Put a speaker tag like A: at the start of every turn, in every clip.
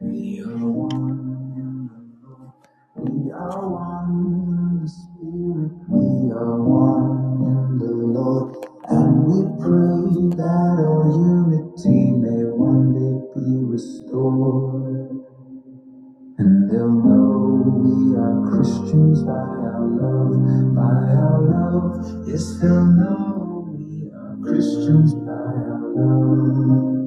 A: We are one. We are one in the Spirit. We are one in the Lord. And we pray that our unity may one day be restored. And they'll know we are Christians by our love, by our love. Yes, they'll know we are Christians by our love.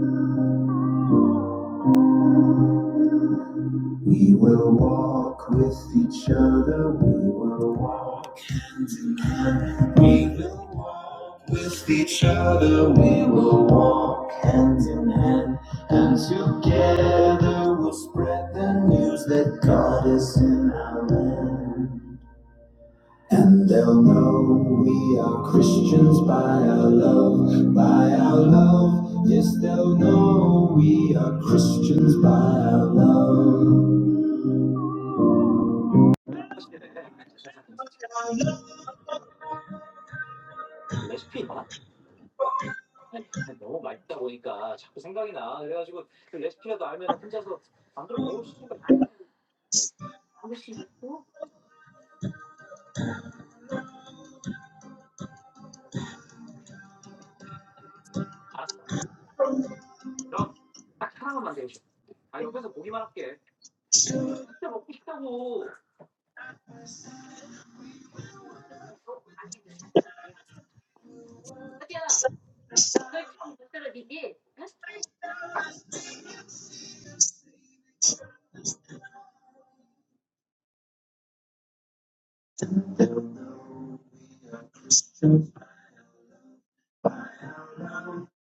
A: We will walk with each other. We will walk hand in hand. We will walk with each other. We will walk hand in hand. And together we'll spread the news that God is in our land. And they'll know we are Christians by our love, by our love. Yes, they'll know we are Christians by our love.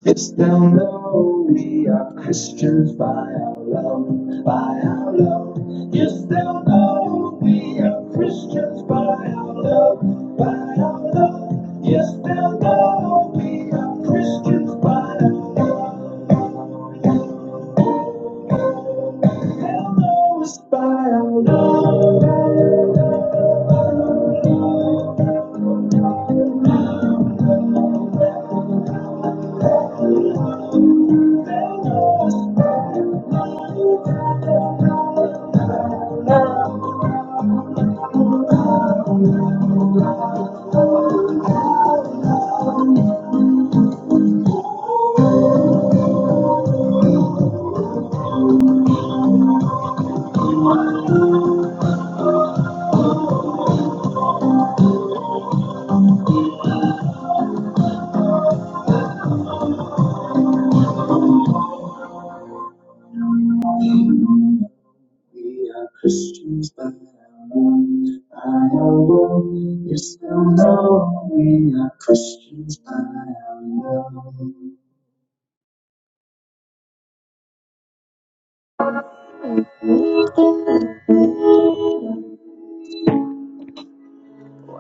A: Yes, they'll know we are Christians by our love, by our love. Yes, they'll know we are Christians by our love, by our love. Yes, they'll know we are Christians by our love, by our love. We are Christians by our love, by our love. Yes, they'll know we are Christians by our love.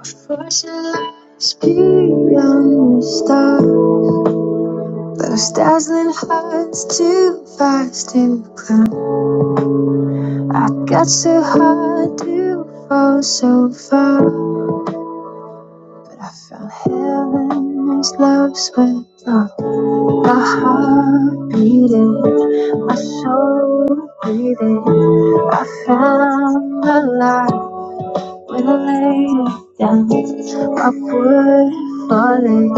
A: For shall lights beyond the stars? Those dazzling heights too fast to climb. I got so high to fall so far, but I found heaven as love swept on. My heart beating, my soul breathing. I found my light. When I lay down, my wood falling,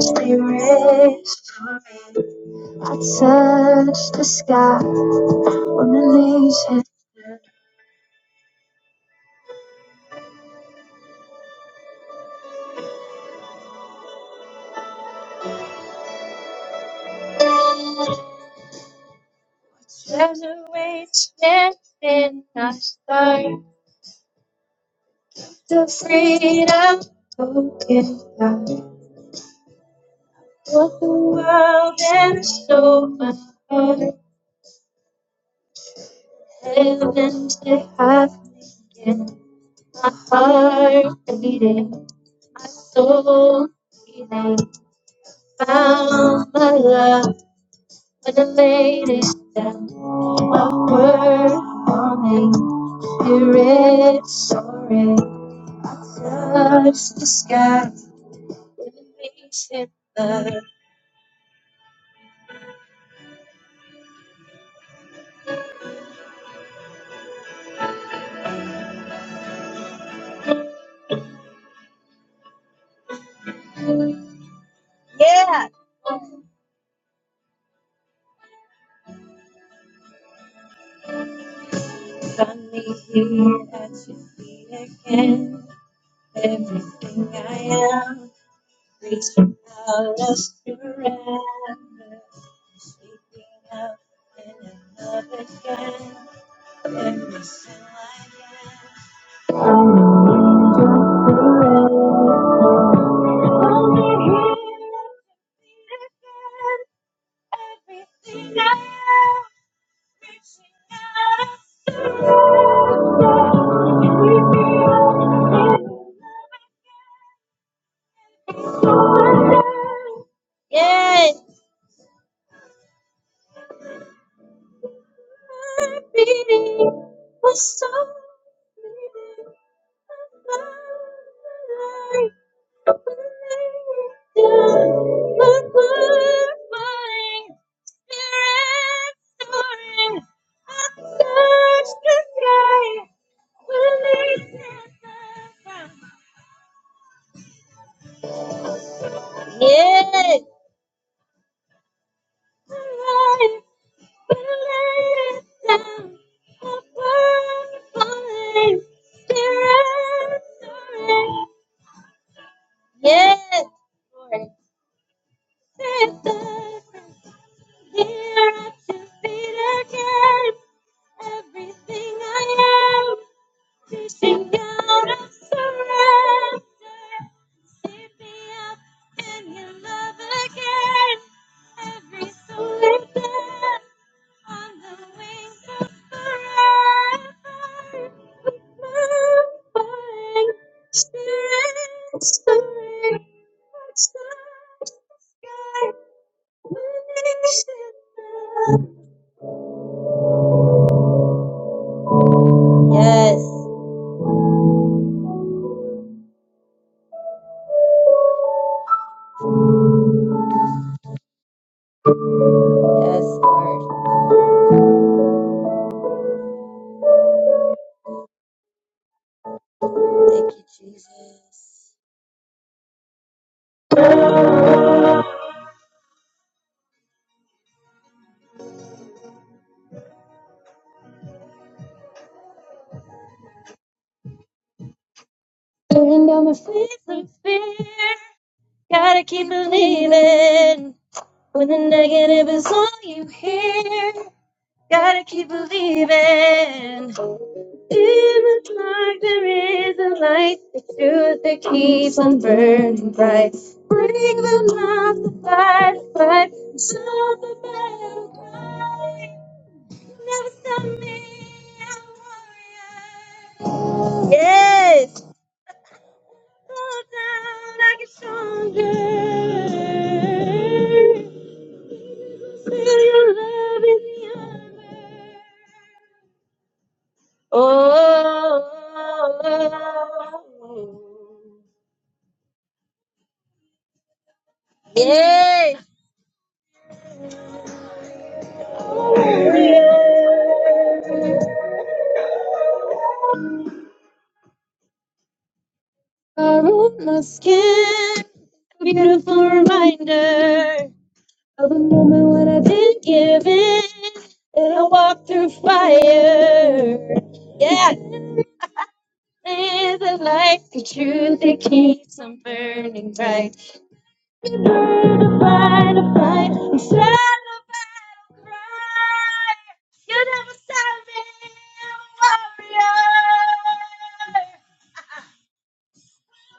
A: stay restoring. I touch the sky when the leaves hit. There's a richness in our stars, the freedom spoken by what the world and so much more. Heaven to have me in my heart beating. I so they found my love, but I the latest that my word morning, spirit soaring, touch the sky, with illumination love. Yeah. found me here at your feet again, everything I am. reaching out of surrender, sweeping up in another kind, and missing I am. I'm an angel forever, only here in the heaven. Yes. My beating was so fleeting. I found the light. Yeah. Yes, Lord. Set the Here at your feet again. Everything I am, reaching out of surrender. Save me up in your love again. Every surrender. Yes, yes, Lord. Thank you, Jesus. Turning down the face of fear. Gotta keep believing. When the negative is all you hear, gotta keep believing. In the dark there is a light, the truth that keeps on burning bright. The fight, the fight, sound the battle cry. Never stop me, I'm a warrior. Yes! Hold down like a strong girl. Feel your love in the armor. Oh, oh, oh, oh. yes! Yeah. Our on my skin, a beautiful reminder of a moment when I didn't give in and I walked through fire. Yeah, there's a light, the truth that keeps on burning bright. Fight a fight, I'm sad about a cry. You never stop me, I'm a warrior.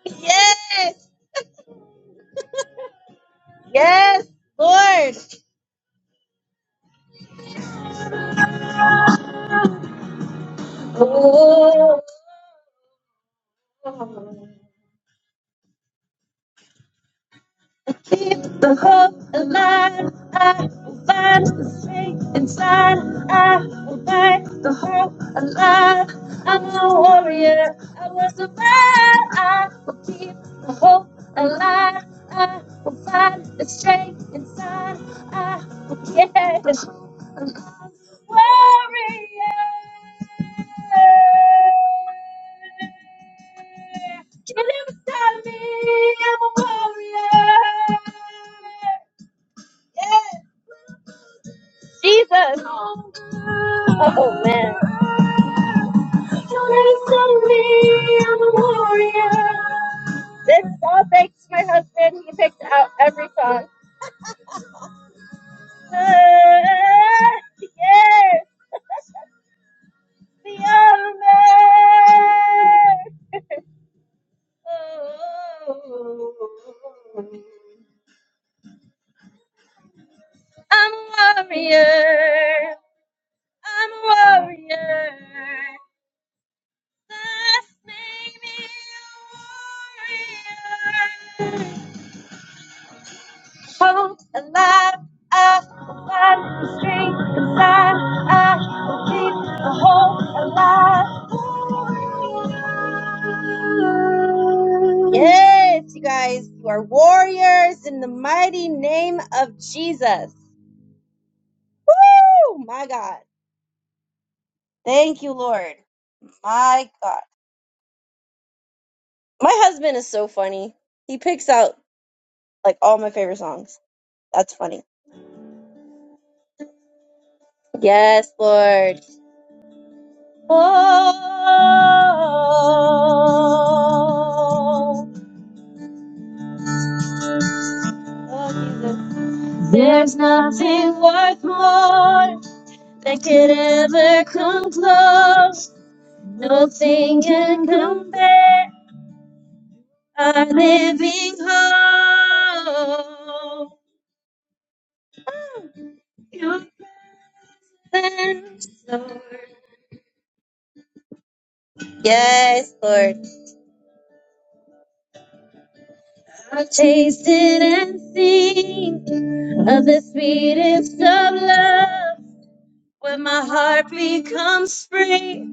A: yes, yes, Lord. Oh, keep the hope alive. I will find the strength inside. I will fight the hope alive. I'm a warrior. I will survive. I will keep the hope alive. I will find the strength inside. I will get the warrior. Get inside me, I'm a warrior. Yes. Jesus. Oh man. Get inside me, I'm a warrior. This all thanks to my husband. He picked out every song. Ah, yes, the army. Oh, I'm a warrior. I'm a warrior. Just make me a warrior. Hope alive, I will find the strength inside. I will keep the hope alive. Yes, you guys, you are warriors in the mighty name of Jesus. Woo! My God. Thank you, Lord. My God. My husband is so funny. He picks out like all my favorite songs. That's funny. Yes, Lord. Oh, oh Jesus. There's nothing worth more that could ever come close. Nothing can compare. Our living hope. Your thanks, Lord. Yes, Lord. I've tasted and seen of the sweetest of love. When my heart becomes free.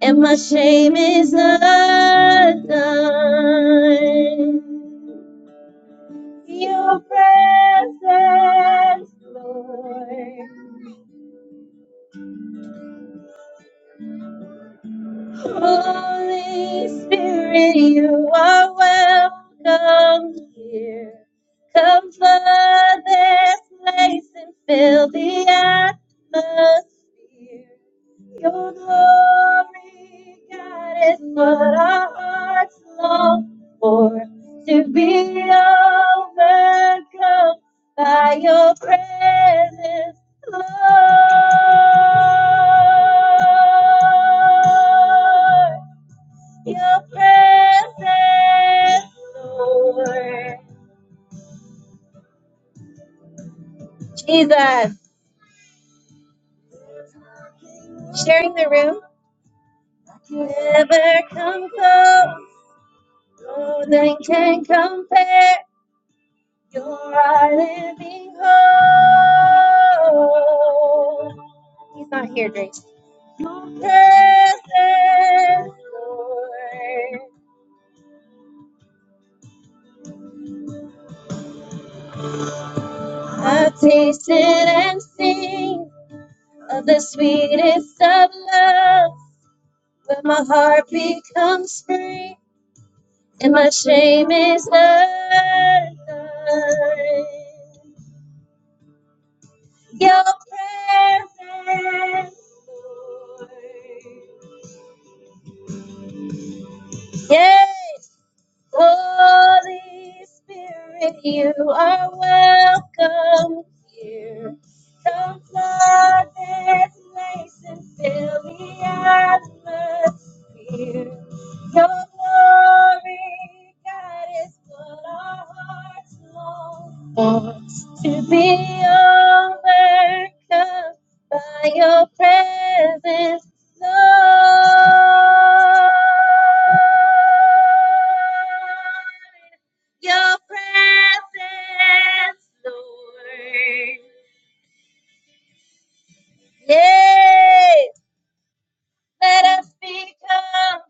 A: and my shame is undone. Your presence, Lord. Holy Spirit, you are welcome here. Come flood this place and fill the atmosphere. Your glory, God, is what our hearts long for. To be overcome by your presence, Lord. Your presence, Lord. Jesus, sharing the room. You Never come close, no one can compare. You're our living hope. He's not here, Grace. Presence, Lord. I've tasted and seen of the sweetest of love. When my heart becomes free and my shame is undone. Your presence, Lord. Yes. Holy Spirit, you are welcome here. Come flood this place and fill the atmosphere. Your glory, God, is what our hearts long to be overcome by your presence, Lord. Your presence, Lord. Yes. Let us become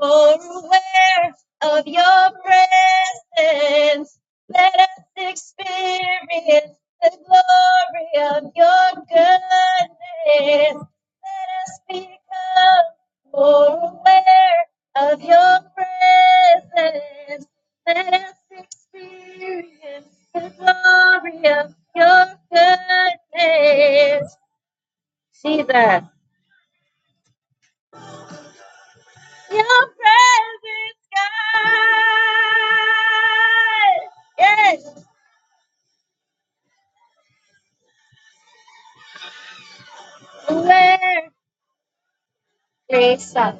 A: more aware of your presence. Let us experience the glory of your goodness. Let us become more aware of your presence. Let us experience the glory of your goodness. Jesus. Your presence, God. Yes. Where? Grace up.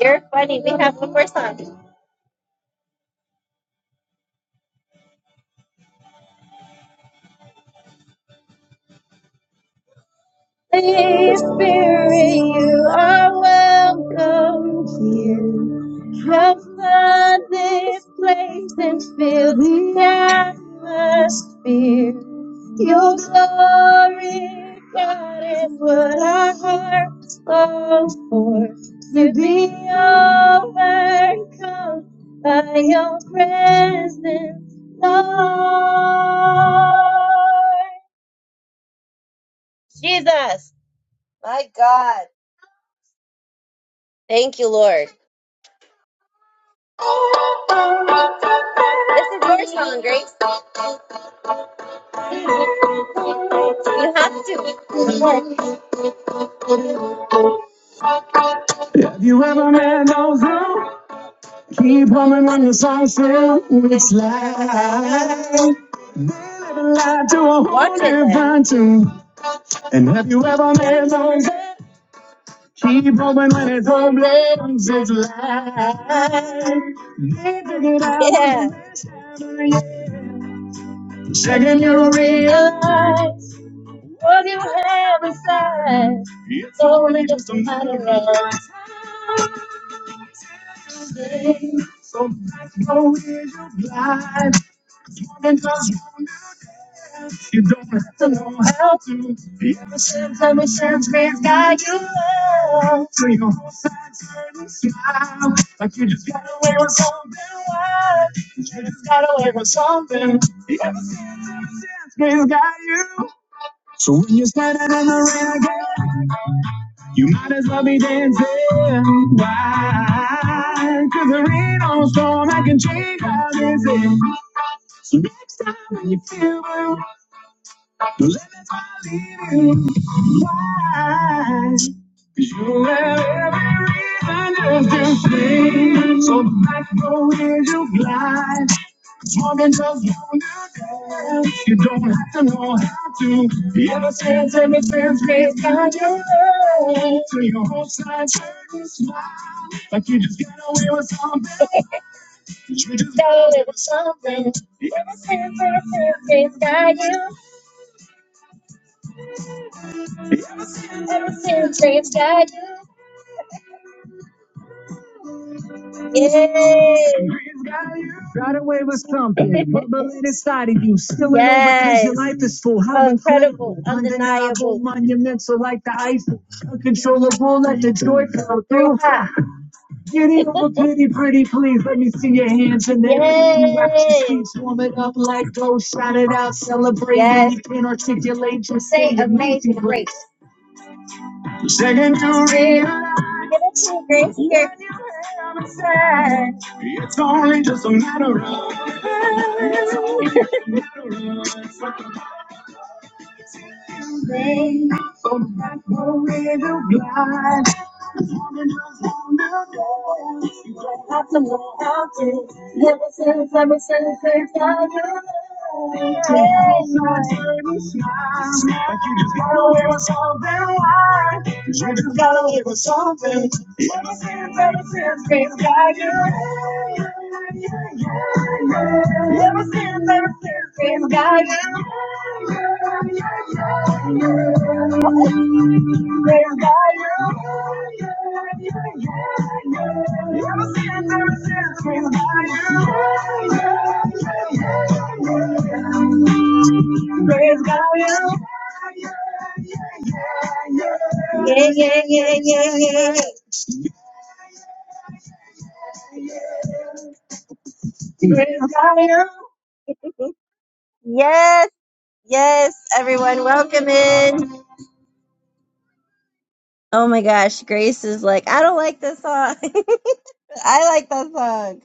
A: You're funny. We have one more song. Holy Spirit, you are welcome here. Cover this place and fill the atmosphere. Your glory, God, is what our hearts long for. To be overcome by your presence, Lord. Jesus, my God. Thank you, Lord. This is your song, Grace. You have to. If you ever met those who Keep humming when the song still it's loud. live. Living life to a What whole is it? different tune. You ever made those? Keep humming when it's home blends it's live. They dig it out Yeah. the best time of year. Second you realize it's only just a matter of going blind. 'Cause you don't have to know how to. ever since, ever since we've got you love. So you hold tight and smile. Like you just got away with something wild. You just got away with something. Ever since, ever since we've got you. So when you're standing in the rain again, you might as well be dancing. Why? Cause there ain't no storm I can change how this is. Stop when you feel blue. If I leave You why? 'Cause you have every reason just to stay. So back road is your blind. Morgan just wanna dance. You don't have to know how to. Ever since, ever since, grace got your love. So your whole side turned and smile. Like you just got away with something. You just got away with something. Ever since, ever since, grace got you. Ever since, grace got you. Yes. Praise God. Got away with something. Bubbling inside of you. Spilling over because your yes. life is full. How So incredible, incredible. Undeniable. Monumental. Yes. grace. Second to realize it's only just a matter of. Like you just got away with yes. Yes. Everyone, welcome in. Oh my gosh, Grace is like, I don't like this song. I like that song.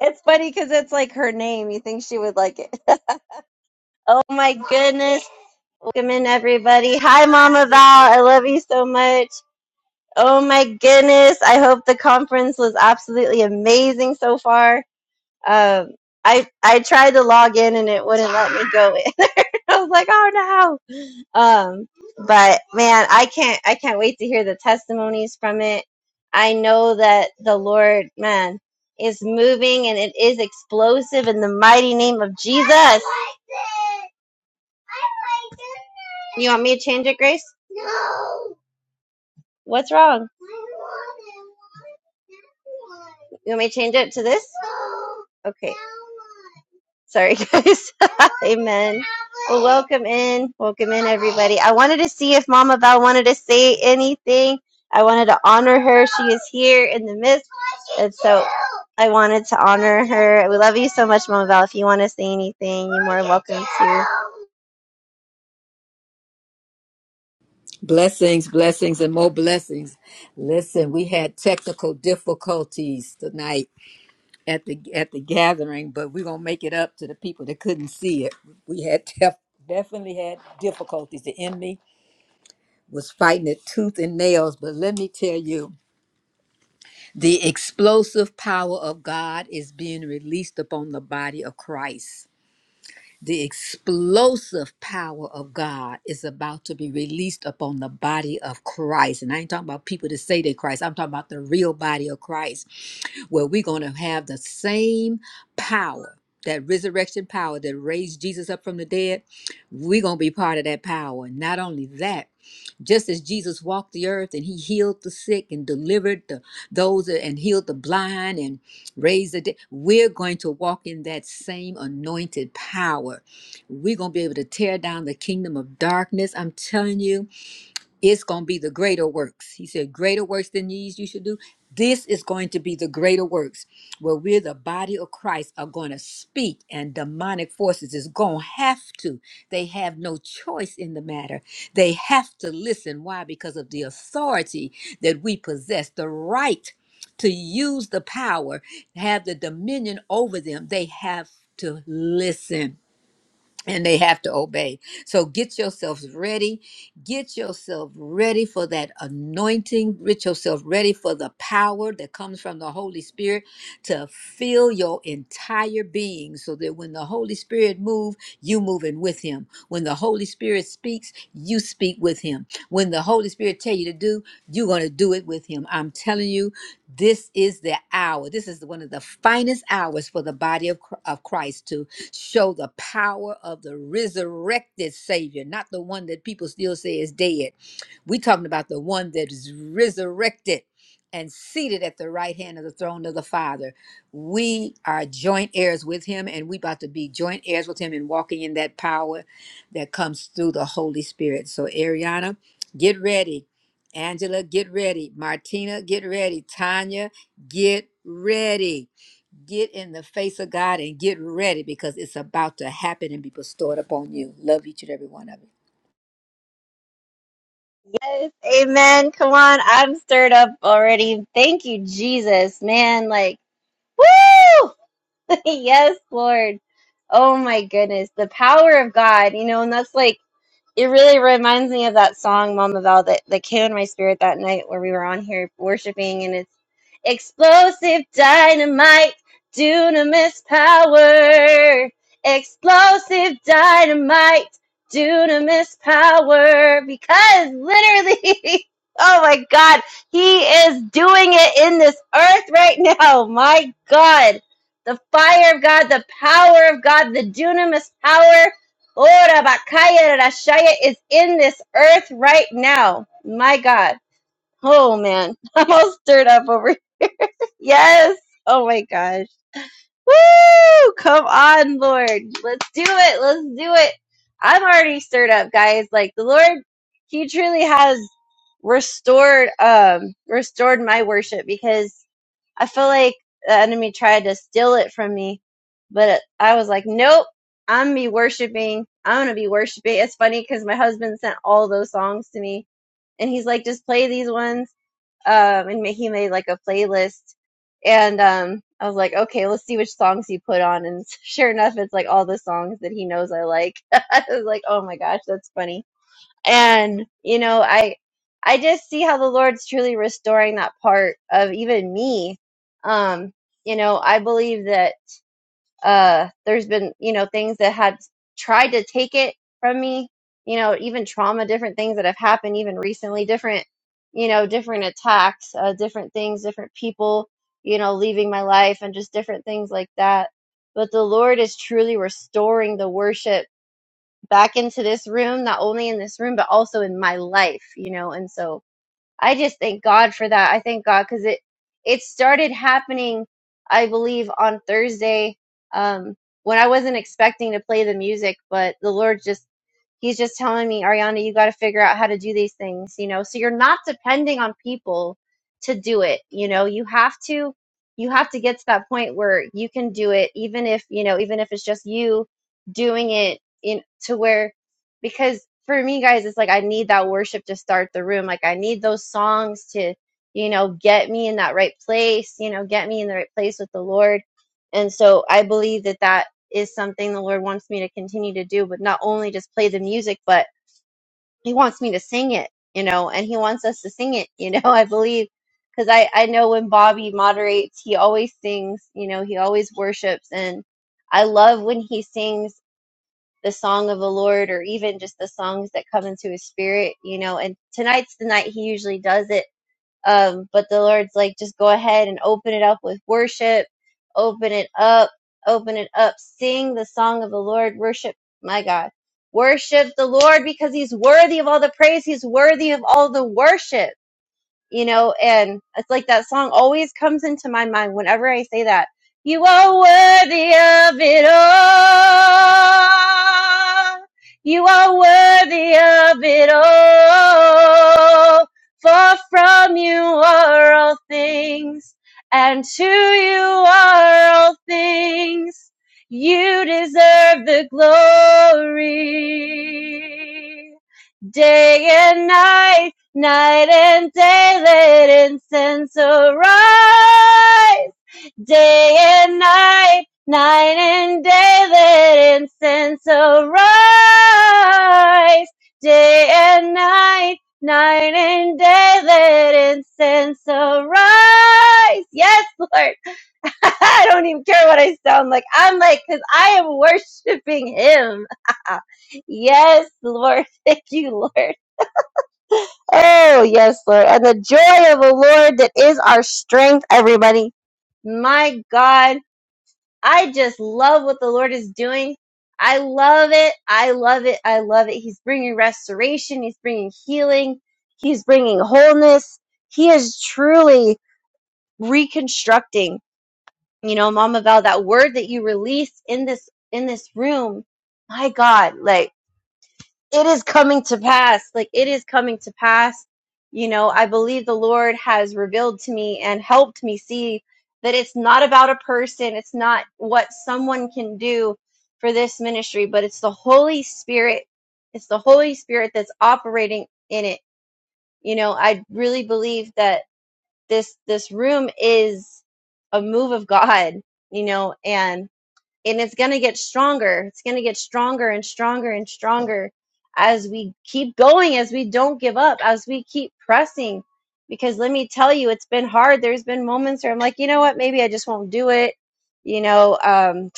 A: It's funny because it's like her name. You think she would like it. oh my goodness. Welcome in, everybody. Hi, Mama Val. I love you so much. Oh my goodness. I hope the conference was absolutely amazing so far. Um, I, I tried to log in and it wouldn't let me go in. I was like, oh no. Um, but man, I can't I can't wait to hear the testimonies from it. I know that the Lord, man, is moving and it is explosive in the mighty name of Jesus. You want me to change it, Grace? What's wrong? You want me to change it to this? Okay. Sorry, guys. Amen. Well, welcome in. Welcome in, everybody. I wanted to see if Mama Val wanted to say anything. I wanted to honor her. She is here in the midst. And so I wanted to honor her. We love you so much, Mama Val. If you want to say anything, you're more welcome to.
B: Blessings, blessings, and more blessings. Listen, we had technical difficulties tonight at the at the gathering, but we're gonna make it up to the people that couldn't see it. We had def- definitely had difficulties. The enemy was fighting it tooth and nails, but let me tell you, the explosive power of God is being released upon the body of Christ. the explosive power of God is about to be released upon the body of Christ. And I ain't talking about people that say they Christ. I'm talking about the real body of Christ, where we're going to have the same power, that resurrection power that raised Jesus up from the dead. We're going to be part of that power. Not only that, just as Jesus walked the earth and he healed the sick and delivered the, those and healed the blind and raised the dead, we're going to walk in that same anointed power. We're going to be able to tear down the kingdom of darkness. I'm telling you, it's going to be the greater works. He said, Greater works than these you should do. This is going to be the greater works where we're the body of Christ are going to speak, and demonic forces is going to have to. They have no choice in the matter. They have to listen. Why? Because of the authority that we possess, the right to use the power, have the dominion over them. They have to listen and they have to obey. So get yourselves ready. Get yourself ready for that anointing. Get yourself ready for the power that comes from the Holy Spirit to fill your entire being so that when the Holy Spirit moves, you moving with him. When the Holy Spirit speaks, you speak with him. When the Holy Spirit tell you to do, you're going to do it with him. I'm telling you, this is the hour. This is one of the finest hours for the body of, Chr- of Christ show the power of the resurrected Savior, not the one that people still say is dead. We're talking about the one that is resurrected and seated at the right hand of the throne of the Father. We are joint heirs with him, and we about to be joint heirs with him and walking in that power that comes through the Holy Spirit. So, Ariana, get ready. Angela, get ready. Martina, get ready. Tanya, get ready Get in the face of God and get ready because it's about to happen and be bestowed upon you. Love each and every one of you.
A: Yes. Amen. Come on. I'm stirred up already. Thank you, Jesus. Man, like, woo! yes, Lord. Oh, my goodness. The power of God, you know, and that's like, It really reminds me of that song, Mama Val, that, that came in my spirit that night where we were on here worshiping, and it's explosive dynamite, dunamis power. Explosive dynamite, dunamis power. Because literally, oh my God, he is doing it in this earth right now. My God. The fire of God, the power of God, the dunamis power Ora Bakaya Rashaya is in this earth right now. My God. Oh man. I'm all stirred up over here. Yes. Oh my gosh. Woo! Come on, Lord. Let's do it. Let's do it. I'm already stirred up, guys. Like the Lord, He truly has restored um restored my worship because I feel like the enemy tried to steal it from me, but I was like, nope, I'm gonna be worshiping. I'm gonna be worshiping. It's funny because my husband sent all those songs to me, and he's like, just play these ones. Um, and he made like a playlist, and um, I was like, okay, let's see which songs he put on. And sure enough, it's like all the songs that he knows I like. I was like, oh my gosh, that's funny and you know i i just see how the lord's truly restoring that part of even me um you know i believe that uh there's been you know things that had tried to take it from me you know even trauma different things that have happened even recently different you know different attacks uh, different things different people you know leaving my life and just different things like that but the lord is truly restoring the worship back into this room, not only in this room, but also in my life, you know? And so I just thank God for that. I thank God because it, it started happening, I believe, on Thursday, um, when I wasn't expecting to play the music, but the Lord just He's just telling me, Ariana, you got to figure out how to do these things, you know? So you're not depending on people to do it, you know? You have to you have to get to that point where you can do it even if, you know, even if it's just you doing it in to where because for me guys, it's like I need that worship to start the room. Like I need those songs to, you know, get me in that right place, you know, get me in the right place with the Lord. And so I believe that that is something the Lord wants me to continue to do, but not only just play the music, but He wants me to sing it, you know, and He wants us to sing it, you know, I believe. Because I, I know when Bobby moderates, he always sings, you know, he always worships. And I love when he sings the song of the Lord or even just the songs that come into his spirit, you know. And tonight's the night he usually does it um, but the Lord's like, just go ahead and open it up with worship. Open it up. Open it up. Sing the song of the Lord. Worship, my God. Worship the Lord because he's worthy of all the praise. He's worthy of all the worship you know, and it's like that song always comes into my mind whenever I say that. You are worthy of it all. You are worthy of it all. For from you are all things, and to you are all things. You deserve the glory day and night, night and day, let incense arise. Day and night, night and day, let incense arise. Day and night, night and day, let incense arise. Yes, Lord. I don't even care what I sound like. I'm like, cause I am worshiping Him. yes, Lord. Thank you, Lord. Oh, yes, Lord. And the joy of the Lord that is our strength, everybody. My God, I just love what the Lord is doing. I love it. I love it. I love it. He's bringing restoration. He's bringing healing. He's bringing wholeness. He is truly reconstructing. You know, Mama Val, that word that you released in this, in this room. My God, like, it is coming to pass. Like it is coming to pass. You know, I believe the Lord has revealed to me and helped me see that it's not about a person, it's not what someone can do for this ministry, but it's the Holy Spirit. It's the Holy Spirit that's operating in it. You know, I really believe that this this room is a move of God, you know, and and it's going to get stronger. It's going to get stronger and stronger and stronger as we keep going, as we don't give up, as we keep pressing. Because let me tell you, it's been hard. There's been moments where I'm like, you know what? Maybe I just won't do it. You know, um,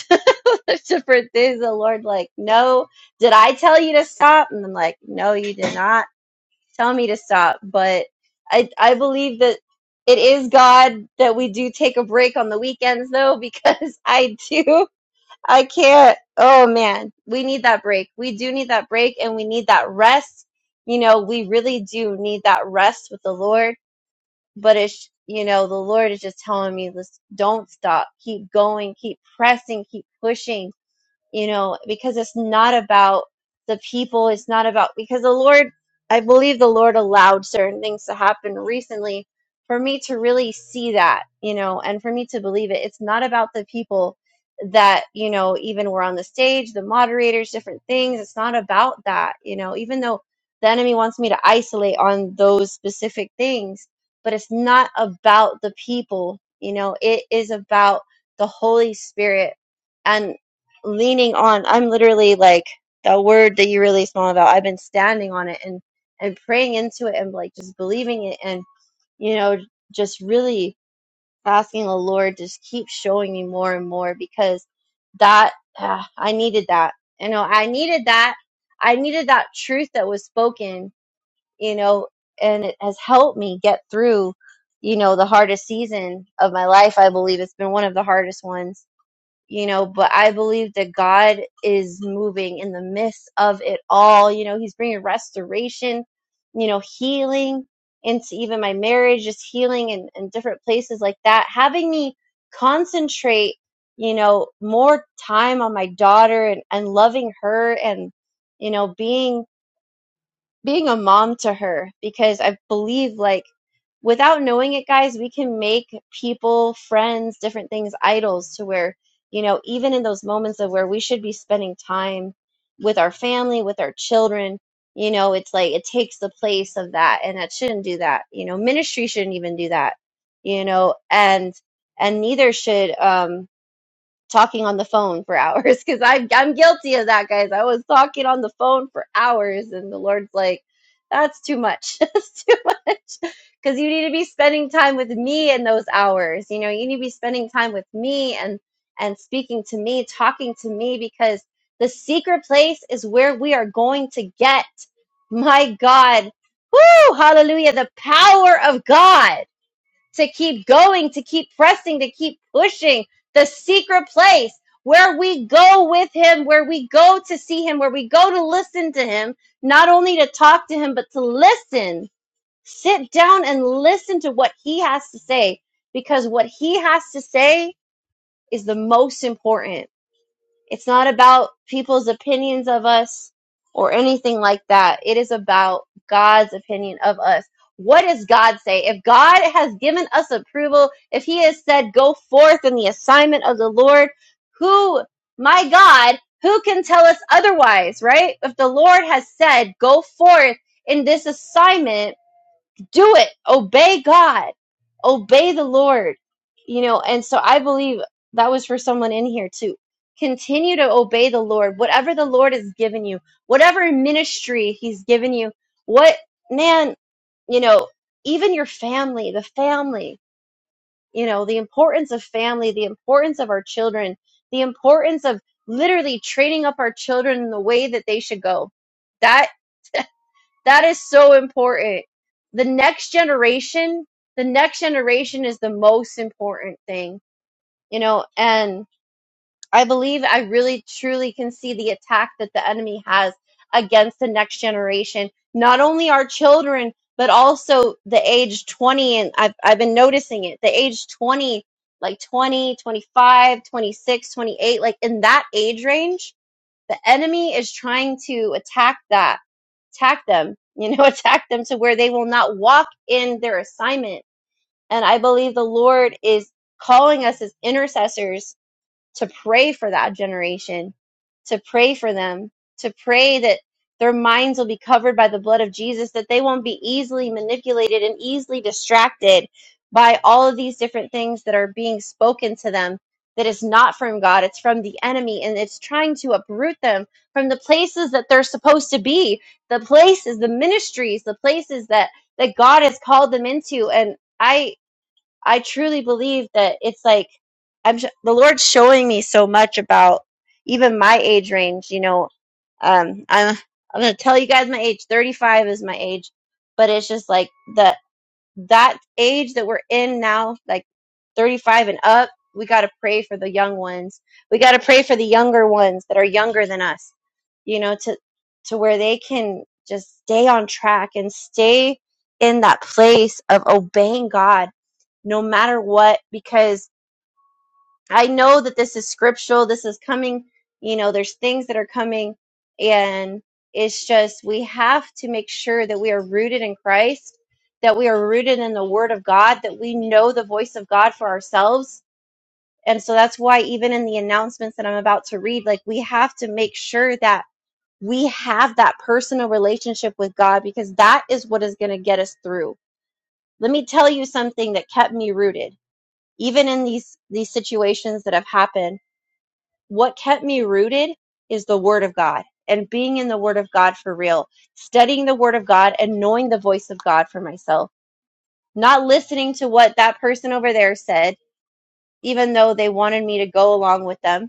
A: different things. The Lord, like, no, did I tell you to stop? And I'm like, no, you did not tell me to stop. But I, I believe that it is God that we do take a break on the weekends though, because I do. I can't. Oh man, we need that break. We do need that break and we need that rest. You know, we really do need that rest with the Lord. But it's, you know, the Lord is just telling me, listen, don't stop. Keep going, keep pressing, keep pushing you know, because it's not about the people. It's not about, because the Lord, I believe the Lord allowed certain things to happen recently for me to really see that, you know, and for me to believe it. It's not about the people that, you know, even were on the stage, the moderators, different things. It's not about that, you know, even though the enemy wants me to isolate on those specific things, but it's not about the people, you know, it is about the Holy Spirit and leaning on. I'm literally like that word that you really Mom, about. I've been standing on it and and praying into it and like just believing it and you know just really asking the Lord just keep showing me more and more because that uh, I needed that. You know, I needed that. I needed that truth that was spoken. You know, and it has helped me get through. You know, the hardest season of my life. I believe it's been one of the hardest ones you know but i believe that god is moving in the midst of it all you know he's bringing restoration you know healing into even my marriage just healing and in, in different places like that having me concentrate you know more time on my daughter and, and loving her and you know being being a mom to her because I believe like without knowing it guys we can make people friends different things idols to where you know even in those moments of where we should be spending time with our family with our children you know it's like it takes the place of that and that shouldn't do that you know ministry shouldn't even do that you know and and neither should um talking on the phone for hours because I'm I'm guilty of that, guys. I was talking on the phone for hours, and the Lord's like, "That's too much. That's too much." Because you need to be spending time with me in those hours. You know, you need to be spending time with me and and speaking to me, talking to me, because the secret place is where we are going to get. My God, woo, hallelujah! The power of God to keep going, to keep pressing, to keep pushing the secret place where we go with him, where we go to see him, where we go to listen to him, not only to talk to him, but to listen. Sit down and listen to what he has to say because what he has to say is the most important it's not about people's opinions of us or anything like that. It is about God's opinion of us. What does God say? If God has given us approval, if He has said, go forth in the assignment of the Lord, who, my God, who can tell us otherwise, right? If the Lord has said, go forth in this assignment, do it obey god obey the lord you know and so i believe that was for someone in here too continue to obey the lord whatever the lord has given you whatever ministry he's given you what man you know even your family the family you know the importance of family the importance of our children the importance of literally training up our children in the way that they should go That. That is so important. The next generation, the next generation is the most important thing, you know, and I believe I really truly can see the attack that the enemy has against the next generation, not only our children, but also the age 20. And I've, I've been noticing it, the age 20, like 20, 25, 26, 28, like in that age range the enemy is trying to attack that, attack them, you know, attack them to where they will not walk in their assignment. And I believe the Lord is calling us as intercessors to pray for that generation, to pray for them, to pray that their minds will be covered by the blood of Jesus, that they won't be easily manipulated and easily distracted by all of these different things that are being spoken to them that is not from God, it's from the enemy, and it's trying to uproot them from the places that they're supposed to be, the places, the ministries, the places that that God has called them into. And I I truly believe that it's like I'm sh- the Lord's showing me so much about even my age range. You know, um, I'm I'm gonna tell you guys my age. 35 is my age, but it's just like the that age that we're in now, like 35 and up. We got to pray for the young ones. We got to pray for the younger ones that are younger than us. You know, to to where they can just stay on track and stay in that place of obeying God no matter what, because I know that this is scriptural. This is coming, you know, there's things that are coming, and it's just we have to make sure that we are rooted in Christ, that we are rooted in the Word of God, that we know the voice of God for ourselves. And so that's why, even in the announcements that I'm about to read, like we have to make sure that we have that personal relationship with God because that is what is going to get us through. Let me tell you something that kept me rooted even in these these situations that have happened what kept me rooted is the word of god and being in the word of god for real studying the word of god and knowing the voice of god for myself not listening to what that person over there said even though they wanted me to go along with them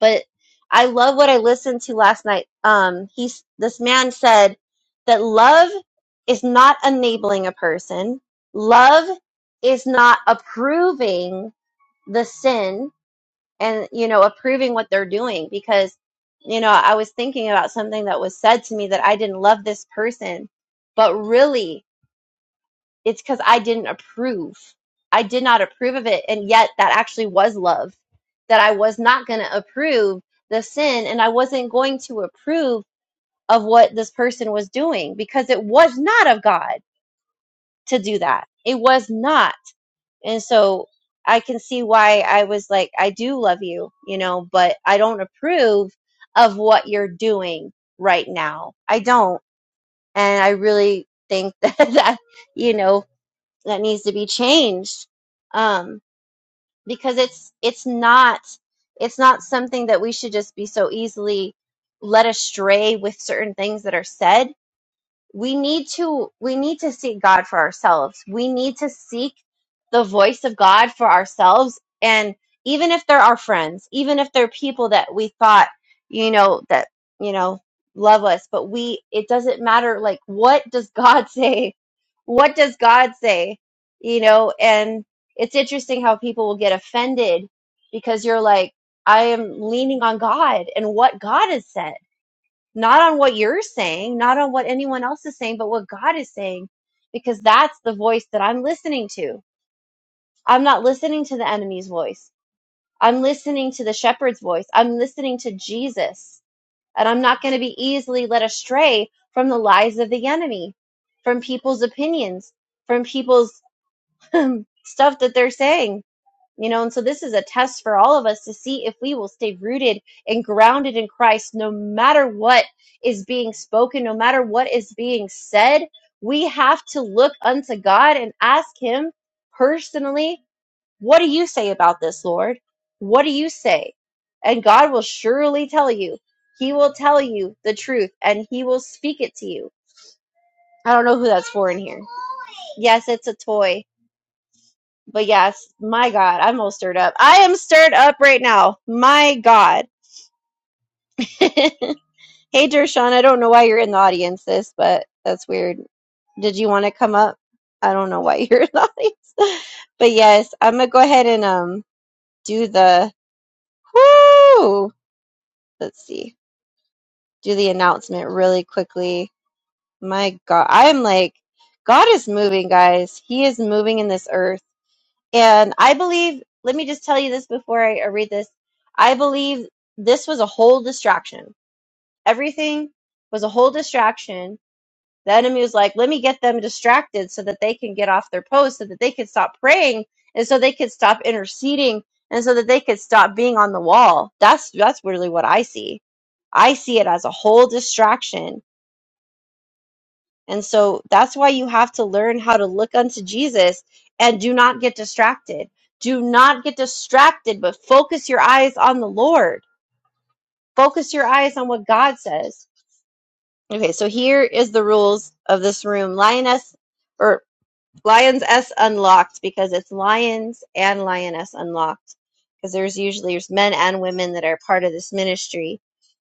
A: but i love what i listened to last night um he's this man said that love is not enabling a person love is not approving the sin and you know approving what they're doing because you know i was thinking about something that was said to me that i didn't love this person but really it's because i didn't approve i did not approve of it and yet that actually was love that i was not going to approve the sin and i wasn't going to approve of what this person was doing because it was not of god to do that it was not and so I can see why I was like, I do love you, you know, but I don't approve of what you're doing right now. I don't. And I really think that, that you know, that needs to be changed. Um, because it's, it's not, it's not something that we should just be so easily led astray with certain things that are said we need to we need to seek god for ourselves we need to seek the voice of god for ourselves and even if they're our friends even if they're people that we thought you know that you know love us but we it doesn't matter like what does god say what does god say you know and it's interesting how people will get offended because you're like i am leaning on god and what god has said not on what you're saying, not on what anyone else is saying, but what God is saying, because that's the voice that I'm listening to. I'm not listening to the enemy's voice. I'm listening to the shepherd's voice. I'm listening to Jesus. And I'm not going to be easily led astray from the lies of the enemy, from people's opinions, from people's stuff that they're saying you know, and so this is a test for all of us to see if we will stay rooted and grounded in Christ no matter what is being spoken, no matter what is being said. We have to look unto God and ask Him personally, What do you say about this, Lord? What do you say? And God will surely tell you. He will tell you the truth and He will speak it to you. I don't know who that's for in here. Yes, it's a toy. But yes, my God, I'm all stirred up. I am stirred up right now. My God. hey, Dershawn, I don't know why you're in the audience, sis, but that's weird. Did you want to come up? I don't know why you're in the audience. But yes, I'm gonna go ahead and um do the whoo. Let's see, do the announcement really quickly. My God, I'm like, God is moving, guys. He is moving in this earth And I believe, let me just tell you this before I, I read this. I believe this was a whole distraction. Everything was a whole distraction. The enemy was like, let me get them distracted so that they can get off their post, so that they could stop praying, and so they could stop interceding, and so that they could stop being on the wall. That's that's really what I see. I see it as a whole distraction and so that's why you have to learn how to look unto Jesus and do not get distracted. Do not get distracted, but focus your eyes on the Lord. Focus your eyes on what God says. Okay, so here is the rules of this room. Lioness, or Lions S Unlocked because it's Lions and Lioness Unlocked because there's usually there's men and women that are part of this ministry.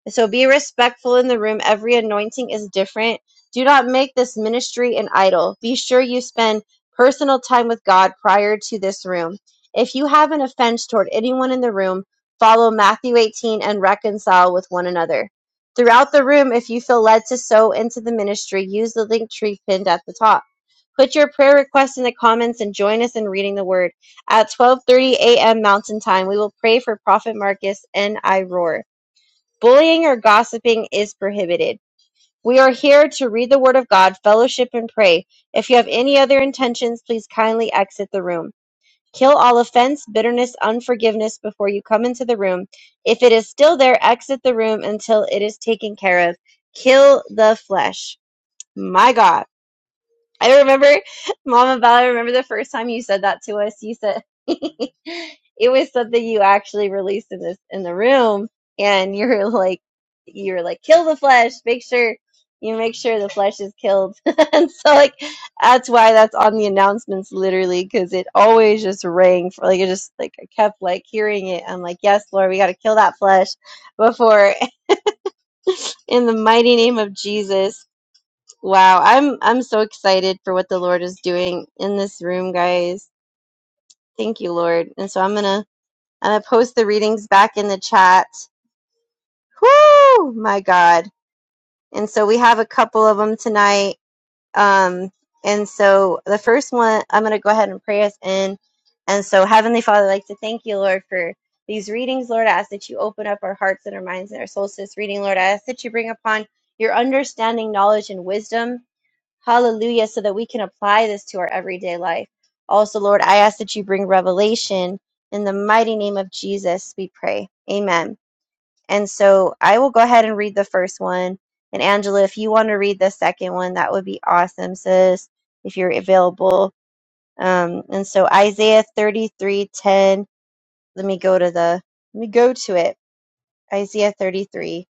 A: So be respectful in the room. Every anointing is different. Do not make this ministry an idol. Be sure you spend personal time with God prior to this room. If you have an offense toward anyone in the room, follow Matthew 18 and reconcile with one another. Throughout the room, if you feel led to sow into the ministry, use the link tree pinned at the top. Put your prayer requests in the comments and join us in reading the word. At 12:30 a.m. Mountain Time, we will pray for Prophet Marcus and I roar. Bullying or gossiping is prohibited. We are here to read the word of God, fellowship and pray. If you have any other intentions, please kindly exit the room. Kill all offense, bitterness, unforgiveness before you come into the room. If it is still there, exit the room until it is taken care of. Kill the flesh. My God. I remember, Mama Val, I remember the first time you said that to us. You said it was something you actually released in this in the room, and you were like, you were like, kill the flesh. Make sure you make sure the flesh is killed. and so, like, that's why that's on the announcements, literally, because it always just rang for like it just like I kept like hearing it. I'm like, yes, Lord, we got to kill that flesh before in the mighty name of Jesus. Wow, I'm I'm so excited for what the Lord is doing in this room, guys. Thank you, Lord. And so I'm gonna I'm gonna post the readings back in the chat. Whoo, my God! And so we have a couple of them tonight. Um, and so the first one, I'm gonna go ahead and pray us in. And so Heavenly Father, I'd like to thank you, Lord, for these readings. Lord, I ask that you open up our hearts and our minds and our souls to this reading. Lord, I ask that you bring upon your understanding, knowledge, and wisdom. Hallelujah. So that we can apply this to our everyday life. Also, Lord, I ask that you bring revelation in the mighty name of Jesus, we pray. Amen. And so I will go ahead and read the first one. And Angela, if you want to read the second one, that would be awesome, sis, if you're available. Um, and so Isaiah 33:10. Let me go to the let me go to it. Isaiah 33.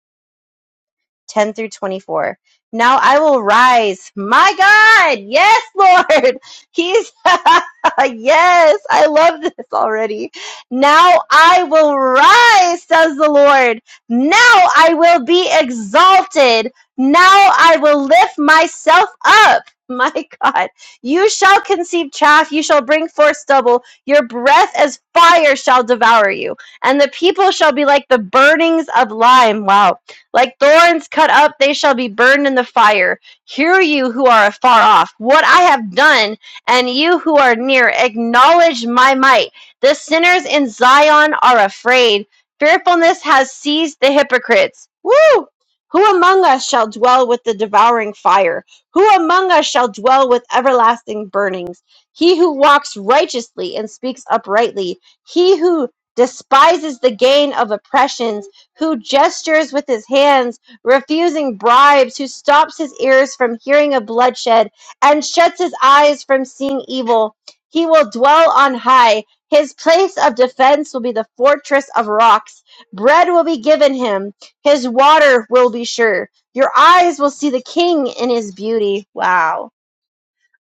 A: 10 through 24. Now I will rise. My God. Yes, Lord. He's, yes, I love this already. Now I will rise, says the Lord. Now I will be exalted. Now I will lift myself up. My God. You shall conceive chaff. You shall bring forth stubble. Your breath as fire shall devour you. And the people shall be like the burnings of lime. Wow like thorns cut up, they shall be burned in the fire. Hear you who are afar off, what I have done, and you who are near, acknowledge my might. The sinners in Zion are afraid. Fearfulness has seized the hypocrites. Woo! Who among us shall dwell with the devouring fire? Who among us shall dwell with everlasting burnings? He who walks righteously and speaks uprightly, he who despises the gain of oppressions who gestures with his hands, refusing bribes, who stops his ears from hearing of bloodshed and shuts his eyes from seeing evil. He will dwell on high. His place of defense will be the fortress of rocks. Bread will be given him. His water will be sure. Your eyes will see the king in his beauty. Wow.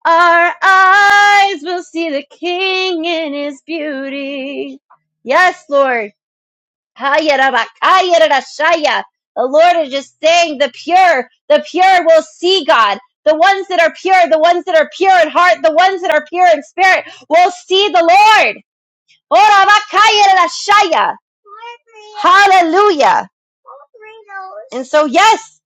A: Our eyes will see the king in his beauty. Yes, Lord. Hayarabakayarashaya. The Lord is just saying the pure, the pure will see God. The ones that are pure, the ones that are pure in heart, the ones that are pure in spirit will see the Lord. Orabakayarashaya. Hallelujah. And so, yes,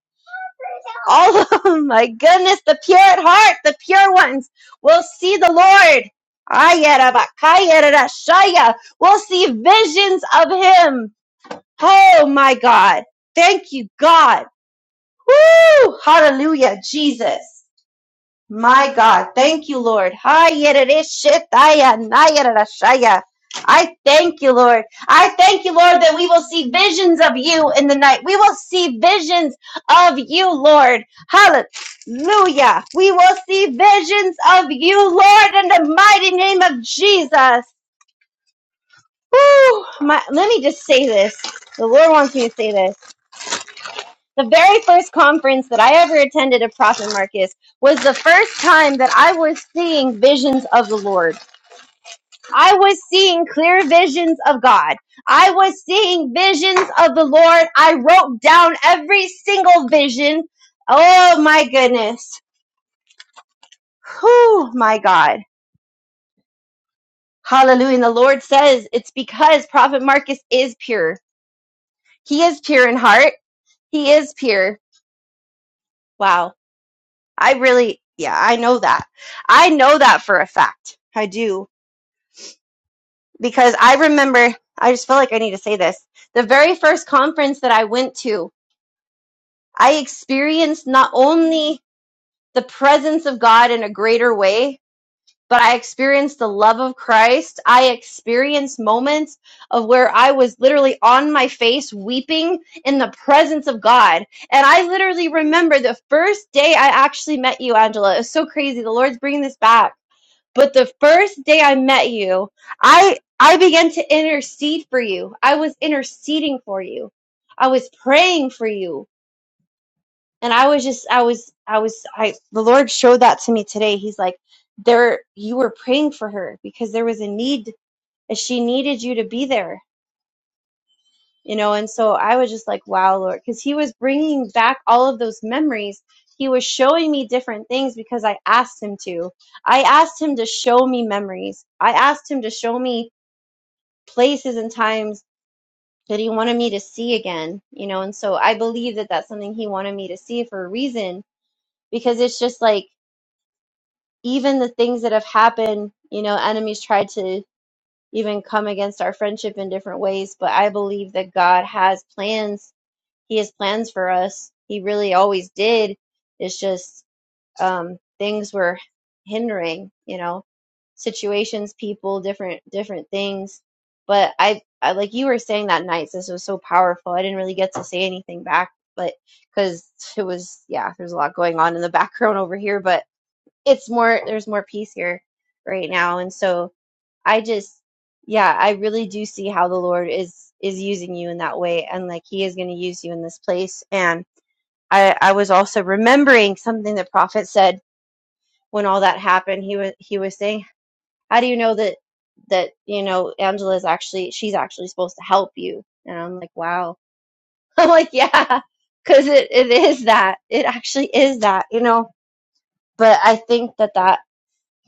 A: all of them. my goodness, the pure at heart, the pure ones will see the Lord. Ayarabakayarashaya. We'll see visions of him. Oh my God. Thank you, God. Woo! Hallelujah, Jesus. My God. Thank you, Lord. I thank you, Lord. I thank you, Lord, that we will see visions of you in the night. We will see visions of you, Lord. Hallelujah. We will see visions of you, Lord, in the mighty name of Jesus. Woo! My, let me just say this. The Lord wants me to say this. the very first conference that I ever attended at Prophet Marcus was the first time that I was seeing visions of the Lord. I was seeing clear visions of God. I was seeing visions of the Lord. I wrote down every single vision. Oh my goodness. Whew, my God. Hallelujah. And the Lord says it's because Prophet Marcus is pure. He is pure in heart. He is pure. Wow. I really, yeah, I know that. I know that for a fact. I do. Because I remember, I just feel like I need to say this. The very first conference that I went to, I experienced not only the presence of God in a greater way, but I experienced the love of Christ. I experienced moments of where I was literally on my face weeping in the presence of God. And I literally remember the first day I actually met you, Angela. It was so crazy. The Lord's bringing this back But the first day I met you, I I began to intercede for you. I was interceding for you. I was praying for you. And I was just I was I was I the Lord showed that to me today. He's like, "There you were praying for her because there was a need and she needed you to be there." You know, and so I was just like, "Wow, Lord," cuz he was bringing back all of those memories. He was showing me different things because I asked him to. I asked him to show me memories. I asked him to show me places and times that he wanted me to see again, you know, and so I believe that that's something he wanted me to see for a reason because it's just like even the things that have happened, you know, enemies tried to even come against our friendship in different ways, but I believe that God has plans. He has plans for us. He really always did. It's just um things were hindering, you know situations, people, different different things. But I, I like you were saying that night. This was so powerful. I didn't really get to say anything back, but because it was yeah, there's a lot going on in the background over here. But it's more there's more peace here right now, and so I just yeah, I really do see how the Lord is is using you in that way, and like He is going to use you in this place. And I, I was also remembering something the prophet said when all that happened. He was he was saying how do you know that that you know Angela is actually she's actually supposed to help you and I'm like wow I'm like yeah because it, it is that it actually is that you know but I think that that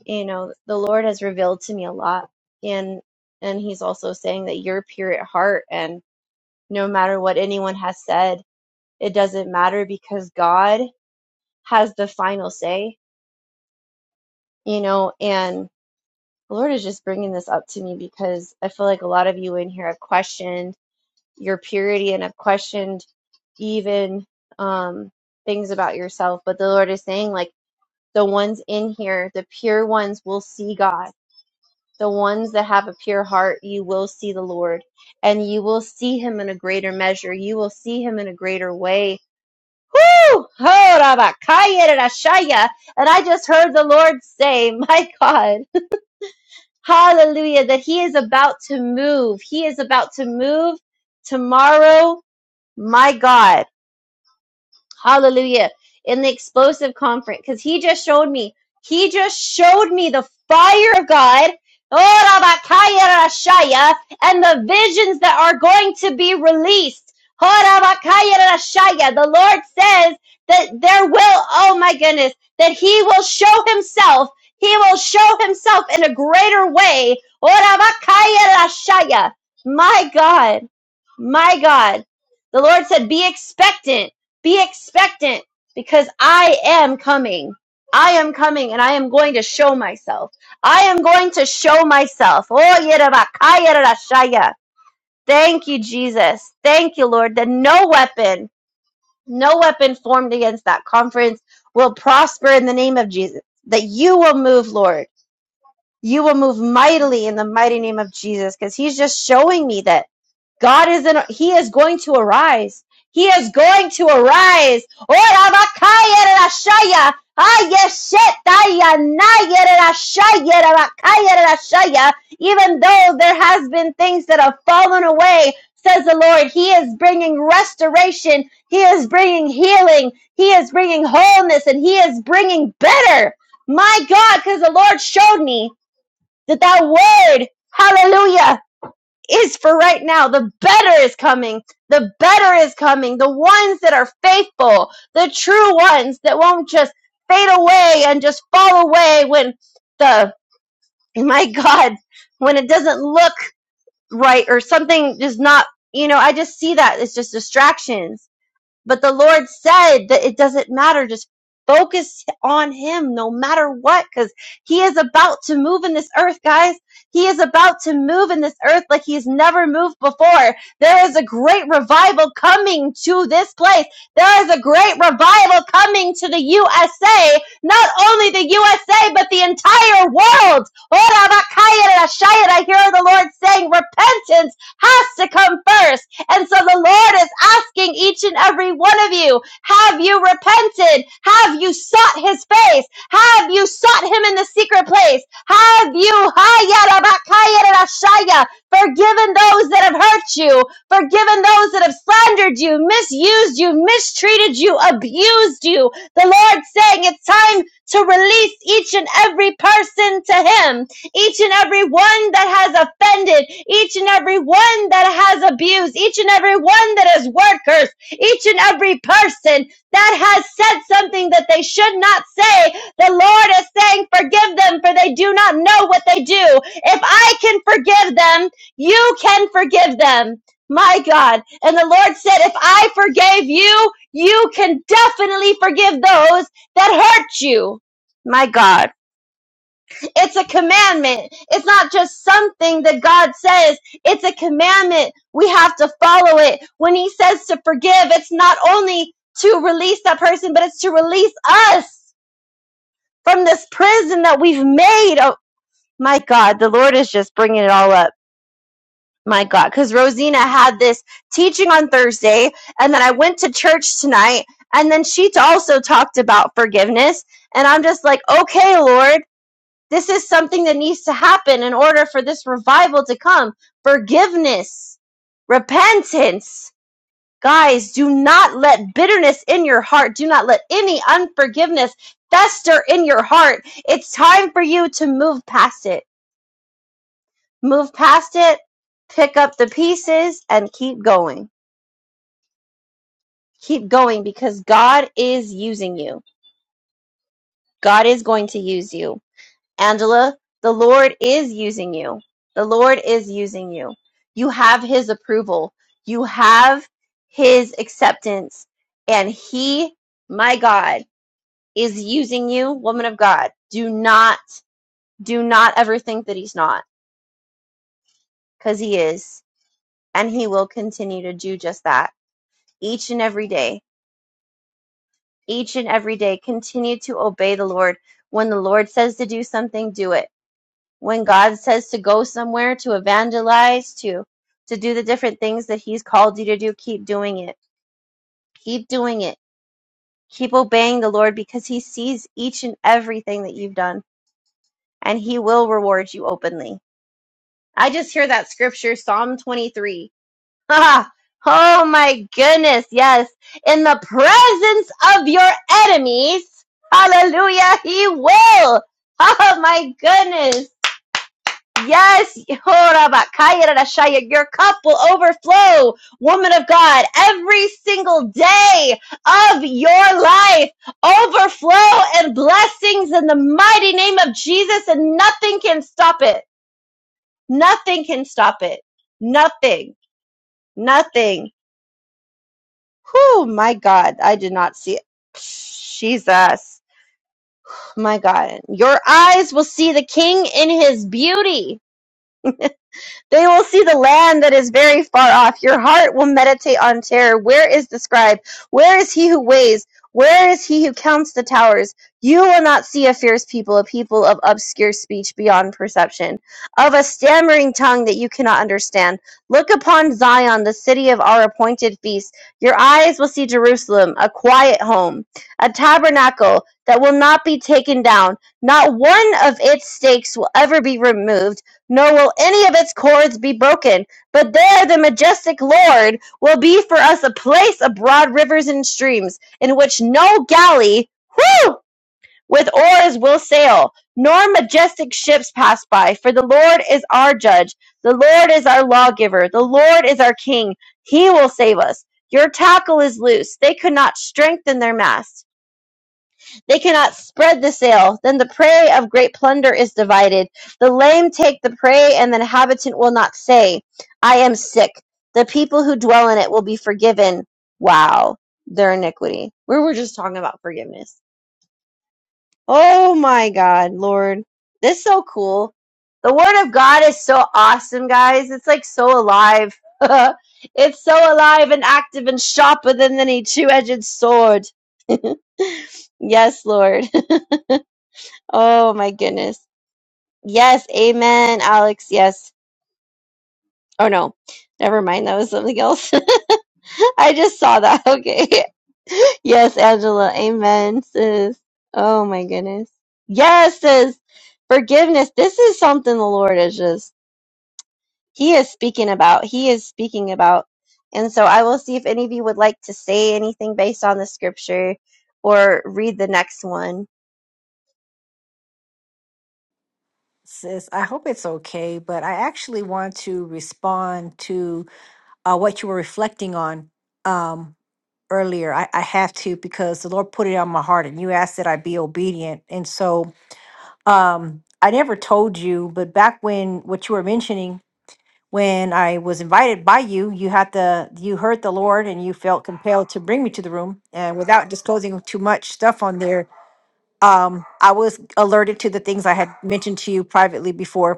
A: you know the Lord has revealed to me a lot and and he's also saying that you're pure at heart and no matter what anyone has said it doesn't matter because God has the final say you know and the Lord is just bringing this up to me because I feel like a lot of you in here have questioned your purity and have questioned even um, things about yourself. But the Lord is saying, like, the ones in here, the pure ones will see God. The ones that have a pure heart, you will see the Lord and you will see him in a greater measure. You will see him in a greater way. Woo! Oh, Rabakaya de Rashaya. And I just heard the Lord say, my God, hallelujah, that he is about to move. He is about to move tomorrow my God Hallelujah. In the explosive conference, because he just showed me, he just showed me the fire of God. Oh, Rabakaya Rashaya, and the visions that are going to be released. Oh, Rabakaya Rashaya. The Lord says that there will, oh my goodness, that He will show Himself. He will show Himself in a greater way. Oh, Rabakaya Rashaya. My God, my God. The Lord said, be expectant be expectant because I am coming. I am coming and I am going to show myself. I am going to show myself. Oh, yerabakaya rarashaya. Thank you, Jesus. Thank you, Lord, that no weapon, no weapon formed against that conference will prosper in the name of Jesus. That you will move, Lord you will move mightily in the mighty name of Jesus because he's just showing me that God is in, he is going to arise. He is going to arise. Ora bakaya rashaya. Ah, yes, Even though there has been things that have fallen away, says the Lord, He is bringing restoration. He is bringing healing. He is bringing wholeness and He is bringing better. My God, because the Lord showed me that that word, hallelujah, is for right now. The better is coming. The better is coming. The ones that are faithful, the true ones that won't just fade away and just fall away when the, my God, when it doesn't look right or something is not, you know, I just see that it's just distractions but the Lord said that it doesn't matter. Just focus on Him no matter what, because He is about to move in this earth, guys. He is about to move in this earth like He's never moved before. There is a great revival coming to this place. There is a great revival coming to the USA. Not only the USA, but the entire world. Ora bakaya rashaya. I hear the Lord saying repentance has to come first. And so the Lord is asking each and every one of you, have you repented? Have you sought his face? Have you sought him in the secret place? Have you hayarabakayarashaya, forgiven those that have hurt you, forgiven those that have slandered you, misused you, mistreated you, abused you? The Lord's saying it's time to release each and every person to him each and every one that has offended, each and every one that has abused, each and every one that is word cursed, each and every person that has said something that they should not say. The Lord is saying, forgive them for they do not know what they do. If I can forgive them, you can forgive them. My God. And the Lord said, if I forgave you, you can definitely forgive those that hurt you. My God. It's a commandment. It's not just something that God says. It's a commandment. We have to follow it. When He says to forgive, it's not only to release that person, but it's to release us from this prison that we've made. Oh, my God, the Lord is just bringing it all up. My God, because Rosina had this teaching on Thursday, and then I went to church tonight, and then she also talked about forgiveness. And I'm just like, okay, Lord. This is something that needs to happen in order for this revival to come. Forgiveness, repentance. Guys, do not let bitterness in your heart. Do not let any unforgiveness fester in your heart. It's time for you to move past it. Move past it, pick up the pieces, and keep going. Keep going because God is using you. God is going to use you. Angela, the Lord is using you. The Lord is using you. You have His approval, you have His acceptance, and He, my God, is using you, woman of God. Do not, do not ever think that He's not, because He is, and He will continue to do just that each and every day. Each and every day, continue to obey the Lord. When the Lord says to do something, do it when God says to go somewhere, to evangelize, to to do the different things that he's called you to do, keep doing it. Keep doing it. Keep obeying the Lord because he sees each and everything that you've done and he will reward you openly. I just hear that scripture Psalm 23. Ah, oh my goodness, yes. In the presence of your enemies, hallelujah, he will. Oh my goodness. Yes, Horabakayarashaya, your cup will overflow, woman of God, every single day of your life. Overflow and blessings in the mighty name of Jesus, and nothing can stop it. Nothing can stop it. Nothing. Nothing. Whew, my God, I did not see it. Jesus. My God. Your eyes will see the king in his beauty. They will see the land that is very far off. Your heart will meditate on terror. Where is the scribe? Where is he who weighs? Where is he who counts the towers? You will not see a fierce people, a people of obscure speech beyond perception, of a stammering tongue that you cannot understand. Look upon Zion, the city of our appointed feast. Your eyes will see Jerusalem, a quiet home, a tabernacle that will not be taken down. Not one of its stakes will ever be removed nor will any of its cords be broken. But there the majestic Lord will be for us a place of broad rivers and streams, in which no galley, whew, with oars will sail, nor majestic ships pass by. For the Lord is our judge, the Lord is our lawgiver, the Lord is our king. He will save us. Your tackle is loose. They could not strengthen their mast. They cannot spread the sail. Then the prey of great plunder is divided. The lame take the prey, and the inhabitant will not say, I am sick. The people who dwell in it will be forgiven. Wow, their iniquity. We were just talking about forgiveness. Oh my God, Lord. This is so cool. The Word of God is so awesome, guys. It's like so alive. it's so alive and active and sharper than any two edged sword. yes, Lord. Oh my goodness. Yes, amen, Alex. Yes. Oh no. Never mind. That was something else. I just saw that. Okay. Yes, Angela. Amen, sis. Oh my goodness. Yes, sis. Forgiveness. This is something the Lord is just, He is speaking about. He is speaking about. And so I will see if any of you would like to say anything based on the scripture or read the next one.
C: Sis, I hope it's okay, but I actually want to respond to uh, what you were reflecting on um, earlier. I, I have to because the Lord put it on my heart and you asked that I be obedient. And so um, I never told you, but back when what you were mentioning, when I was invited by you, you had the you heard the Lord and you felt compelled to bring me to the room. And without disclosing too much stuff on there, um, I was alerted to the things I had mentioned to you privately before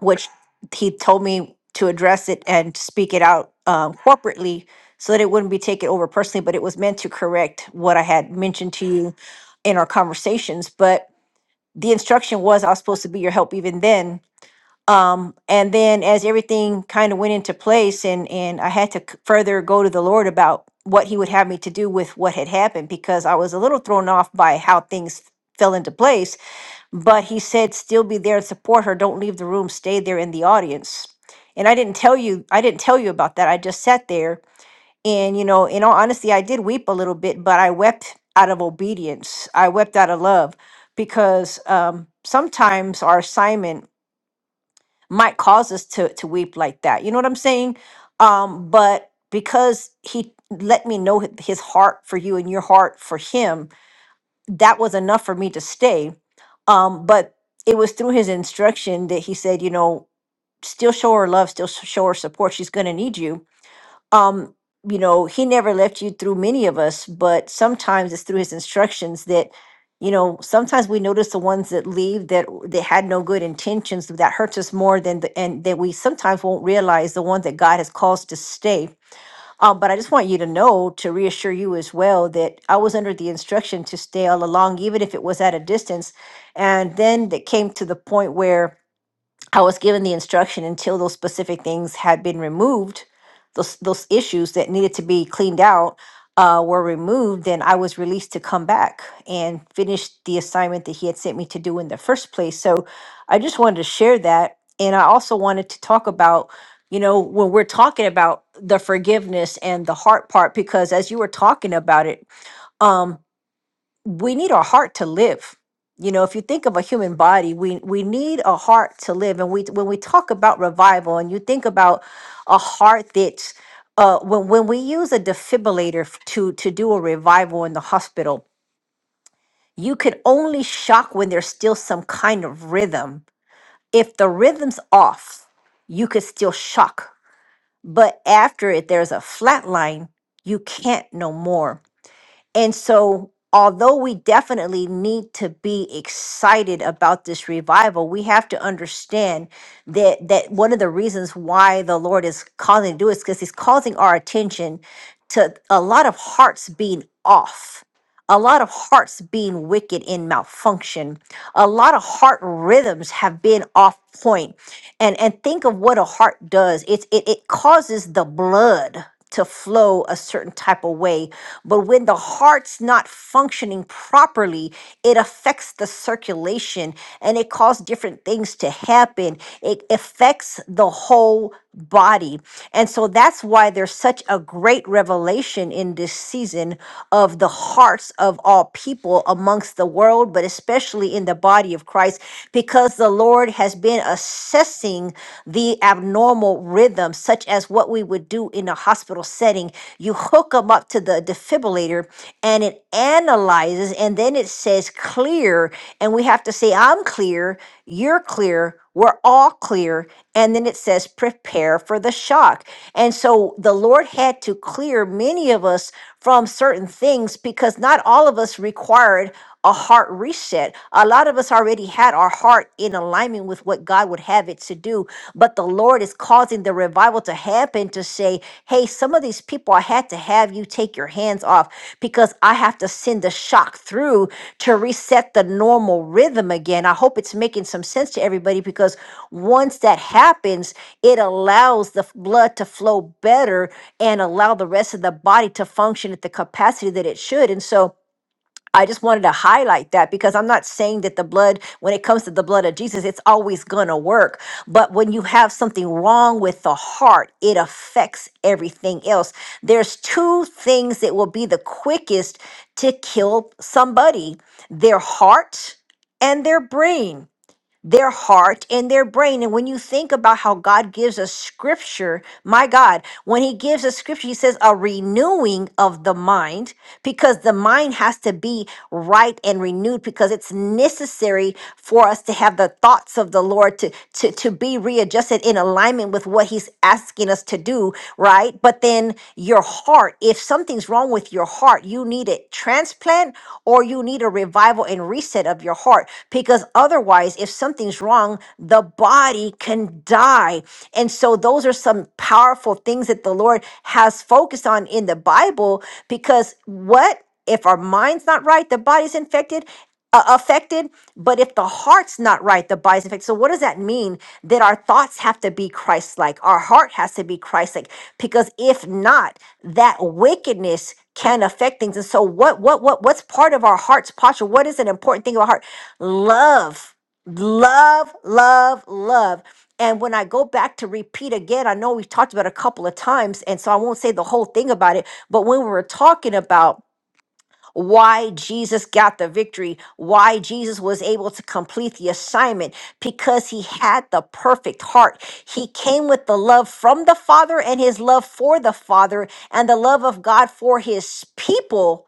C: which he told me to address it and speak it out um, corporately so that it wouldn't be taken over personally, but it was meant to correct what I had mentioned to you in our conversations. But the instruction was I was supposed to be your help even then. Um, and then as everything kind of went into place and, and I had to c- further go to the Lord about what he would have me to do with what had happened because I was a little thrown off by how things fell into place but he said still be there and support her don't leave the room stay there in the audience and i didn't tell you i didn't tell you about that i just sat there and you know in all honesty i did weep a little bit but i wept out of obedience i wept out of love because um, sometimes our assignment might cause us to to weep like that you know what i'm saying um but because he let me know h- his heart for you and your heart for him that was enough for me to stay. Um, but it was through his instruction that he said, you know, still show her love, still s- show her support. She's going to need you. Um, you know, he never left you through many of us, but sometimes it's through his instructions that, you know, sometimes we notice the ones that leave that that had no good intentions that hurts us more than the and that we sometimes won't realize the ones that God has caused to stay um, but I just want you to know to reassure you as well that I was under the instruction to stay all along, even if it was at a distance. And then it came to the point where I was given the instruction until those specific things had been removed, those those issues that needed to be cleaned out uh, were removed. Then I was released to come back and finish the assignment that he had sent me to do in the first place. So I just wanted to share that, and I also wanted to talk about, you know, when we're talking about the forgiveness and the heart part, because as you were talking about it. um, we need our heart to live. You know, if you think of a human body, we we need a heart to live. And we when we talk about revival, and you think about a heart that's uh, when when we use a defibrillator f- to to do a revival in the hospital, you can only shock when there's still some kind of rhythm. If the rhythm's off, you could still shock, but after it, there's a flat line. You can't no more. And so, although we definitely need to be excited about this revival, we have to understand that that one of the reasons why the Lord is causing to do it is because He's causing our attention to a lot of hearts being off. A lot of hearts being wicked and malfunction. A lot of heart rhythms have been off point. And and think of what a heart does. It's it, it causes the blood to flow a certain type of way but when the heart's not functioning properly, it affects the circulation and it causes different things to happen. It affects the whole body. And so that's why there's such a great revelation in this season of the hearts of all people amongst the world, but especially in the body of Christ, because the Lord has been assessing the abnormal rhythm, such as what we would do in a hospital setting you hook them up to the defibrillator and it analyzes and then it says clear. And we have to say, I'm clear, you're clear, we're all clear. And then it says, prepare for the shock. And so the Lord had to clear many of us from certain things because not all of us required a heart reset. A lot of us already had our heart in alignment with what God would have it to do, but the Lord is causing the revival to happen to say, Hey, some of these people, I had to have you take your hands off because I have to send the shock through to reset the normal rhythm again. I hope it's making some sense to everybody because once that happens, it allows the f- blood to flow better and allow the rest of the body to function at the capacity that it should. And so, I just wanted to highlight that because I'm not saying that the blood, when it comes to the blood of Jesus, it's always going to work. But when you have something wrong with the heart, it affects everything else. There's two things that will be the quickest to kill somebody their heart and their brain their heart and their brain. And when you think about how God gives us scripture, my God, when He gives us scripture, He says a renewing of the mind because the mind has to be right and renewed because it's necessary for us to have the thoughts of the Lord to, to, to be readjusted in alignment with what He's asking us to do, right? But then your heart, if something's wrong with your heart, you need a transplant or you need a revival and reset of your heart because otherwise, if something's wrong, the body can die. And so, those are some powerful things that the Lord has focused on in the Bible because what? If our mind's not right, the body's infected uh, affected, but if the heart's not right, the body's affected. So, what does that mean? That our thoughts have to be Christ like, our heart has to be Christ like, because if not, that wickedness can affect things. And so, what, what, what, what's part of our heart's posture? What is an important thing about heart? Love, love, love, love. And when I go back to repeat again, I know we've talked about it a couple of times, and so I won't say the whole thing about it, but when we were talking about why Jesus got the victory, why Jesus was able to complete the assignment, because he had the perfect heart. He came with the love from the Father and his love for the Father and the love of God for his people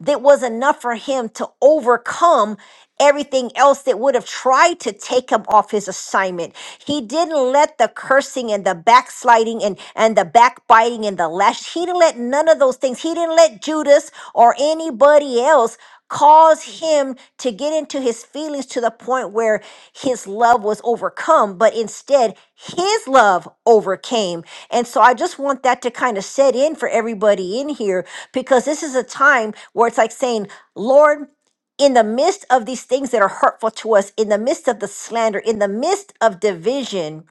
C: that was enough for him to overcome everything else that would have tried to take him off his assignment. He didn't let the cursing and the backsliding and, and the backbiting and the lash, he didn't let none of those things. He didn't let Judas, or anybody else cause him to get into his feelings to the point where his love was overcome, but instead his love overcame. And so I just want that to kind of set in for everybody in here because this is a time where it's like saying, Lord, in the midst of these things that are hurtful to us, in the midst of the slander, in the midst of division,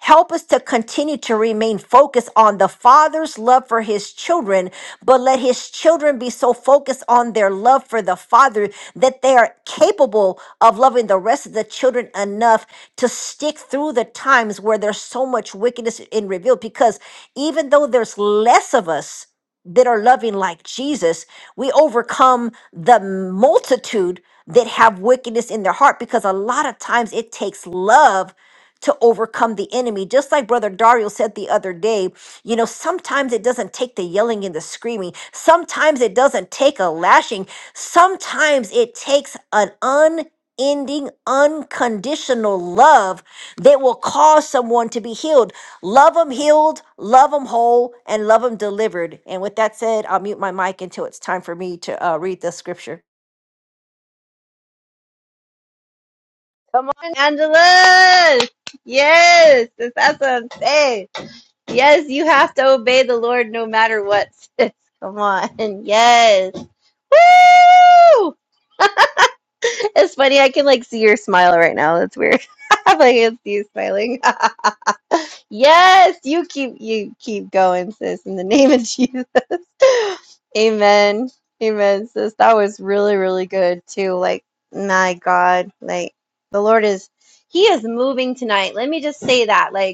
C: Help us to continue to remain focused on the Father's love for his children, but let his children be so focused on their love for the Father that they are capable of loving the rest of the children enough to stick through the times where there's so much wickedness in revealed. Because even though there's less of us, that are loving like Jesus, we overcome the multitude that have wickedness in their heart because a lot of times it takes love to overcome the enemy. Just like Brother Dario said the other day, you know, sometimes it doesn't take the yelling and the screaming, sometimes it doesn't take a lashing, sometimes it takes an unending, unconditional love that will cause someone to be healed. Love them healed, love them whole, and love them delivered. And with that said, I'll mute my mic until it's time for me to uh, read the scripture.
A: Angela! Yes, that's what I'm saying. Yes, you have to obey the Lord no matter what. sis. Come on. Yes. Woo! It's funny. I can like see your smile right now. That's weird. I'm like, it's you smiling. Yes, you keep you keep going, sis, in the name of Jesus. Amen. Amen, sis. That was really, really good too. Like, my God, like the Lord is He is moving tonight. Let me just say that. Like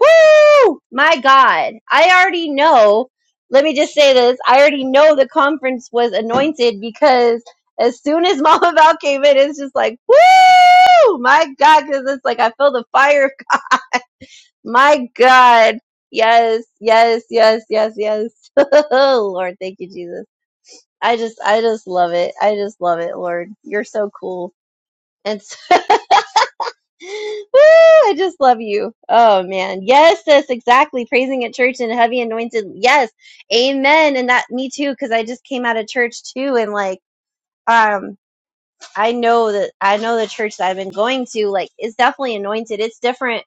A: Woo! My God. I already know. Let me just say this. I already know the conference was anointed because as soon as Mama Val came in, it's just like, woo! My God, because it's like I feel the fire. of g- My God. Yes, yes, yes, yes, yes. Oh, Lord, thank you, Jesus. I just, I just love it. I just love it, Lord. You're so cool. And so Woo! I just love you. Oh man. Yes, sis, exactly. Praising at church and heavy anointed. Yes. Amen. And that me too, because I just came out of church too and like um I know that I know the church that I've been going to, like, it's definitely anointed. It's different.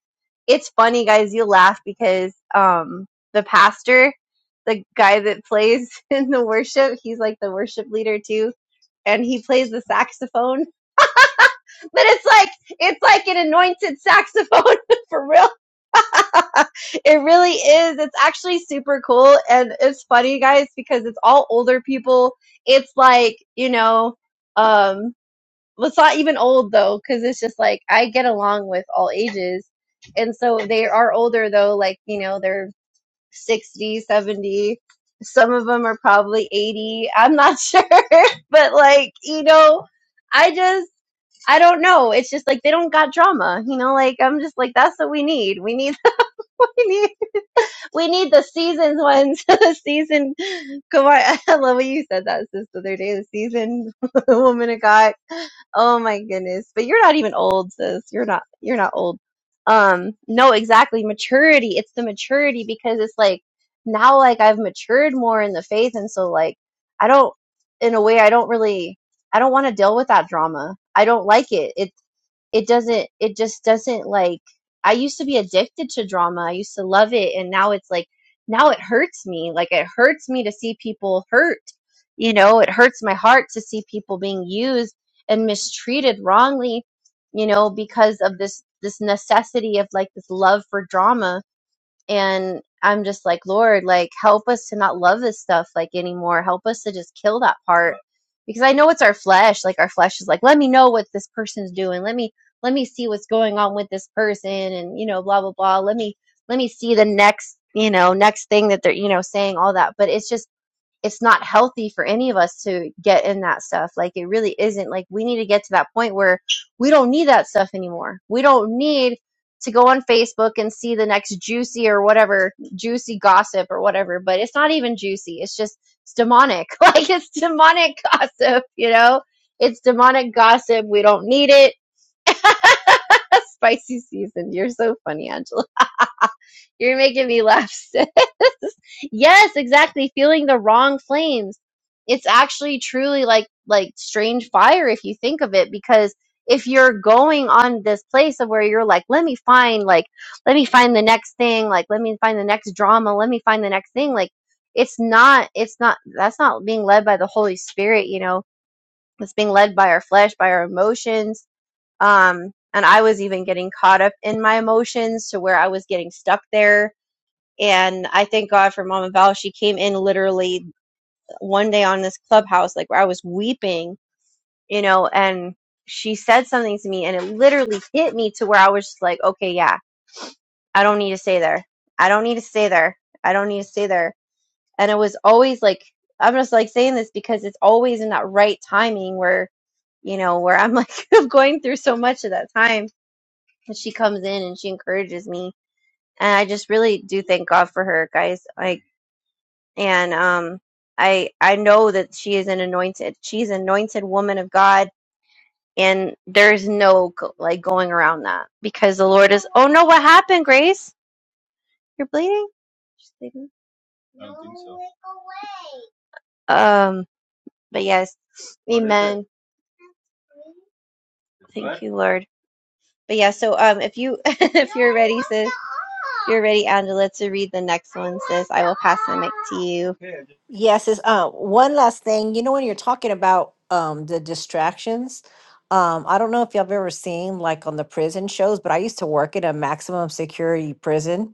A: It's funny, guys, you laugh because um the pastor, the guy that plays in the worship, he's like the worship leader too. And he plays the saxophone, but it's like it's like an anointed saxophone for real it really is. It's actually super cool and it's funny guys because it's all older people. It's like, you know, um well, it's not even old though cuz it's just like I get along with all ages. And so they are older though like, you know, they're sixty, seventy. Some of them are probably 80. I'm not sure, but like, you know, I just I don't know. It's just like they don't got drama, you know. Like I'm just like that's what we need. We need we need we need the seasoned ones. the seasoned, come on. I love when you said that sis the other day. The seasoned woman of God. Oh my goodness. But you're not even old, sis. You're not, you're not old. Um, no, exactly. Maturity. It's the maturity because it's like now, like I've matured more in the faith. And so like, I don't, in a way, I don't really, I don't want to deal with that drama. I don't like it. It it doesn't it just doesn't like i used to be addicted to drama i used to love it and now it's like now it hurts me like it hurts me to see people hurt you know it hurts my heart to see people being used and mistreated wrongly you know because of this this necessity of like this love for drama and i'm just like lord like help us to not love this stuff like anymore help us to just kill that part because i know it's our flesh like our flesh is like let me know what this person's doing let me let me see what's going on with this person and you know blah blah blah let me let me see the next you know next thing that they're you know saying all that but it's just it's not healthy for any of us to get in that stuff. Like it really isn't. Like we need to get to that point where we don't need that stuff anymore. We don't need to go on Facebook and see the next juicy or whatever juicy gossip or whatever. But it's not even juicy. It's just it's demonic. Like it's demonic gossip, you know? It's demonic gossip. We don't need it. Spicy season. You're so funny, Angela. You're making me laugh. sis. Yes, exactly. Feeling the wrong flames. It's actually truly like like strange fire if you think of it because if you're going on this place of where you're like, let me find like let me find the next thing, like let me find the next drama, let me find the next thing, like it's not it's not that's not being led by the Holy Spirit, you know. It's being led by our flesh, by our emotions. Um and I was even getting caught up in my emotions to where I was getting stuck there and I thank God for Mama Val. She came in literally one day on this clubhouse, like where I was weeping, you know, and she said something to me and it literally hit me to where I was just like, okay, yeah, I don't need to stay there. I don't need to stay there. I don't need to stay there. And it was always like, I'm just like saying this because it's always in that right timing where, you know, where I'm like, I'm going through so much at that time. And she comes in and she encourages me. And I just really do thank God for her, guys. Like, and um, I I know that she is an anointed. She's an anointed woman of God, and there's no go- like going around that because the Lord is. Oh no, what happened, Grace? You're bleeding. She's bleeding. Um, but yes, What is it? Amen. Thank blood? you, Lord. But yeah, so um, if you if you're ready, sis, if you're ready, Angela, to read the next one, sis. I will pass my mic to you.
C: Yes, is uh, one last thing. You know, when you're talking about um, the distractions, um, I don't know if y'all have ever seen like on the prison shows, but I used to work in a maximum security prison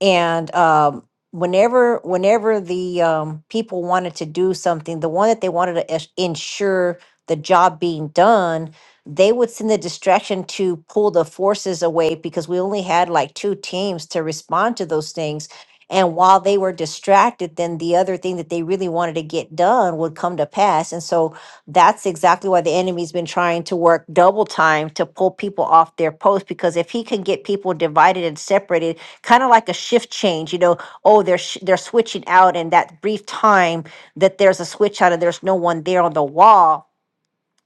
C: and um, whenever whenever the um, people wanted to do something the one that they wanted to es- ensure the job being done they would send the distraction to pull the forces away because we only had like two teams to respond to those things and while they were distracted then the other thing that they really wanted to get done would come to pass and so that's exactly why the enemy's been trying to work double time to pull people off their post because if he can get people divided and separated kind of like a shift change. You know, oh, they're sh- they're switching out, and that brief time that there's a switch out and there's no one there on the wall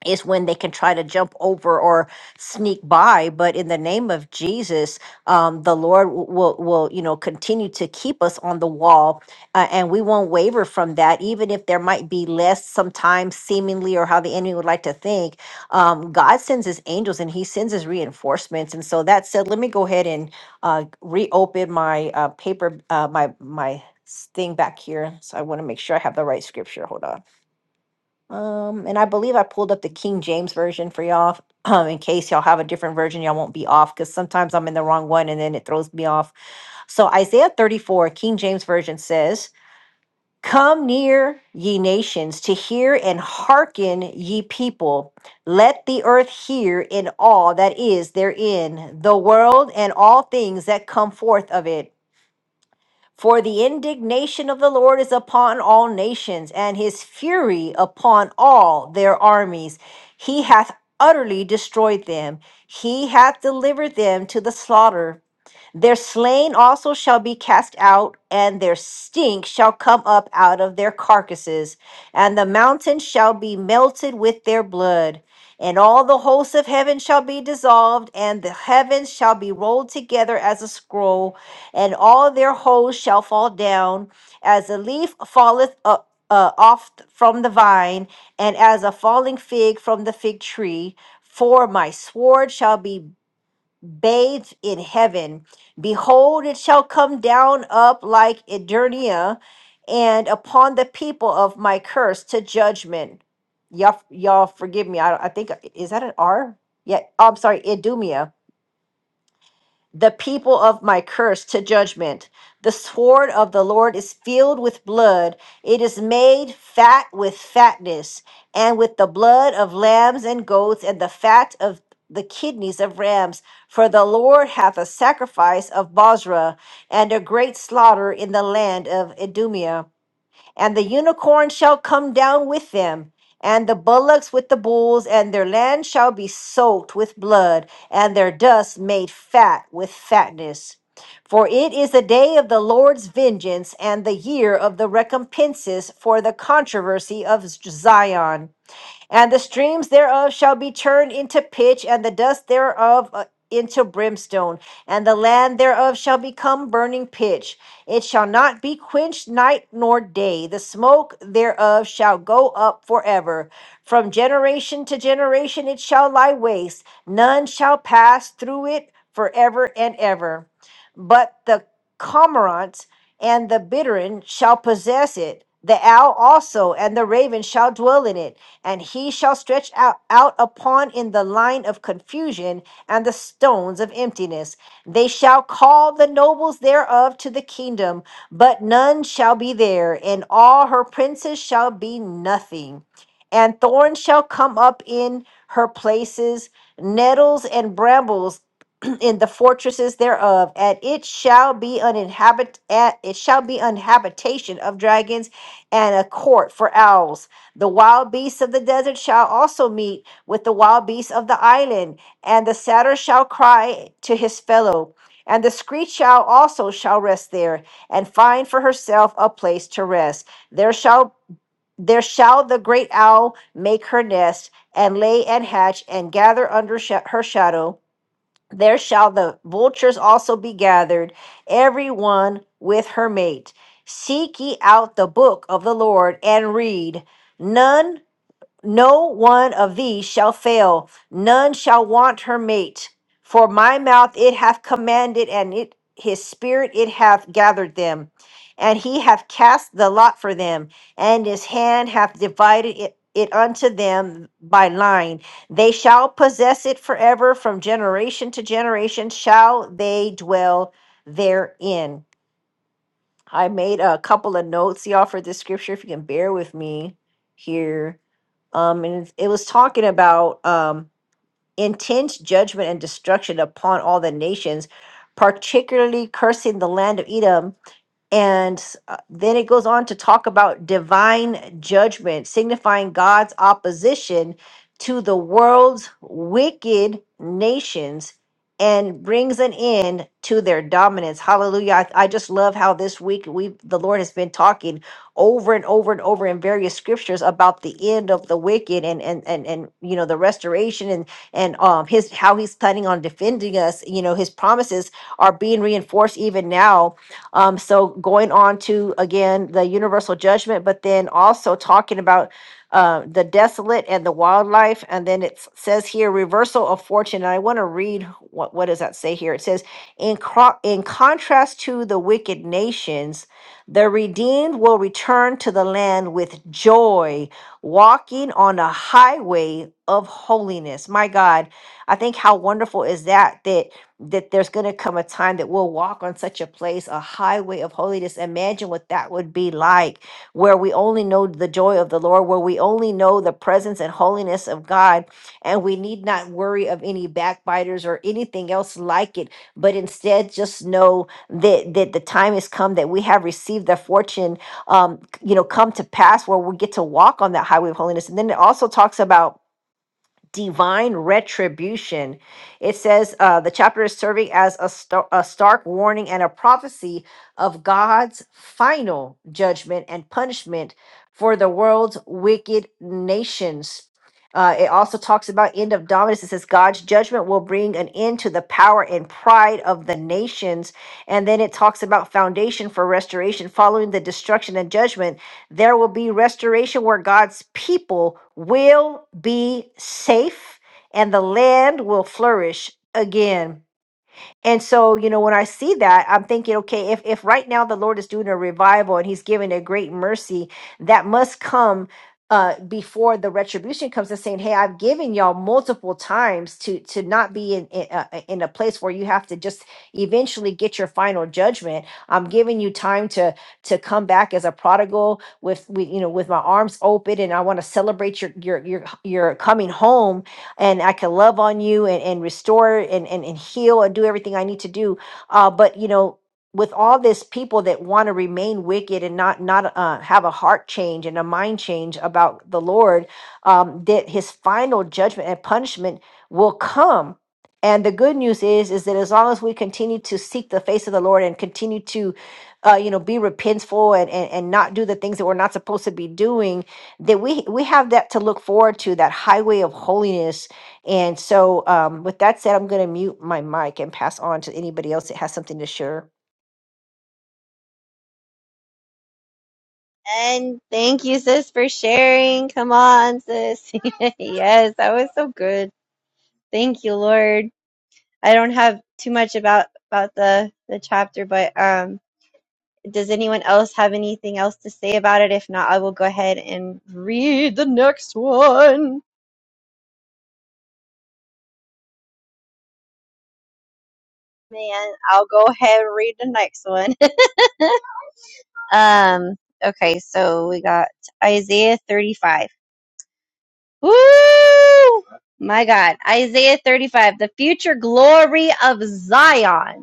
C: is when they can try to jump over or sneak by but in the name of jesus um, the lord w- will will you know continue to keep us on the wall uh, and we won't waver from that even if there might be less sometimes seemingly or how the enemy would like to think um, god sends his angels and he sends his reinforcements and so that said let me go ahead and uh, reopen my uh, paper uh, my my s- thing back here so i want to make sure i have the right scripture hold on um, and I believe I pulled up the King James version for y'all, um, in case y'all have a different version, y'all won't be off because sometimes I'm in the wrong one and then it throws me off. So Isaiah 34, King James version says, Come near, ye nations, to hear and hearken, ye people. Let the earth hear in all that is therein, the world and all things that come forth of it. For the indignation of the Lord is upon all nations, and his fury upon all their armies. He hath utterly destroyed them, he hath delivered them to the slaughter their slain also shall be cast out, and their stink shall come up out of their carcasses, and the mountain shall be melted with their blood. And all the hosts of heaven shall be dissolved, and the heavens shall be rolled together as a scroll, and all their hosts shall fall down, as a leaf falleth up. Uh, off from the vine, and as a falling fig from the fig tree, for my sword shall be bathed in heaven. Behold, it shall come down up like Edirnea, and upon the people of my curse to judgment. Y'all, y'all forgive me. I, I think, is that an R? Yeah, I'm sorry, Idumea the people of my curse to judgment. The sword of the Lord is filled with blood. It is made fat with fatness, and with the blood of lambs and goats, and the fat of the kidneys of rams. For the Lord hath a sacrifice of Bosra, and a great slaughter in the land of Idumea and the unicorn shall come down with them, and the bullocks with the bulls, and their land shall be soaked with blood, and their dust made fat with fatness. For it is the day of the Lord's vengeance, and the year of the recompenses for the controversy of Zion and the streams thereof shall be turned into pitch, and the dust thereof uh, into brimstone, and the land thereof shall become burning pitch. It shall not be quenched night nor day. The smoke thereof shall go up forever. From generation to generation it shall lie waste. None shall pass through it forever and ever. But the cormorant and the bittern shall possess it. The owl also and the raven shall dwell in it and he shall stretch out, out upon in the line of confusion and the stones of emptiness. They shall call the nobles thereof to the kingdom, but none shall be there, and all her princes shall be nothing. And thorns shall come up in her places, nettles and brambles in the fortresses thereof, and it shall be an inhabit at it shall be an habitation of dragons and a court for owls. The wild beasts of the desert shall also meet with the wild beasts of the island, and the satyr shall cry to his fellow, and the screech owl also shall rest there, and find for herself a place to rest. There shall there shall the great owl make her nest, and lay and hatch, and gather under sha- her shadow there shall the vultures also be gathered, every one with her mate. Seek ye out the book of the Lord and read. None no one of these shall fail, none shall want her mate. For my mouth it hath commanded, and it his spirit it hath gathered them, and he hath cast the lot for them, and his hand hath divided it, it unto them by line. They shall possess it forever, from generation to generation shall they dwell therein. I made a couple of notes y'all for this scripture if you can bear with me here. Um and it's- it was talking about um intense judgment and destruction upon all the nations, particularly cursing the land of Edom and uh, then it goes on to talk about divine judgment, signifying God's opposition to the world's wicked nations and brings an end to their dominance. Hallelujah. I, I just love how this week we the Lord has been talking over and over and over in various scriptures about the end of the wicked and and and, and you know the restoration and and um his how he's planning on defending us, you know, his promises are being reinforced even now um, so going on to again the universal judgment, but then also talking about uh, the desolate and the wildlife, and then it s- says here reversal of fortune. And I want to read what what does that say here? It says in cro- in contrast to the wicked nations, the redeemed will return to the land with joy, walking on a highway of holiness. My God, I think how wonderful is that that that there's going to come a time that we'll walk on such a place, a highway of holiness. Imagine what that would be like, where we only know the joy of the Lord, where we only know the presence and holiness of God, and we need not worry of any backbiters or anything else like it, but instead just know that that the time has come that we have received the fortune, um, you know, come to pass where we get to walk on that highway of holiness. And then it also talks about divine retribution. It says uh, the chapter is serving as a, star- a stark warning and a prophecy of God's final judgment and punishment for the world's wicked nations. Uh, it also talks about end of dominance. It says God's judgment will bring an end to the power and pride of the nations. And then it talks about foundation for restoration following the destruction and judgment. There will be restoration where God's people will be safe and the land will flourish again. And so, you know, when I see that, I'm thinking, okay, if, if right now the Lord is doing a revival and he's giving a great mercy, that must come uh, before the retribution comes and saying, hey, I've given y'all multiple times to to not be in in, uh, uh, in a place where you have to just eventually get your final judgment. I'm giving you time to to come back as a prodigal with, with you know with my arms open, and I want to celebrate your your your your coming home and I can love on you and, and restore and, and, and heal and do everything I need to do. Uh, but you know, with all this people that want to remain wicked and not not uh, have a heart change and a mind change about the Lord, um, that His final judgment and punishment will come. And the good news is, is that as long as we continue to seek the face of the Lord and continue to, uh, you know, be repentful and, and and not do the things that we're not supposed to be doing, that we we have that to look forward to, that highway of holiness and so, um, with that said, I'm going to mute my mic and pass on to anybody else that has something to share.
A: And thank you, sis, for sharing. Come on, sis. yes, that was so good. Thank you, Lord. I don't have too much about about the the chapter, but um, does anyone else have anything else to say about it? If not, I will go ahead and read the next one. Man, I'll go ahead and read the next one. Um, okay, so we got Isaiah 35. Woo! My God, Isaiah 35, the future glory of Zion.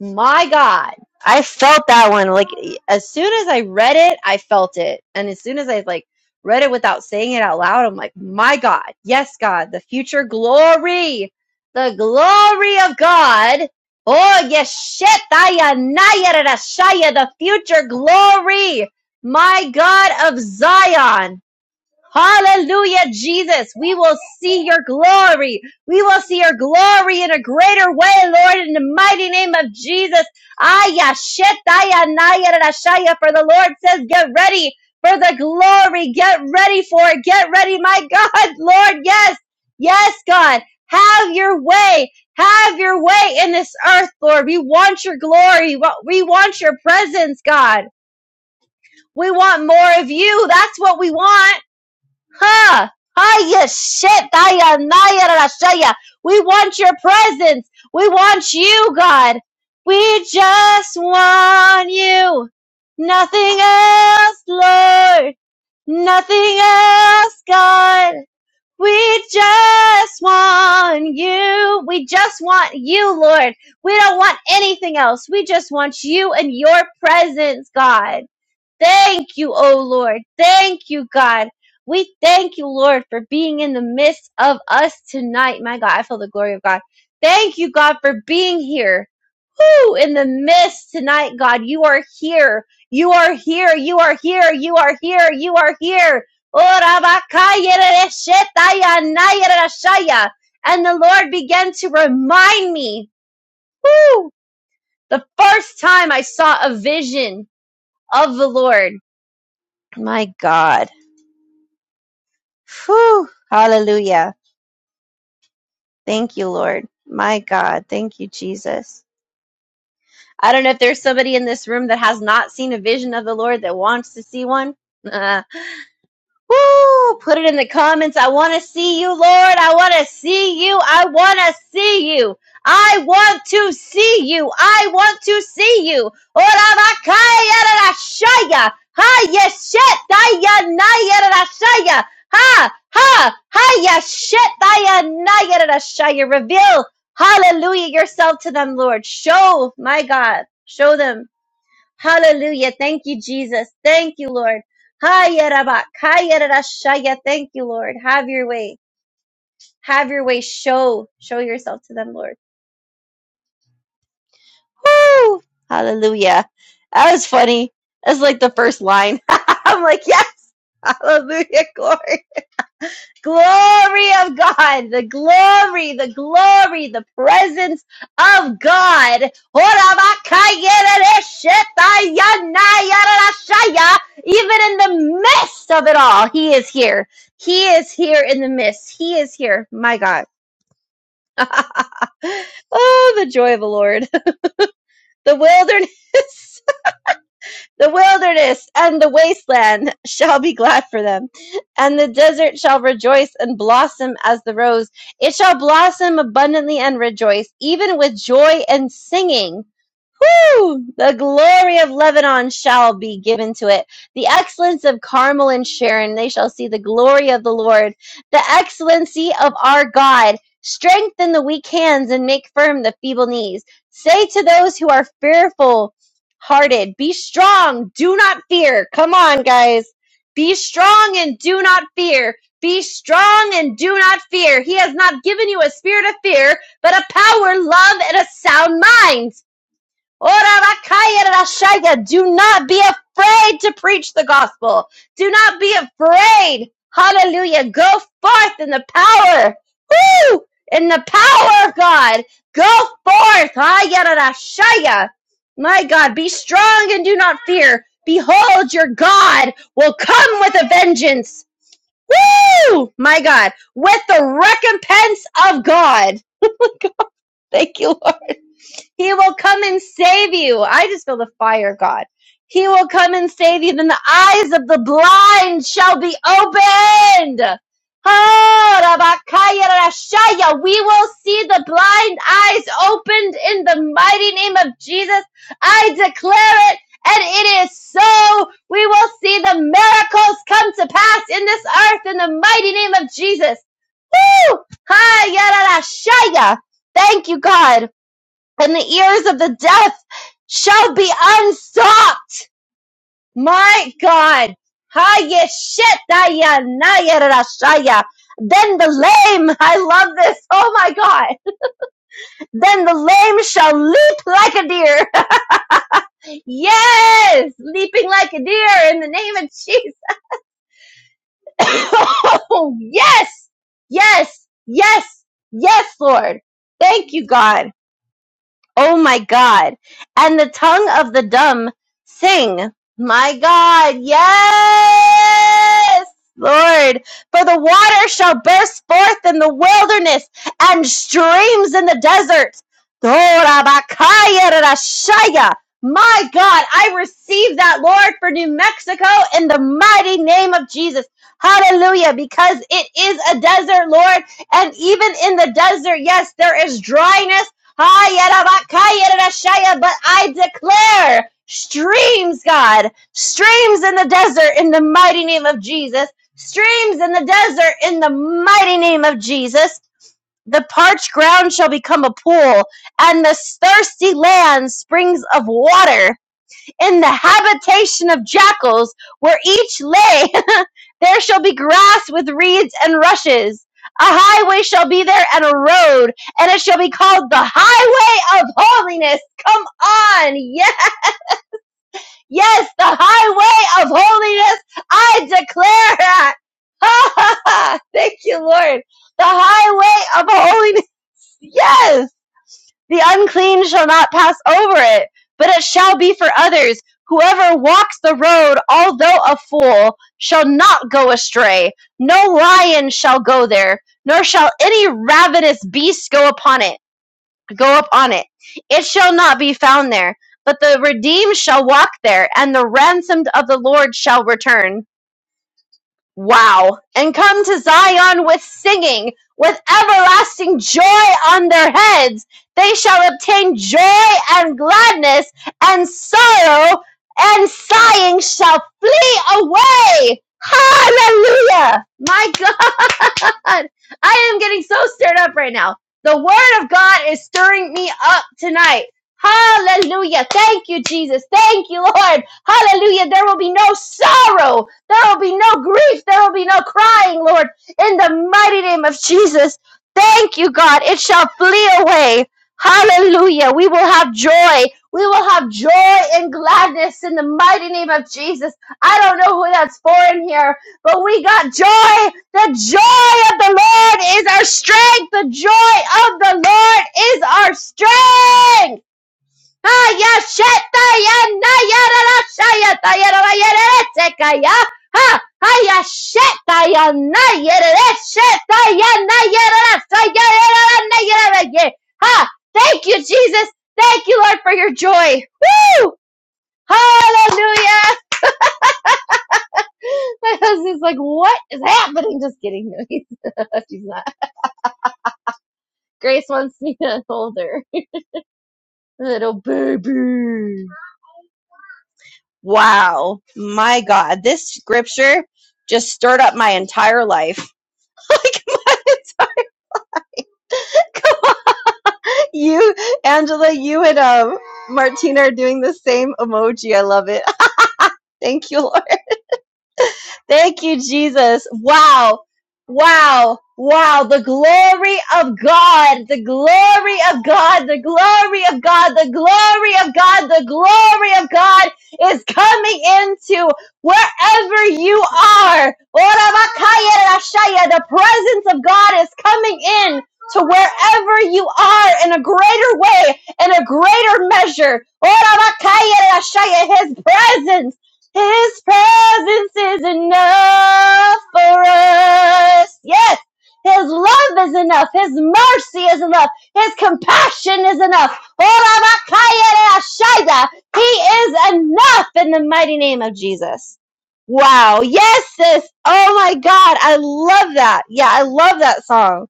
A: My God. I felt that one. Like as soon as I read it, I felt it. And as soon as I like read it without saying it out loud, I'm like, my God. Yes, God, the future glory, the glory of God. Oh, yes, shit. The future glory. My God of Zion. Hallelujah, Jesus. We will see your glory. We will see your glory in a greater way, Lord, in the mighty name of Jesus. Aya shetaya naya rashaya. For the Lord says, get ready for the glory. Get ready for it. Get ready, my God, Lord. Yes, yes, God. Have your way. Have your way in this earth, Lord. We want your glory. We want your presence, God. We want more of you. That's what we want. Ha! Hiya shit! Hiya naya rashaya! We want your presence! We want you, God! We just want you! Nothing else, Lord! Nothing else, God! We just want you! We just want you, Lord! We don't want anything else! We just want you and your presence, God! Thank you, O Lord. Thank you, God. We thank you, Lord, for being in the midst of us tonight. My God, I feel the glory of God. Thank you, God, for being here. Whoo, in the midst tonight, God. You are here. You are here. You are here. You are here. You are here. Oh, rabakayereshetayanayerashaya. And the Lord began to remind me, whoo, the first time I saw a vision of the Lord. My God. Whew. Hallelujah. Thank you, Lord. My God. Thank you, Jesus. I don't know if there's somebody in this room that has not seen a vision of the Lord that wants to see one. Woo! Put it in the comments. I want to see you, Lord. I want to see you. I want to see you. I want to see you. I want to see you. Ora bakaya rarashaya. Ha yeshet daya naya rarashaya. Ha ha ha yeshet daya naya rarashaya. Reveal, hallelujah, yourself to them, Lord. Show, my God, show them Hallelujah. Thank you, Jesus. Thank you, Lord. Hiya rabak, hiya rarashaya. Thank you, Lord. Have your way. Have your way. Show. Show yourself to them, Lord. Woo! Hallelujah. That was funny. That's like the first line. I'm like, yes. Hallelujah. Glory. glory of God, the glory, the glory, the presence of God. Even in the midst of it all, He is here. He is here in the midst. He is here. My God. oh, the joy of the Lord. The wilderness. The wilderness and the wasteland shall be glad for them, and the desert shall rejoice and blossom as the rose. It shall blossom abundantly and rejoice, even with joy and singing. Whew! The glory of Lebanon shall be given to it. The excellence of Carmel and Sharon, they shall see the glory of the Lord. The excellency of our God. Strengthen the weak hands and make firm the feeble knees. Say to those who are fearful hearted, be strong, do not fear. Come on, guys. Be strong and do not fear. Be strong and do not fear. He has not given you a spirit of fear, but a power, love, and a sound mind. Orabakayarashaya. Do not be afraid to preach the gospel. Do not be afraid. Hallelujah. Go forth in the power. Woo! In the power of God. Go forth. Ayarashaya. My God, be strong and do not fear. Behold, your God will come with a vengeance. Woo! My God, with the recompense of God. Thank you, Lord. He will come and save you. I just feel the fire, of God. He will come and save you. Then the eyes of the blind shall be opened. Oh, Rabakaya Rashaya. We will see the blind eyes opened in the mighty name of Jesus. I declare it, and it is so. We will see the miracles come to pass in this earth in the mighty name of Jesus. Woo! Hi, Yara Thank you, God and the ears of the deaf shall be unstopped. My God. Haya shetaya naya rashaya. Then the lame, I love this. Oh my God. Then the lame shall leap like a deer. Yes, leaping like a deer in the name of Jesus. Oh, yes, yes, yes, yes, Lord. Thank you, God. Oh my God. And the tongue of the dumb sing. My God. Yes, Lord. For the water shall burst forth in the wilderness and streams in the desert. Dorabakaya rarashaya. My God, I receive that, Lord, for New Mexico in the mighty name of Jesus. Hallelujah, because it is a desert, Lord. And even in the desert, yes, there is dryness Ha yarabakaya rashaya, But I declare streams, God, streams in the desert in the mighty name of Jesus, streams in the desert in the mighty name of Jesus. The parched ground shall become a pool, and the thirsty land springs of water in the habitation of jackals, where each lay, there shall be grass with reeds and rushes. A highway shall be there and a road, and it shall be called the highway of holiness. Come on, yes, yes, the highway of holiness. I declare that. Ha ha ha! Thank you, Lord. The highway of holiness. Yes. The unclean shall not pass over it, but it shall be for others. Whoever walks the road, although a fool, shall not go astray. No lion shall go there, nor shall any ravenous beast go upon it. Go up on it. It shall not be found there. But the redeemed shall walk there, and the ransomed of the Lord shall return. Wow. And come to Zion with singing, with everlasting joy on their heads. They shall obtain joy and gladness, and sorrow and sighing shall flee away. Hallelujah. My God. God, I am getting so stirred up right now. The word of God is stirring me up tonight. Hallelujah. Thank you, Jesus. Thank you, Lord. Hallelujah. There will be no sorrow. There will be no grief. There will be no crying, Lord, in the mighty name of Jesus. Thank you, God. It shall flee away. Hallelujah. We will have joy. We will have joy and gladness in the mighty name of Jesus. I don't know who that's for in here, but we got joy. The joy of the Lord is our strength. The joy of the Lord is our strength. Haya sheta ya na ya ra ra sha ya ta ya ra ra ya ra Ha, thank you, Jesus. Thank you, Lord, for your joy. Woo! Hallelujah. My husband's like, what is happening? Just kidding. She's not. Grace wants me to hold her. Wow. My God. This scripture just stirred up my entire life. like, my entire, you, Angela, you and um, Martina are doing the same emoji. I love it. Thank you, Lord. Thank you, Jesus. Wow. Wow. Wow. The glory of God. The glory of God. The glory of God. The glory of God. The glory of God is coming into wherever you are. Ora The presence of God is coming in to wherever you are in a greater way, in a greater measure. Ora His presence. His presence is enough for us. Yes. His love is enough. His mercy is enough. His compassion is enough. Orabakayarashida. He is enough in the mighty name of Jesus. Wow. Yes, sis. Oh my God. I love that. Yeah, I love that song.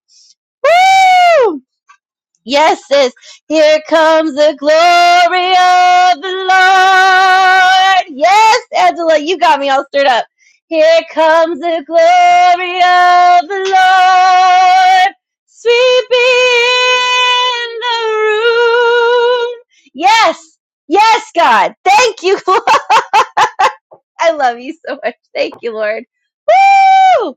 A: Woo! Yes, sis. Here comes the glory of the Lord. Yes, Angela, you got me all stirred up. Here comes the glory of the Lord. Sweeping the room. Yes, yes, God. Thank you, Lord. I love you so much. Thank you, Lord. Woo!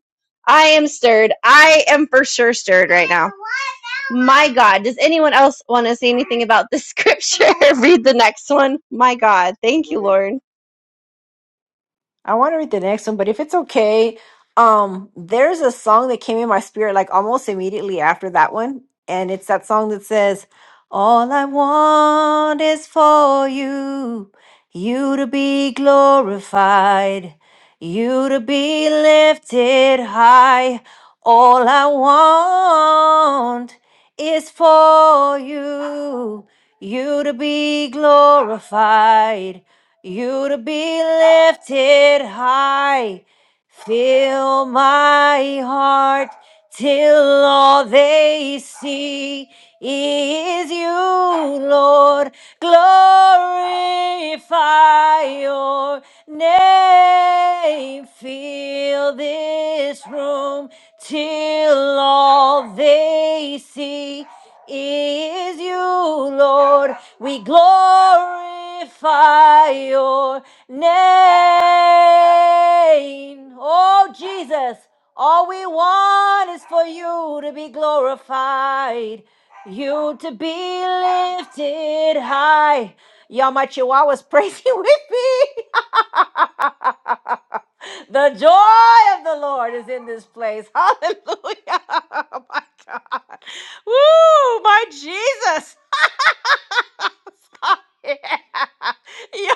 A: I am stirred. I am for sure stirred right now. My God, does anyone else want to say anything about this scripture? Read the next one. My God, thank you, Lord.
C: I want to read the next one, but if it's okay, um, there's a song that came in my spirit like almost immediately after that one, and it's that song that says, "All I want is for you, you to be glorified, you to be lifted high. All I want is for you, you to be glorified." you to be lifted high. Fill my heart till all they see is you, Lord. Glorify your name. Fill this room till all they see is you, Lord. We glorify your name. Oh, Jesus, all we want is for you to be glorified, you to be lifted high. Y'all, my chihuahua's praising with me. The joy of the Lord is in this place. Hallelujah. Oh my God. Woo, my Jesus. Stop it. Yo,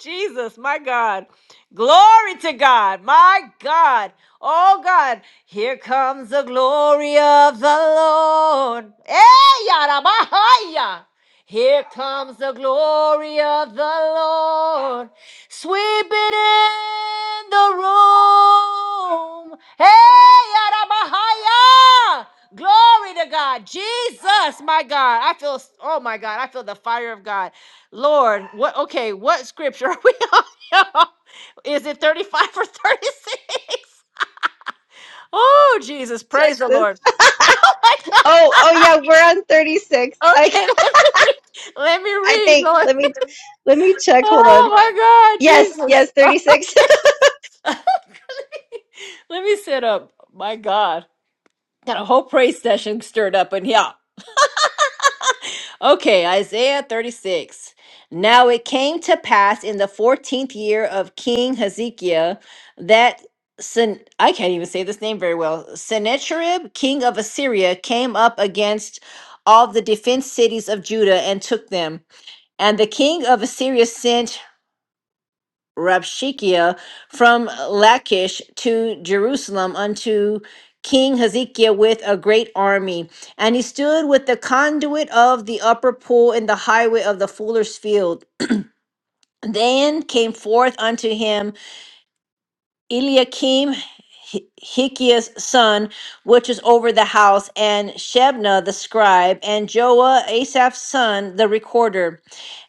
C: Jesus, my God. Glory to God, my God. Oh God, here comes the glory of the Lord. Hey, yarabahaya. Here comes the glory of the Lord sweeping in the room. Hey, Yarabahaya! Glory to God. Jesus, my God. I feel, oh my God, I feel the fire of God. Lord, what, okay, what scripture are we on? y'all? Is it 35 or 36? Oh, Jesus,
A: Check
C: praise the
A: this.
C: Lord. Oh my
A: Oh, oh
C: God.
A: yeah, we're on 36. I,
C: Okay, let me read. Let me
A: I
C: read,
A: think.
C: Lord.
A: Let me, let me check. Hold on.
C: Oh my God,
A: Yes,
C: Jesus.
A: yes, 36.
C: Okay. Let me set up. My God. Got a whole praise session stirred up in here. Okay, Isaiah 36. Now it came to pass in the 14th year of King Hezekiah that Sen- I can't even say this name very well. Sennacherib, king of Assyria, came up against all the defense cities of Judah and took them. And the king of Assyria sent Rabshakeah from Lachish to Jerusalem unto King Hezekiah with a great army. And he stood with the conduit of the upper pool in the highway of the fuller's field. Then came forth unto him Eliakim, Hi- Hilkiah's son, which is over the house, and Shebna the scribe, and Joah, Asaph's son, the recorder.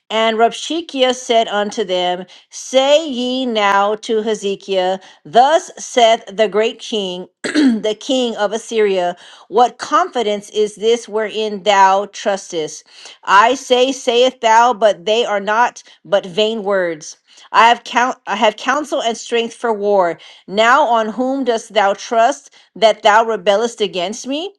C: And Rabshakeh said unto them, Say ye now to Hezekiah, Thus saith the great king, the king of Assyria, What confidence is this wherein thou trustest? I say, saith thou, but they are not but vain words. I have count, I have counsel and strength for war. Now on whom dost thou trust that thou rebellest against me?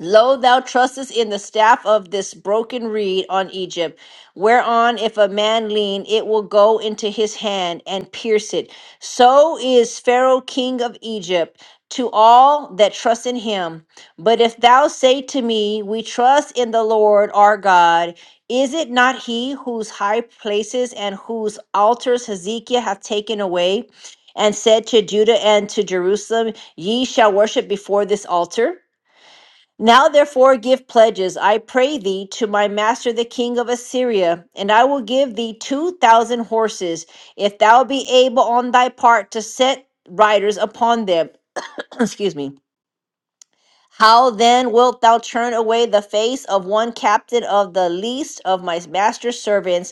C: Lo, thou trustest in the staff of this broken reed on Egypt, whereon if a man lean, it will go into his hand and pierce it. So is Pharaoh king of Egypt to all that trust in him. But if thou say to me, We trust in the Lord our God, is it not he whose high places and whose altars Hezekiah hath taken away, and said to Judah and to Jerusalem, Ye shall worship before this altar? Now therefore give pledges, I pray thee, to my master the king of Assyria, and I will give thee two thousand horses, if thou be able on thy part to set riders upon them. Excuse me. How then wilt thou turn away the face of one captain of the least of my master's servants,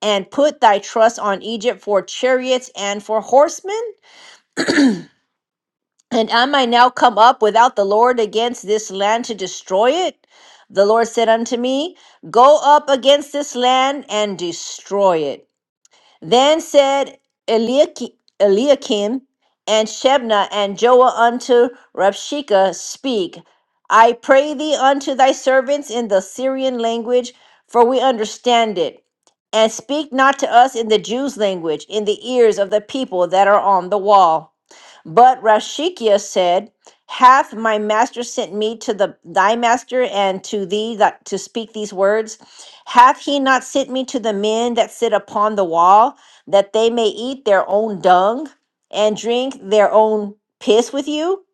C: and put thy trust on Egypt for chariots and for horsemen? And am I now come up without the Lord against this land to destroy it? The Lord said unto me, Go up against this land and destroy it. Then said Eliaki- Eliakim and Shebna and Joah unto Rabshakeh, Speak, I pray thee unto thy servants in the Syrian language, for we understand it. And speak not to us in the Jews' language, in the ears of the people that are on the wall. But Rashikia said, Hath my master sent me to the thy master and to thee that to speak these words? Hath he not sent me to the men that sit upon the wall? that they may eat their own dung and drink their own piss with you?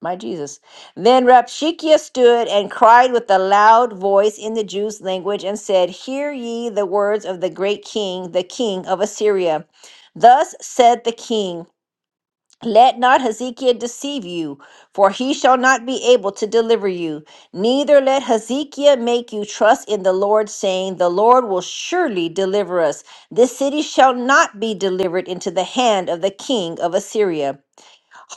C: My Jesus. Then Rapshakeah stood and cried with a loud voice in the Jews' language and said, Hear ye the words of the great king, the king of Assyria. Thus said the king. Let not Hezekiah deceive you, for he shall not be able to deliver you. Neither let Hezekiah make you trust in the Lord, saying, The Lord will surely deliver us. This city shall not be delivered into the hand of the king of Assyria.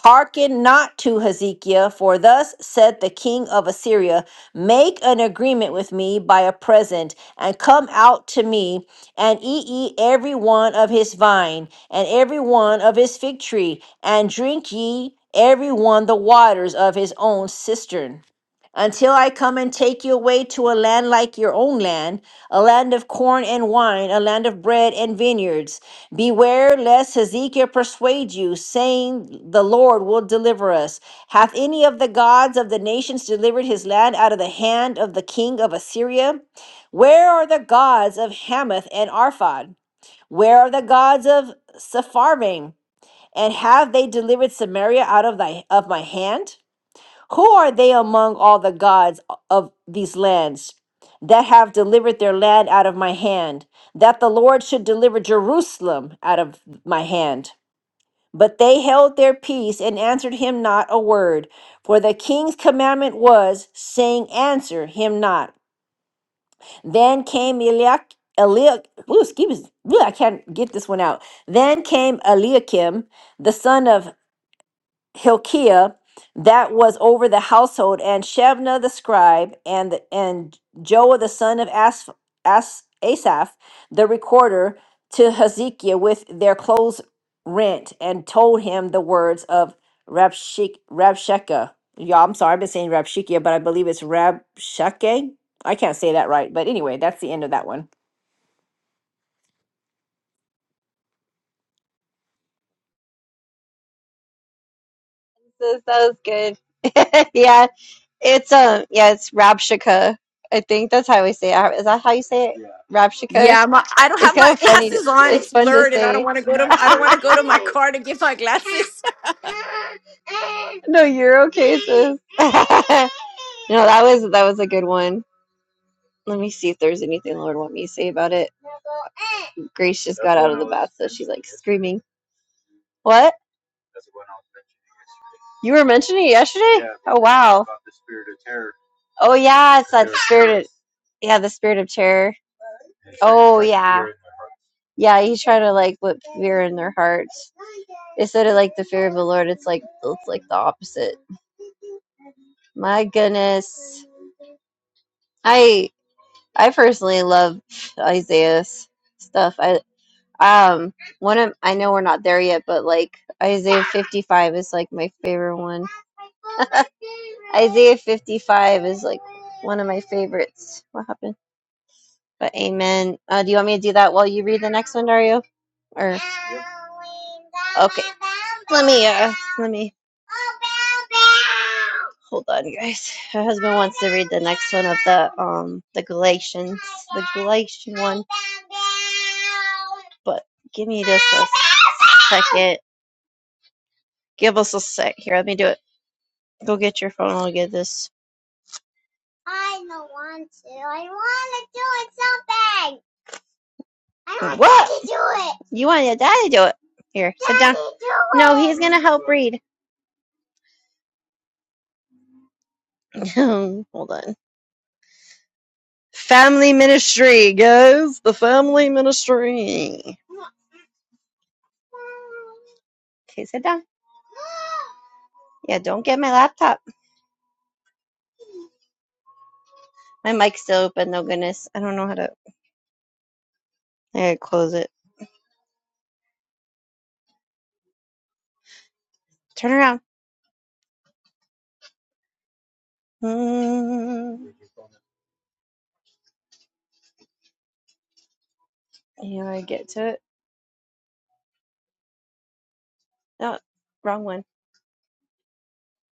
C: Hearken not to Hezekiah, for thus said the king of Assyria Make an agreement with me by a present, and come out to me, and eat ye every one of his vine, and every one of his fig tree, and drink ye every one the waters of his own cistern until I come and take you away to a land like your own land, a land of corn and wine, a land of bread and vineyards. Beware lest Hezekiah persuade you, saying, The Lord will deliver us. Hath any of the gods of the nations delivered his land out of the hand of the king of Assyria? Where are the gods of Hamath and Arphad? Where are the gods of Sepharvaim? And have they delivered Samaria out of thy of my hand? Who are they among all the gods of these lands that have delivered their land out of my hand, that the Lord should deliver Jerusalem out of my hand? But they held their peace and answered him not a word, for the king's commandment was, saying, Answer him not. Then came Eliak, Eliak, ooh, excuse me, ooh, I can't get this one out. Then came Eliakim, the son of Hilkiah that was over the household, and Shebna the scribe, and the, and Joah the son of As, As, Asaph the recorder to Hezekiah with their clothes rent, and told him the words of Rabshik, Rabshakeh. Yeah, I'm sorry, I've been saying Rabshikia, but I believe it's Rabshake. I can't say that right, but anyway, that's the end of that one.
A: that was good. yeah, it's um, yeah, it's Rabshakeh. I think that's how we say it. Is that how you say it? Yeah. Rabshakeh.
C: Yeah, my, I don't
A: It's
C: have
A: kind
C: my
A: of funny. To,
C: glasses on.
A: it's
C: It's
A: fun to
C: blurred, and I don't
A: say.
C: want to go to I don't want to go to my car to get my glasses.
A: no, you're okay, sis. no, that was that was a good one. Let me see if there's anything Lord want me to say about it. Grace just got out of the bath, so she's like screaming. What? You were mentioning it yesterday? Oh wow. Oh yeah, it's that spirit. Of, yeah, the spirit of terror. Oh yeah. Yeah, He's trying to like put fear in their hearts. Instead of like the fear of the Lord, it's like it's like the opposite. My goodness. I I personally love Isaiah's stuff. I Um, one of I know we're not there yet, but like Isaiah 55 is like my favorite one. Isaiah 55 is like one of my favorites. What happened? But amen. Uh, do you want me to do that while you read the next one, Dario? Or okay, let me uh, let me hold on, guys. My husband wants to read the next one of the um the Galatians, the Galatian one. But give me just a second. Give us a sec here. Let me do it. Go get your phone. I'll get this You want to die? Do it. Here. I'm going to help read. Hold on. Family ministry, guys. The family ministry. Okay, sit down. Yeah, don't get my laptop. My mic's still open, though, goodness. I don't know how to. I gotta close it. Turn around. Mm, you know, I get to it. No, wrong one.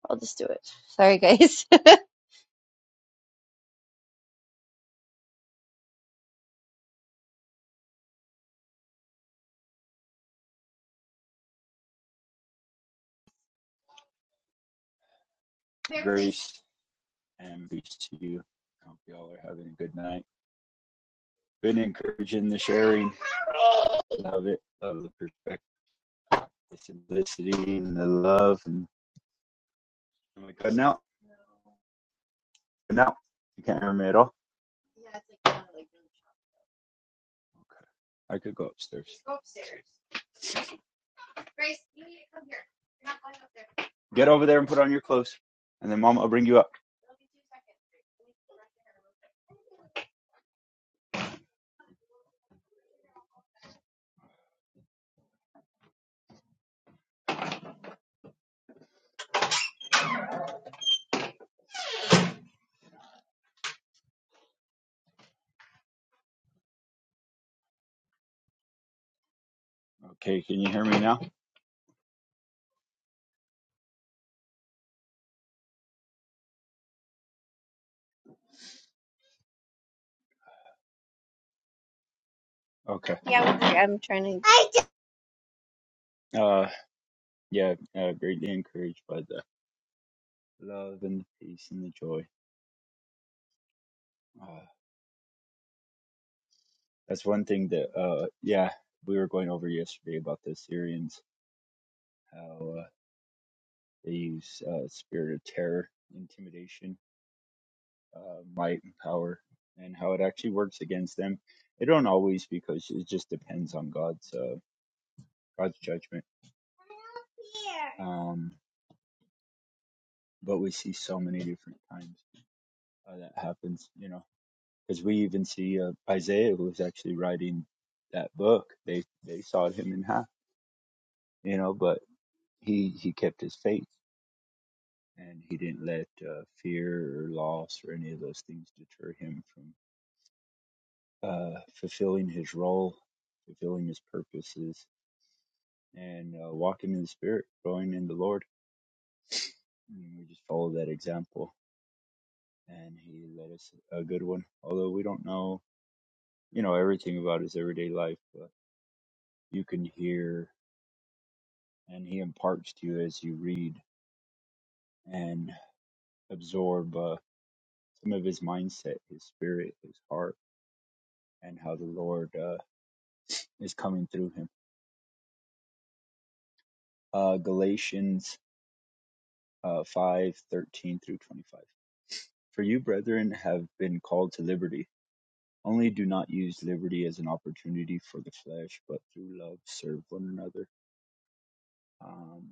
A: I'll just do it. Sorry, guys.
D: grace and peace to you. I hope y'all are having a good night. Been encouraging the sharing. Love it. Love the perspective, the simplicity, and the love. And am I cutting out? Cutting out? You can't hear me at all? Okay. I could go upstairs. Go upstairs. Get over there and put on your clothes. And then Mama will bring you up. Okay. Can you hear me now? Okay.
A: yeah, I'm trying to.
D: Uh, yeah. Uh, greatly encouraged by the love and the peace and the joy. Uh, That's one thing that, uh, yeah, we were going over yesterday about the Syrians, how uh, they use uh, spirit of terror, intimidation, uh, might, and power, and how it actually works against them. They don't always, because it just depends on God's uh, God's judgment. Um, but we see so many different times uh, that happens, you know, because we even see uh, Isaiah, who was actually writing that book. They they sawed him in half, you know, but he he kept his faith and he didn't let uh, fear or loss or any of those things deter him from uh, fulfilling his role, fulfilling his purposes, and uh, walking in the Spirit, growing in the Lord. And we just follow that example, and he led us a good one. Although we don't know, you know, everything about his everyday life, but you can hear, and he imparts to you as you read and absorb uh, some of his mindset, his spirit, his heart, and how the Lord uh, is coming through him Uh, Galatians uh, 5 thirteen through 25. For you, brethren, have been called to liberty. Only do not use liberty as an opportunity for the flesh, but through love serve one another. Um,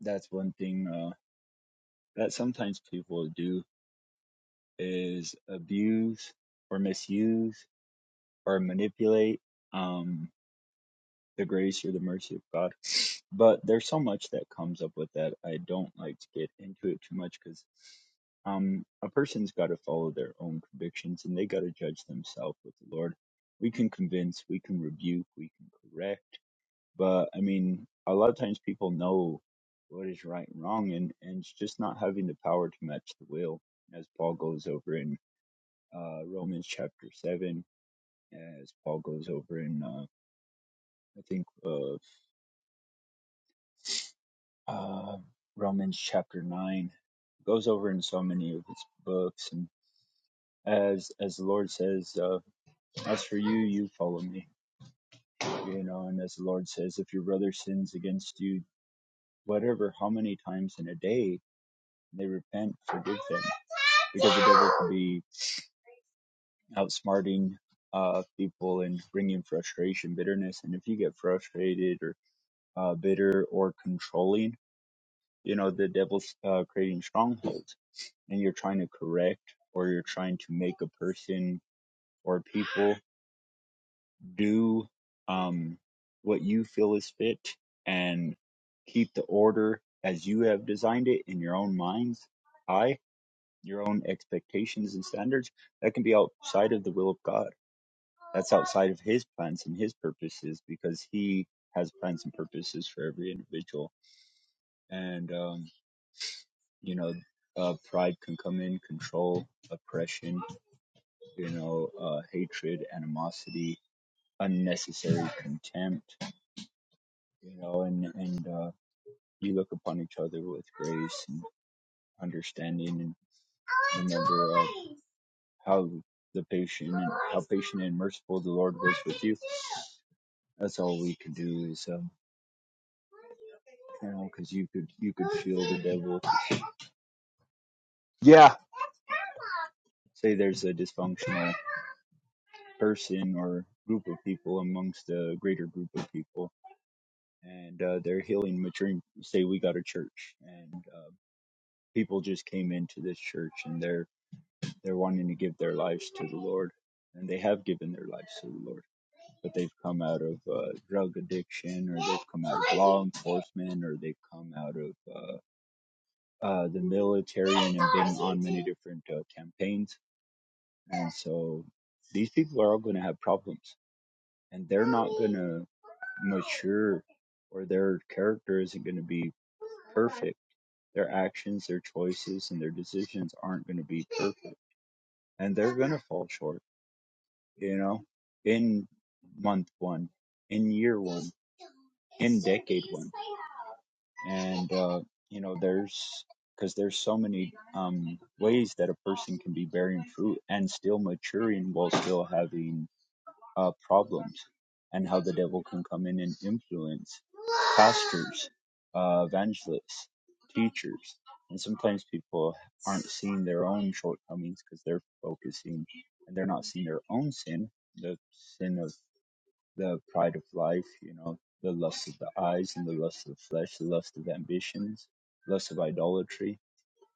D: that's one thing uh, that sometimes people do is abuse or misuse or manipulate. Um, the grace or the mercy of God. But there's so much that comes up with that. I don't like to get into it too much because um, a person's got to follow their own convictions and they got to judge themselves with the Lord. We can convince, we can rebuke, we can correct, but I mean, a lot of times people know what is right and wrong, and and it's just not having the power to match the will, as Paul goes over in uh, Romans chapter seven, as Paul goes over in uh, I think uh, uh, Romans chapter nine It goes over in so many of its books, and as as the Lord says, uh, as for you, you follow me, you know, and as the Lord says, if your brother sins against you, whatever, how many times in a day they repent, forgive them, because the devil can be outsmarting uh, people and bringing frustration, bitterness, and if you get frustrated or uh, bitter or controlling, you know, the devil's uh, creating strongholds and you're trying to correct or you're trying to make a person or people do um, what you feel is fit and keep the order as you have designed it in your own minds high, your own expectations and standards, that can be outside of the will of God. That's outside of His plans and His purposes because He has plans and purposes for every individual. And, um, you know, uh, pride can come in, control, oppression you know, uh, hatred, animosity, unnecessary contempt, you know, and, and, uh, you look upon each other with grace and understanding and remember uh, how the patient and how patient and merciful the Lord was with you. That's all we could do is, um, you know, because you could you could feel the devil. Say there's a dysfunctional person or group of people amongst a greater group of people and uh, their healing maturing say we got a church and uh, people just came into this church and they're they're wanting to give their lives to the lord and they have given their lives to the lord but they've come out of uh, drug addiction or they've come out of law enforcement or they've come out of uh, uh, the military and have been on many different uh, campaigns and so these people are all going to have problems and they're not going to mature or their character isn't going to be perfect Their actions, their choices, and their decisions aren't going to be perfect, and they're going to fall short. You know, in month one, in year one, in decade one, and uh, you know, there's because there's so many um, ways that a person can be bearing fruit and still maturing while still having uh, problems and how the devil can come in and influence pastors, uh, evangelists, teachers. And sometimes people aren't seeing their own shortcomings because they're focusing and they're not seeing their own sin, the sin of the pride of life, you know, the lust of the eyes and the lust of the flesh, the lust of ambitions, lust of idolatry,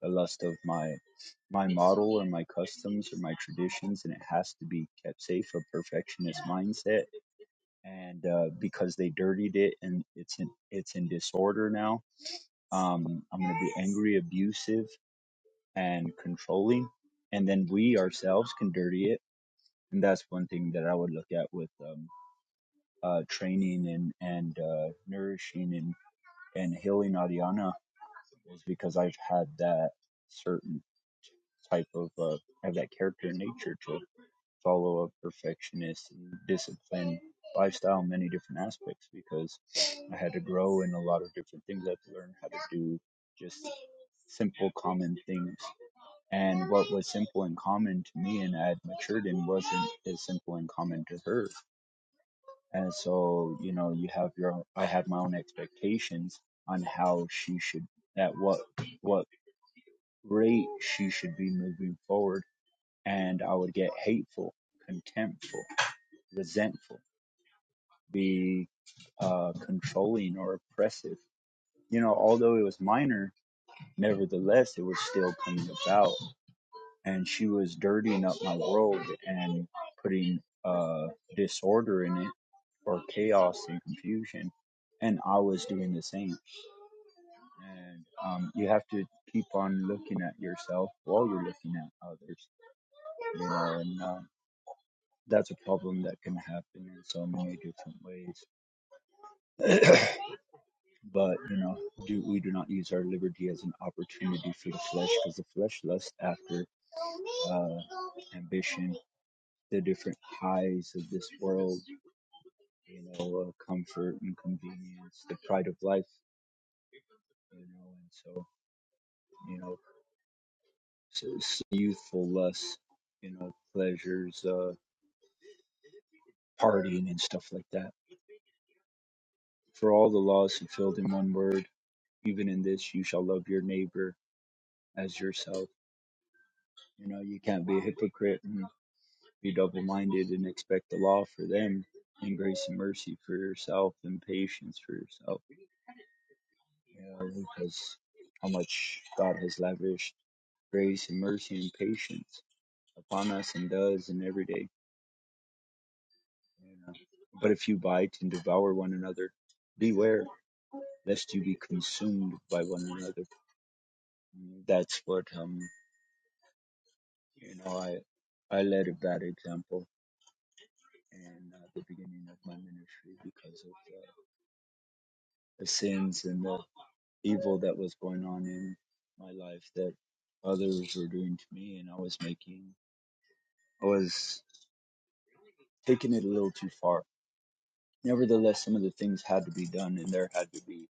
D: the lust of my my model or my customs or my traditions and it has to be kept safe a perfectionist mindset and uh, because they dirtied it and it's in it's in disorder now um, i'm going to be angry abusive and controlling and then we ourselves can dirty it and that's one thing that i would look at with um, uh, training and and uh, nourishing and and healing ariana was because i've had that certain type of uh, I have that character and nature to follow a perfectionist and disciplined lifestyle in many different aspects because I had to grow in a lot of different things. I had to learn how to do just simple, common things. And what was simple and common to me and I had matured in wasn't as simple and common to her. And so, you know, you have your own, I had my own expectations on how she should, at what, what rate she should be moving forward. And I would get hateful contemptful resentful, be uh, controlling or oppressive. You know, although it was minor, nevertheless, it was still coming about. And she was dirtying up my world and putting uh, disorder in it or chaos and confusion. And I was doing the same. And um, you have to keep on looking at yourself while you're looking at others, you know, and uh, that's a problem that can happen in so many different ways. but, you know, do we do not use our liberty as an opportunity for the flesh because the flesh lusts after uh, ambition the different highs of this world you know uh, comfort and convenience the pride of life you know and so you know s s- youthful lusts you know pleasures uh, partying and stuff like that for all the laws fulfilled in one word even in this you shall love your neighbor as yourself you know you can't be a hypocrite and be double minded and expect the law for them and grace and mercy for yourself and patience for yourself. You know, because how much God has lavished grace and mercy and patience upon us and does in every day. You know. But if you bite and devour one another, beware lest you be consumed by one another. That's what um you know I I led a bad example in uh, the beginning of my ministry because of uh, the sins and the evil that was going on in my life that others were doing to me and I was making I was taking it a little too far. Nevertheless some of the things had to be done and there had to be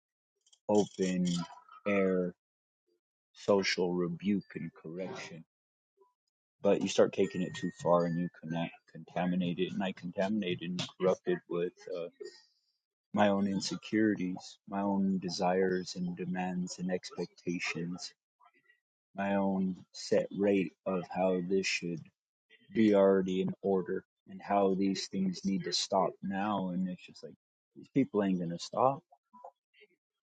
D: open air social rebuke and correction. But you start taking it too far and you connect contaminate it and I contaminated and corrupted with uh, my own insecurities, my own desires and demands and expectations my own set rate of how this should be already in order and how these things need to stop now and it's just like these people ain't gonna stop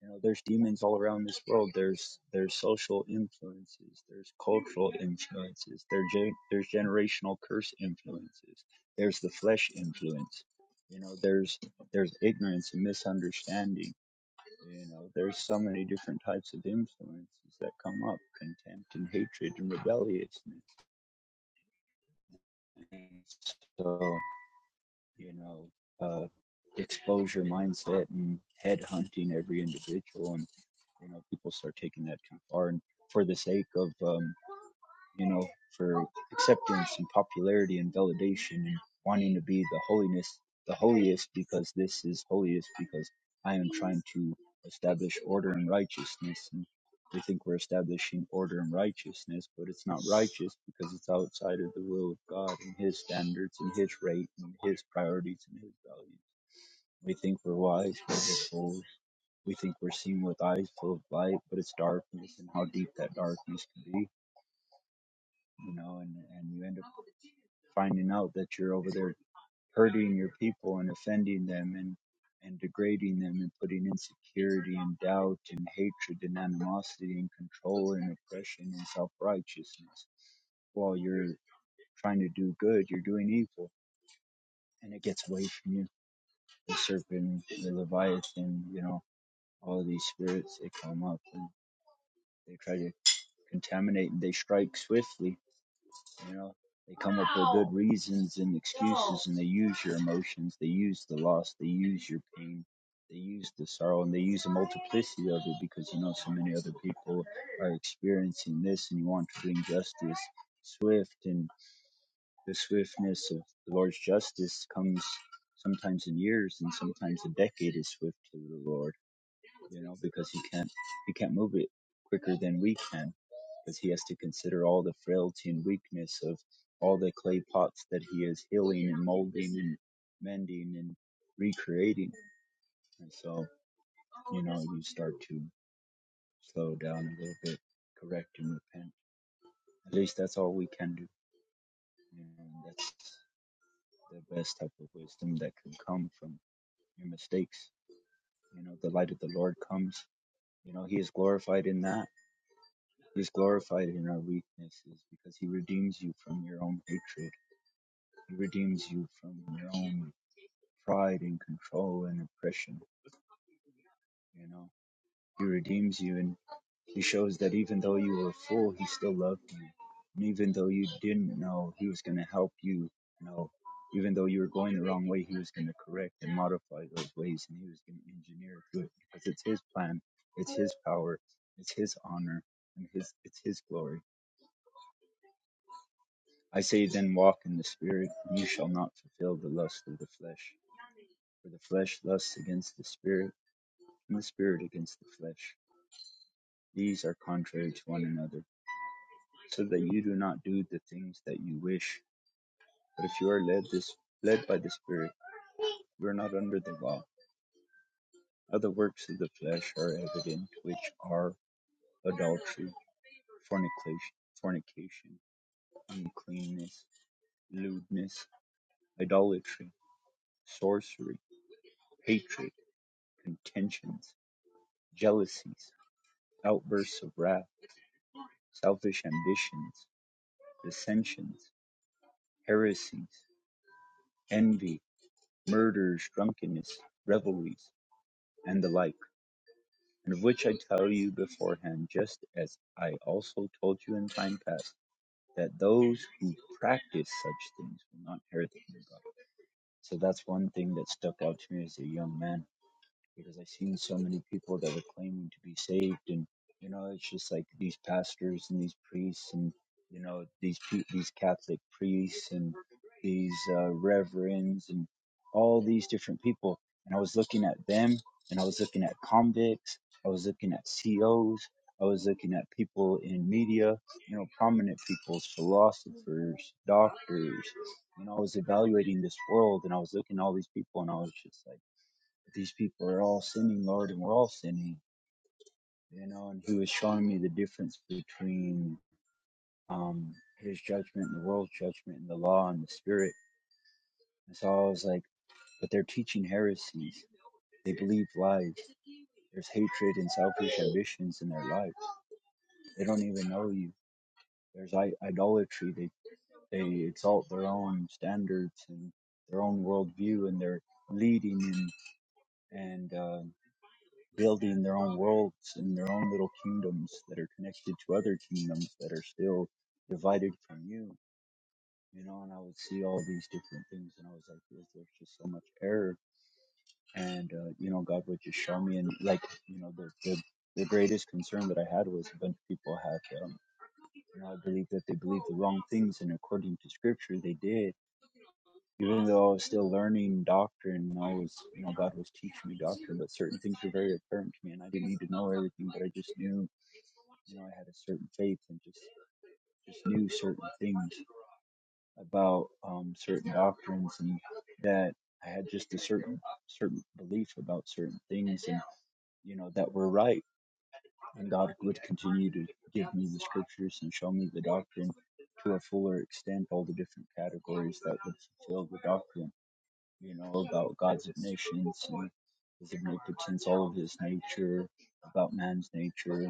D: you know there's demons all around this world there's there's social influences there's cultural influences there gen- there's generational curse influences there's the flesh influence you know there's there's ignorance and misunderstanding you know there's so many different types of influences that come up contempt and hatred and rebelliousness And So. you know, uh, exposure mindset and head hunting every individual. And, you know, people start taking that kind of far. And for the sake of, um, you know, for acceptance and popularity and validation and wanting to be the holiness, the holiest because this is holiest because I am trying to establish order and righteousness. And we think we're establishing order and righteousness, but it's not righteous because it's outside of the will of God and His standards and His rate and His priorities and His values. We think we're wise, but we're fools. We think we're seeing with eyes full of light, but it's darkness and how deep that darkness can be you know, and, and you end up finding out that you're over there hurting your people and offending them and and degrading them and putting insecurity and doubt and hatred and animosity and control and oppression and self-righteousness while you're trying to do good you're doing evil and it gets away from you the serpent the leviathan you know all of these spirits they come up and they try to contaminate and they strike swiftly You know, they come up with good reasons and excuses, and they use your emotions, they use the loss, they use your pain, they use the sorrow, and they use a multiplicity of it because you know so many other people are experiencing this, and you want to bring justice swift, and the swiftness of the Lord's justice comes sometimes in years, and sometimes a decade is swift to the Lord you know, because he can't he can't move it quicker than we can, because he has to consider all the frailty and weakness of all the clay pots that he is healing and molding and mending and recreating. And so, you know, you start to slow down a little bit, correct and repent. At least that's all we can do. You know, that's the best type of wisdom that can come from your mistakes. You know, the light of the Lord comes. You know, He is glorified in that He is glorified in our weaknesses because he redeems you from your own hatred. He redeems you from your own pride and control and oppression. You know, he redeems you and he shows that even though you were full, he still loved you. And even though you didn't know, he was going to help you know. Even though you were going the wrong way, he was going to correct and modify those ways and he was going to engineer through it good because it's his plan, it's his power, it's his honor, and his, it's his glory I say then walk in the Spirit, and you shall not fulfill the lust of the flesh. For the flesh lusts against the Spirit, and the Spirit against the flesh. These are contrary to one another, so that you do not do the things that you wish. But if you are led this led by the Spirit, you are not under the law. Other works of the flesh are evident, which are adultery, fornication, fornication, uncleanness, lewdness, idolatry, sorcery, hatred, contentions jealousies, outbursts of wrath, selfish ambitions, dissensions, heresies, envy, murders, drunkenness, revelries, and the like, and of which I tell you beforehand, just as I also told you in time past, that those who practice such things will not inherit the kingdom of God. So that's one thing that stuck out to me as a young man because I've seen so many people that are claiming to be saved, and you know, it's just like these pastors and these priests, and you know, these pe- these Catholic priests and these uh, reverends and all these different people. And I was looking at them, and I was looking at convicts, I was looking at COs, I was looking at people in media, you know, prominent people, philosophers, doctors. You know, I was evaluating this world, and I was looking at all these people, and I was just like these people are all sinning, Lord, and we're all sinning, you know. And he was showing me the difference between um, his judgment and the world's judgment and the law and the spirit. And so I was like, but they're teaching heresies. They believe lies. There's hatred and selfish ambitions in their life. They don't even know you. There's idolatry. They they exalt their own standards and their own worldview, and they're leading and and uh, building their own worlds and their own little kingdoms that are connected to other kingdoms that are still divided from you. You know, and I would see all these different things, and I was like, there's, there's just so much error. And, uh, you know, God would just show me. And, like, you know, the, the, the greatest concern that I had was a bunch of people had, um, you know, I believe that they believed the wrong things, and according to scripture, they did even though I was still learning doctrine, I was, you know, God was teaching me doctrine, but certain things were very apparent to me, and I didn't need to know everything, but I just knew you know, I had a certain faith and just just knew certain things about um, certain doctrines and that I had just a certain certain belief about certain things and you know that were right and God would continue to give me the scriptures and show me the doctrine to a fuller extent all the different categories that would fulfill the doctrine you know, about God's omniscience and his omnipotence, all of his nature, about man's nature,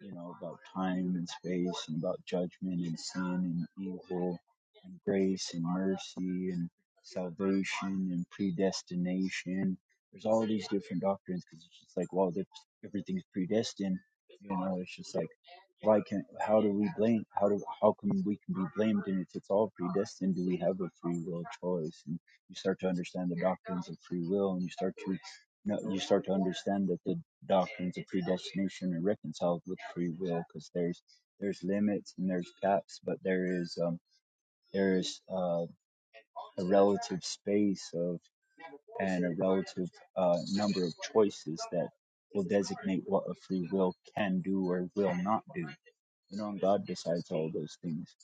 D: you know, about time and space and about judgment and sin and evil and grace and mercy and salvation and predestination. There's all these different doctrines because it's just like, well, everything's predestined. You know, it's just like why can how do we blame how do how can we can be blamed and if it's all predestined do we have a free will choice and you start to understand the doctrines of free will and you start to no, you start to understand that the doctrines of predestination are reconciled with free will because there's there's limits and there's caps but there is um there is uh, a relative space of and a relative uh, number of choices that will designate what a free will can do or will not do you know, God decides all those things.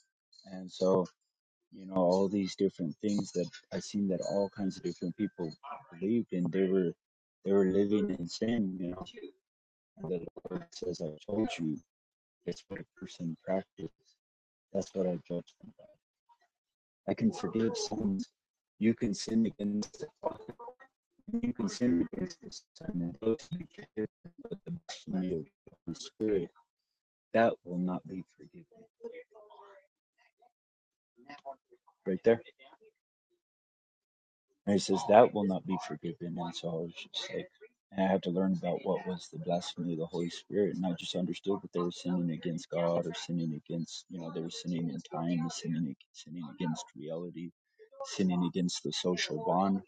D: And so, you know, all these different things that I seen that all kinds of different people believed in. they were they were living in sin, you know. And the Lord says, I told you that's what a person practices. That's what I judge them by. I can forgive sins. You can sin against the Father. you can sin against the Son and those who reject me of the Holy Spirit, that will not be forgiven. Right there And he says, That will not be forgiven. And so I was just like, and I had to learn about what was the blasphemy of the Holy Spirit. And I just understood that they were sinning against God or sinning against, you know, they were sinning in time, sinning, sinning against reality, sinning against the social bond.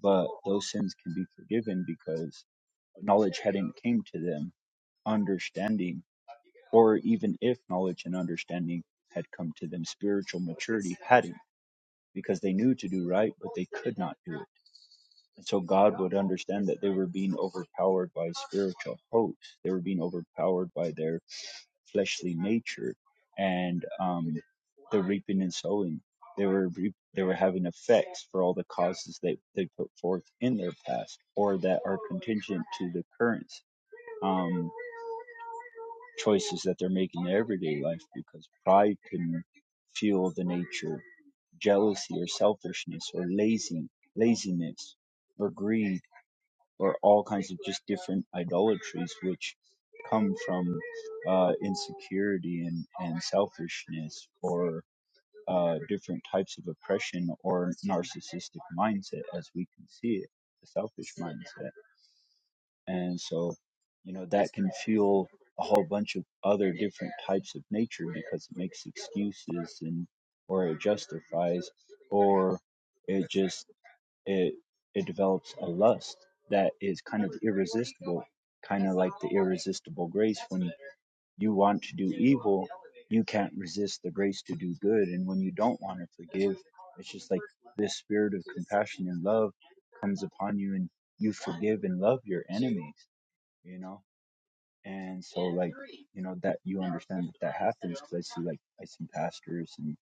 D: But those sins can be forgiven because knowledge hadn't came to them, understanding, or even if knowledge and understanding had come to them, spiritual maturity hadn't because they knew to do right, but they could not do it and so God would understand that they were being overpowered by spiritual hosts. They were being overpowered by their fleshly nature and um, the reaping and sowing. They were reap they were having effects for all the causes they, they put forth in their past or that are contingent to the current um, choices that they're making in their everyday life because pride can fuel the nature, jealousy or selfishness or lazy laziness or greed or all kinds of just different idolatries which come from uh, insecurity and, and selfishness or uh, different types of oppression or narcissistic mindset as we can see it, the selfish mindset. And so, you know, that can fuel a whole bunch of other different types of nature because it makes excuses and or it justifies or it just it it develops a lust that is kind of irresistible, kind of like the irresistible grace. When you want to do evil, you can't resist the grace to do good, and when you don't want to forgive, it's just like this spirit of compassion and love comes upon you, and you forgive and love your enemies. You know and so, like, you know, that you understand that that happens because I see, like, I see pastors and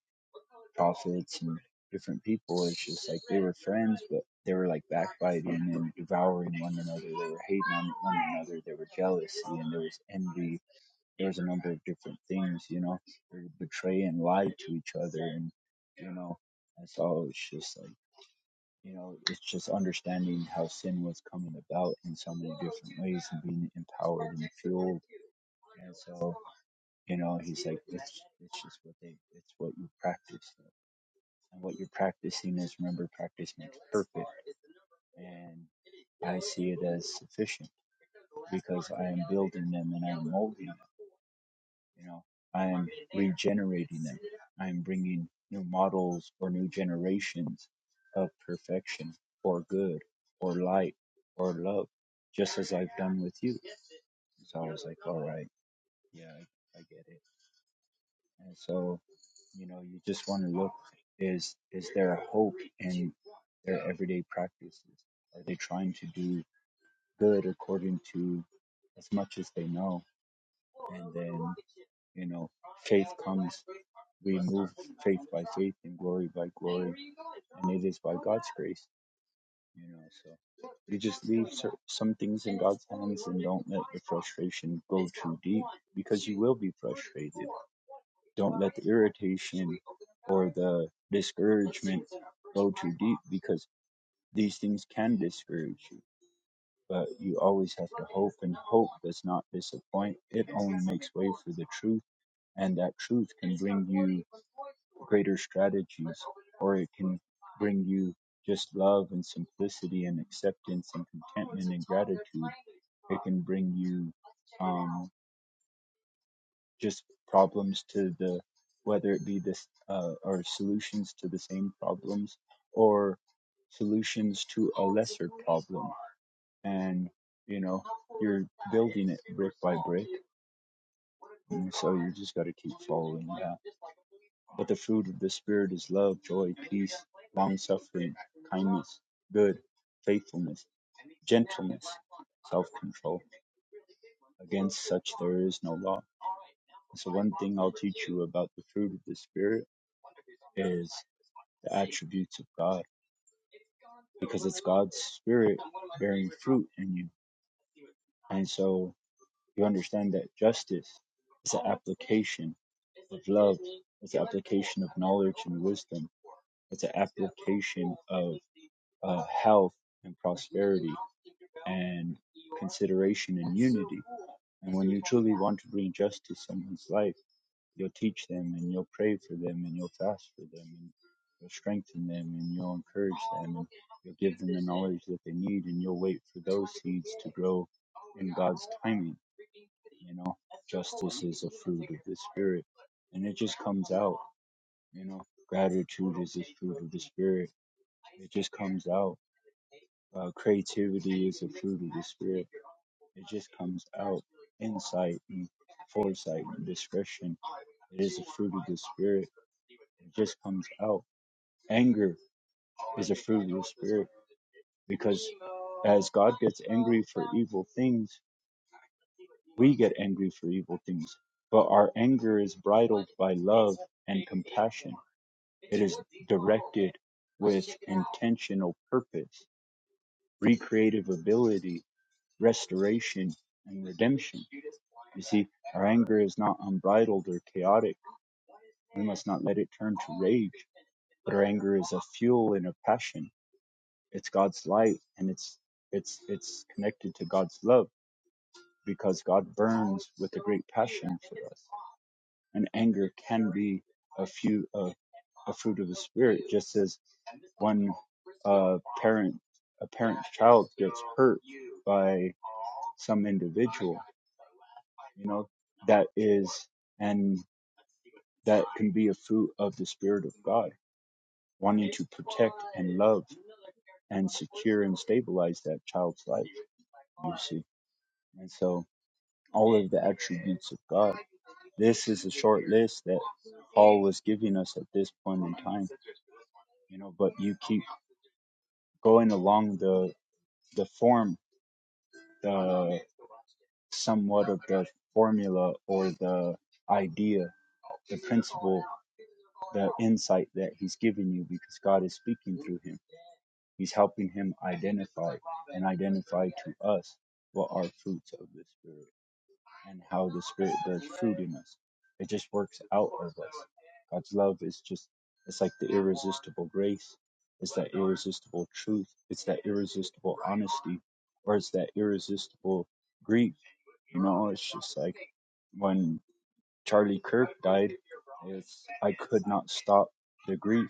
D: prophets and different people. It's just like they were friends, but they were like backbiting and devouring one another. They were hating on one another. There were jealousy and there was envy. There was a number of different things, you know. They would betray and lie to each other, and you know, and so it's just like you know, it's just understanding how sin was coming about in so many different ways and being empowered and fueled. And so, you know, he's like, it's, it's just what they, it's what you practice. And what you're practicing is, remember, practice makes perfect. And I see it as sufficient because I am building them and I'm molding them. You know, I am regenerating them. I am bringing new models or new generations of perfection or good or light or love, just as I've done with you. So I was like, all right. Yeah, I, I get it. And so, you know, you just want to look is is there a hope in their everyday practices? Are they trying to do good according to as much as they know? And then, you know, faith comes. We move faith by faith and glory by glory, and it is by God's grace. You know, so you just leave cer- some things in God's hands and don't let the frustration go too deep because you will be frustrated. Don't let the irritation or the discouragement go too deep because these things can discourage you. But you always have to hope, and hope does not disappoint. It only makes way for the truth and that truth can bring you greater strategies or it can bring you just love and simplicity and acceptance and contentment and gratitude it can bring you um, just problems to the whether it be this uh, or solutions to the same problems or solutions to a lesser problem and you know you're building it brick by brick and so you just got to keep following that. But the fruit of the Spirit is love, joy, peace, long suffering, kindness, good, faithfulness, gentleness, self control. Against such there is no law. So, one thing I'll teach you about the fruit of the Spirit is the attributes of God, because it's God's Spirit bearing fruit in you. And so, you understand that justice. It's an application of love. It's an application of knowledge and wisdom. It's an application of uh, health and prosperity and consideration and unity. And when you truly want to bring justice to someone's life, You'll teach them and you'll pray for them and you'll fast for them and you'll strengthen them and you'll encourage them and you'll give them the knowledge that they need and you'll wait for those seeds to grow in God's timing. You know, justice is a fruit of the Spirit and it just comes out. You know, gratitude is a fruit of the Spirit. It just comes out. Uh, creativity is a fruit of the spirit. It just comes out insight and foresight and discretion. It is a fruit of the spirit. It just comes out. Anger is a fruit of the spirit because as God gets angry for evil things, we get angry for evil things. But our anger is bridled by love and compassion. It is directed with intentional purpose, recreative ability restoration, and redemption. You see, our anger is not unbridled or chaotic. We must not let it turn to rage. But our anger is a fuel and a passion. It's God's light and it's it's it's connected to God's love because God burns with a great passion for us. And anger can be a few a, a fruit of the spirit, just as one uh, parent a parent's child gets hurt by some individual you know that is and that can be a fruit of the spirit of god wanting to protect and love and secure and stabilize that child's life you see and so all of the attributes of god this is a short list that paul was giving us at this point in time you know but you keep going along the the form the somewhat of the formula or the idea, the principle, the insight that he's giving you because God is speaking through him. He's helping him identify and identify to us what are fruits of the Spirit and how the Spirit does fruit in us. It just works out of us. God's love is just, it's like the irresistible grace. It's that irresistible truth. It's that irresistible honesty, or it's that irresistible grief. You know, it's just like when Charlie Kirk died, it's, I could not stop the grief.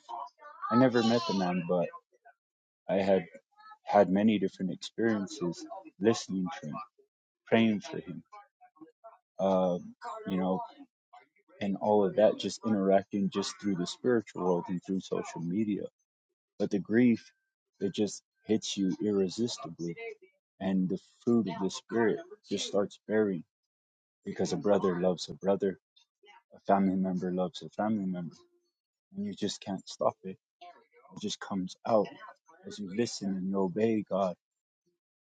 D: I never met the man, but I had had many different experiences listening to him, praying for him um, you know, and all of that, just interacting just through the spiritual world and through social media. But the grief, it just hits you irresistibly. And the fruit of the spirit just starts bearing because a brother loves a brother, a family member loves a family member, and you just can't stop it. It just comes out as you listen and you obey God,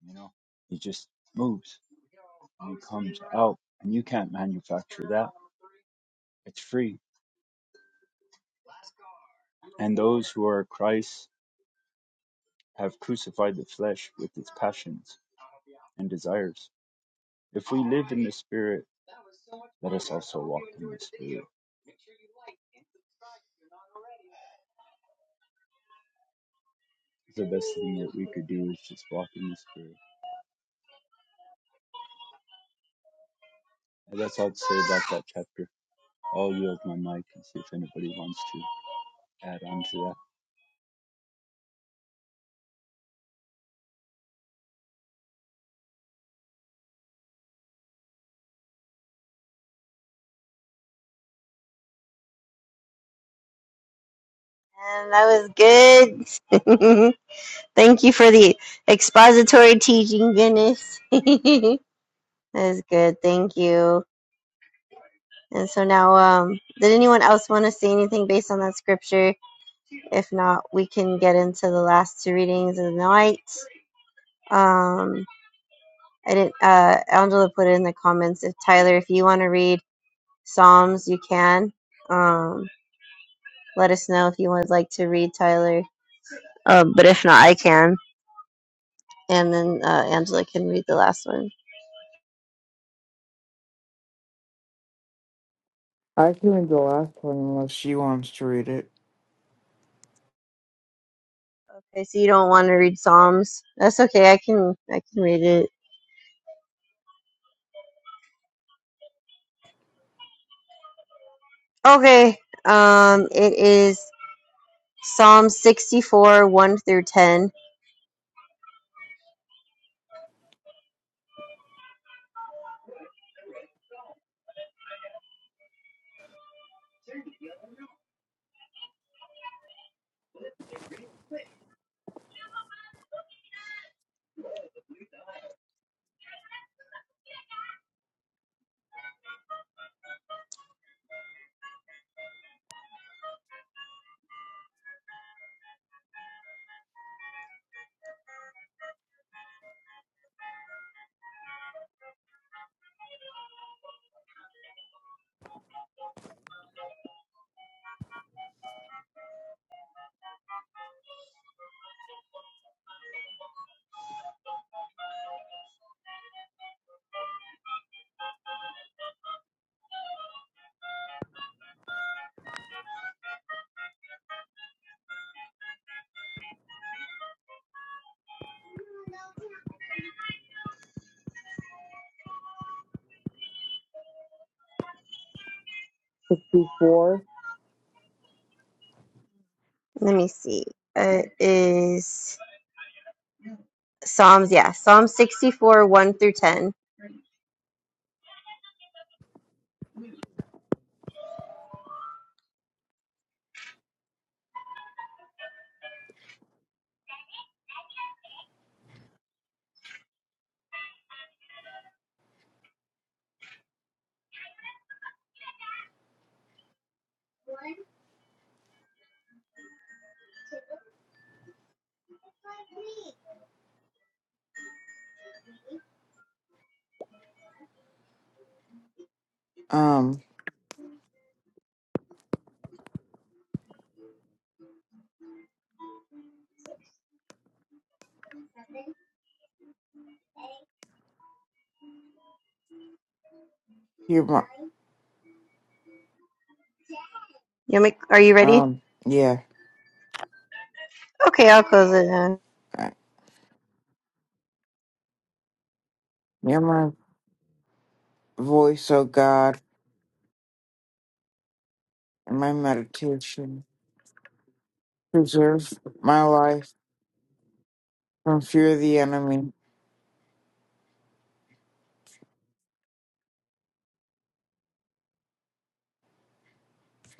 D: you know, He just moves and He comes out, and you can't manufacture that. It's free And those who are Christ's have crucified the flesh with its passions and desires. If we live in the Spirit, let us also walk in the Spirit. The best thing that we could do is just walk in the Spirit. And that's all I'd say about that chapter. I'll yield my mic and see if anybody wants to add on to that.
A: And that was good. Thank you for the expository teaching, goodness. That is good. Thank you. And so now, um, did anyone else want to say anything based on that scripture? If not, we can get into the last two readings of the night. Um, I didn't. Uh, Angela put it in the comments. If Tyler, if you want to read Psalms, you can. Um, let us know if you would like to read Tyler. Uh, but if not, I can. And then uh, Angela can read the last one.
E: I can read the last one unless she wants to read it.
A: Okay, so you don't want to read Psalms. That's okay. I can. I can read it. Okay. Um, it is Psalm 64, 1 through 10.
E: 64.
A: Let me see. Uh, is Psalms, yeah, Psalm 64, 1 through 10.
E: Um, hear my,
A: You make, are you ready?
E: um, yeah.
A: Okay, I'll close it down.
E: uh, Hear my voice, O God, and my meditation. Preserve my life from fear of the enemy.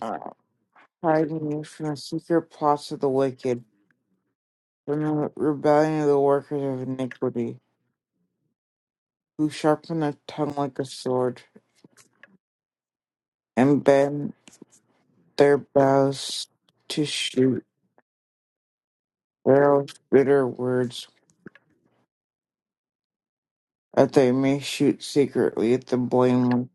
E: Uh, hide me from the secret plots of the wicked, from the rebellion of the workers of iniquity, who sharpen their tongue like a sword, and bend their bows to shoot their bitter words. that they may shoot secretly at the blameless.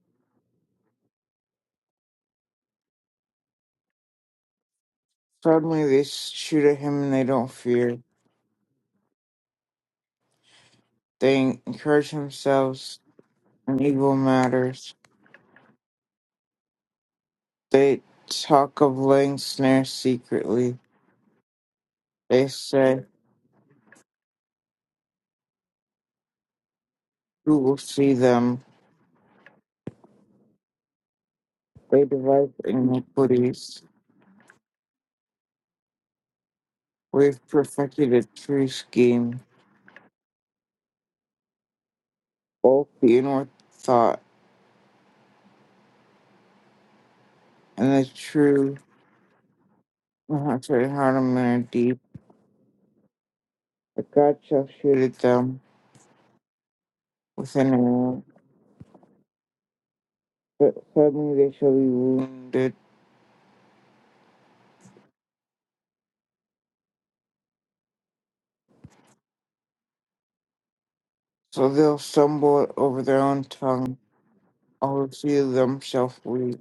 E: Suddenly they shoot at him and they don't fear. They encourage themselves in evil matters. They talk of laying snares secretly. They say, Who will see them? They devise iniquities. We've perfected a true scheme, both the inward thought and the true heart and heart of men are deep. But God shall shoot at them with an arrow. but suddenly they shall be wounded, so they'll stumble over their own tongue. All who see them shall flee.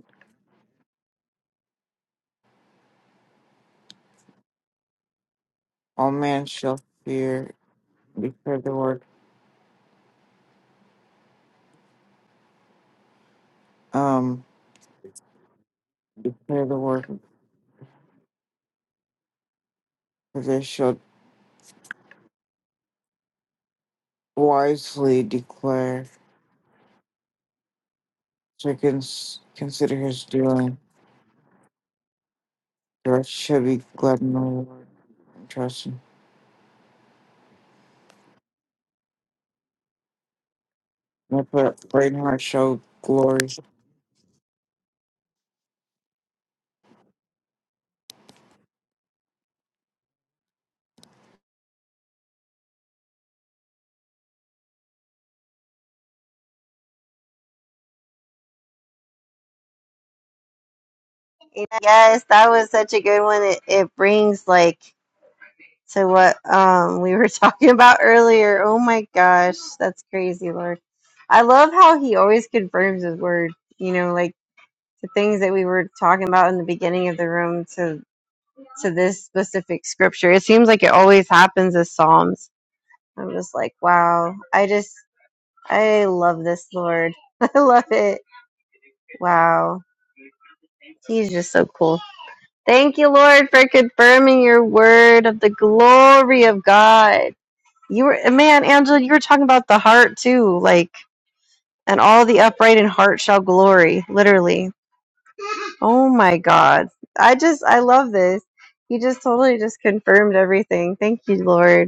E: All men shall fear, declare the word, um, declare the word, for they shall wisely declare. So cons- consider his doing. The rest shall be glad in the Lord and trust him. My brain heart shall glory.
A: Yes, that was such a good one. It, it brings like to what um we were talking about earlier. Oh my gosh, that's crazy, Lord. I love how he always confirms his word, you know, like the things that we were talking about in the beginning of the room to to this specific scripture. It seems like it always happens as Psalms. I'm just like, wow. I just, I love this Lord. I love it. Wow. He's just so cool. Thank you, Lord, for confirming your word of the glory of God. You were, man, Angela, you were talking about the heart too. Like, and all the upright in heart shall glory, literally. Oh my God. I just, I love this. You just totally just confirmed everything. Thank you, Lord.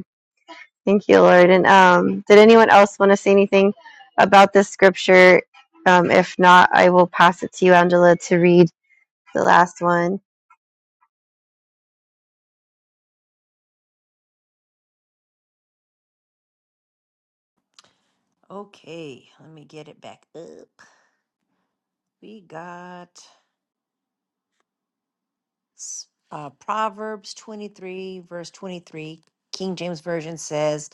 A: Thank you, Lord. And um, did anyone else want to say anything about this scripture? Um, if not, I will pass it to you, Angela, to read the last one.
C: Okay, let me get it back up. We got s- uh, Proverbs 23, verse 23. King James Version says,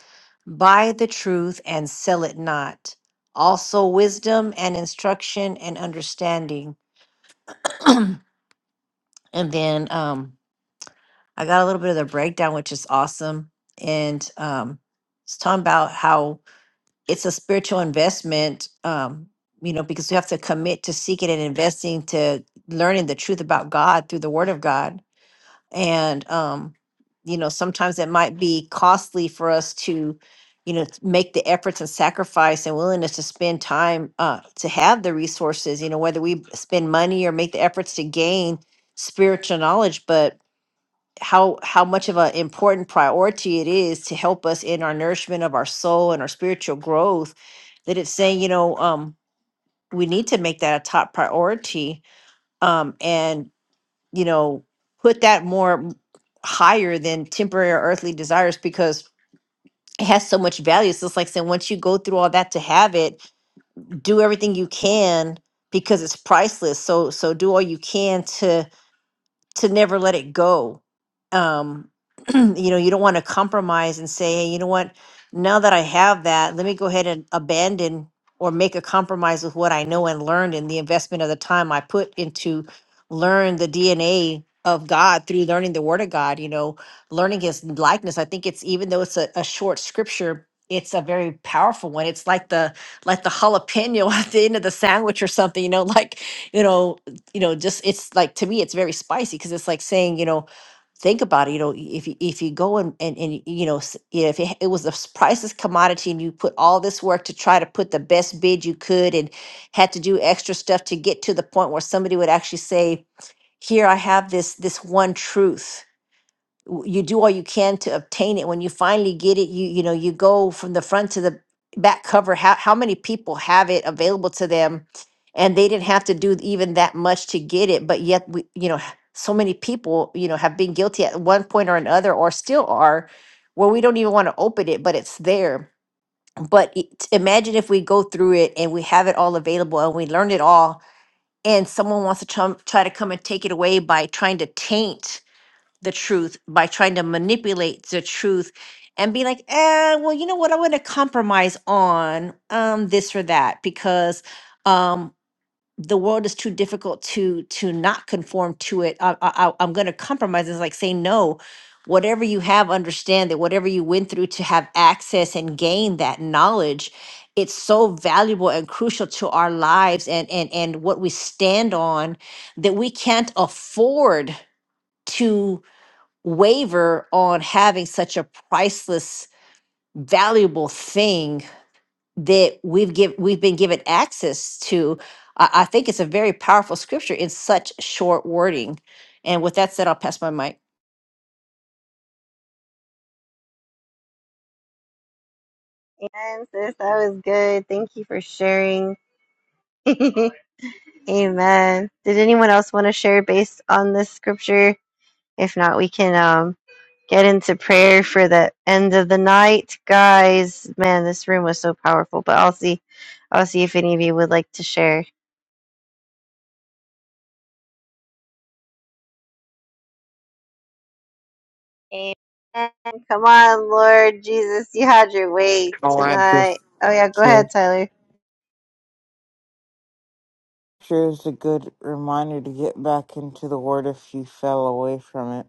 C: Buy the truth and sell it not. Also, wisdom and instruction and understanding. And then um, I got a little bit of the breakdown, which is awesome. And um, it's talking about how it's a spiritual investment um you know because you have to commit to seeking and investing to learning the truth about god through the word of god and um you know sometimes it might be costly for us to you know t- make the efforts and sacrifice and willingness to spend time uh to have the resources you know whether we spend money or make the efforts to gain spiritual knowledge but how how much of an important priority it is to help us in our nourishment of our soul and our spiritual growth that it's saying you know um we need to make that a top priority um and you know put that more m- higher than temporary or earthly desires because it has so much value So it's just like saying once you go through all that to have it do everything you can because it's priceless so so do all you can to to never let it go. Um, you know, you don't want to compromise and say, hey, you know what, now that I have that, let me go ahead and abandon or make a compromise with what I know and learned and the investment of the time I put into learn the DNA of God through learning the word of God, you know, learning his likeness. I think it's even though it's a, a short scripture, it's a very powerful one. It's like the like the jalapeno at the end of the sandwich or something, you know, like, you know, you know just it's like to me it's very spicy because it's like saying you know think about it you know if you if you go and and, and you know s- yeah, if it, it was the s- priceless commodity and you put all this work to try to put the best bid you could and had to do extra stuff to get to the point where somebody would actually say here i have this this one truth w- you do all you can to obtain it. When you finally get it, you you know you go from the front to the back cover. How how many people have it available to them, and they didn't have to do even that much to get it, but yet we you know so many people you know have been guilty at one point or another, or still are, where we don't even want to open it, but it's there. But it, imagine if we go through it and we have it all available and we learn it all, and someone wants to try, try to come and take it away by trying to taint the truth by trying to manipulate the truth and be like, eh, well, you know what? I'm going to compromise on um, this or that because um, the world is too difficult to to not conform to it. I, I, I- I'm going to compromise. It's like saying no. Whatever you have, understand that whatever you went through to have access and gain that knowledge, it's so valuable and crucial to our lives and and and what we stand on that we can't afford to waver on having such a priceless valuable thing that we've give we've been given access to I, I think it's a very powerful scripture in such short wording and with that said i'll pass my mic
A: Amen, sis. That was good. Thank you for sharing. Amen. Did anyone else want to share based on this scripture? If not, we can um, get into prayer for the end of the night, guys. Man, this room was so powerful. But I'll see. I'll see if any of you would like to share. Amen. Come on, Lord Jesus, you had your way
E: I'll add
A: tonight.
E: this
A: Oh yeah, go ahead,
E: word.
A: Tyler.
E: Sure is a good reminder to get back into the word if you fell away from it.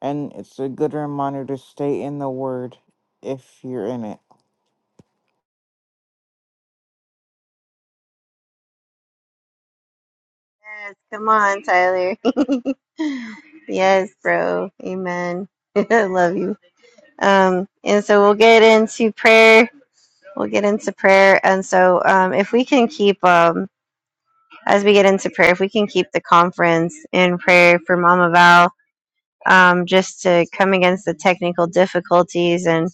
E: And it's a good reminder to stay in the word if you're in it.
A: Yes, come on, Tyler. yes, bro. Amen. I love you. Um, and so we'll get into prayer. We'll get into prayer. And so um if we can keep um as we get into prayer, if we can keep the conference in prayer for Mama Val, um, just to come against the technical difficulties and.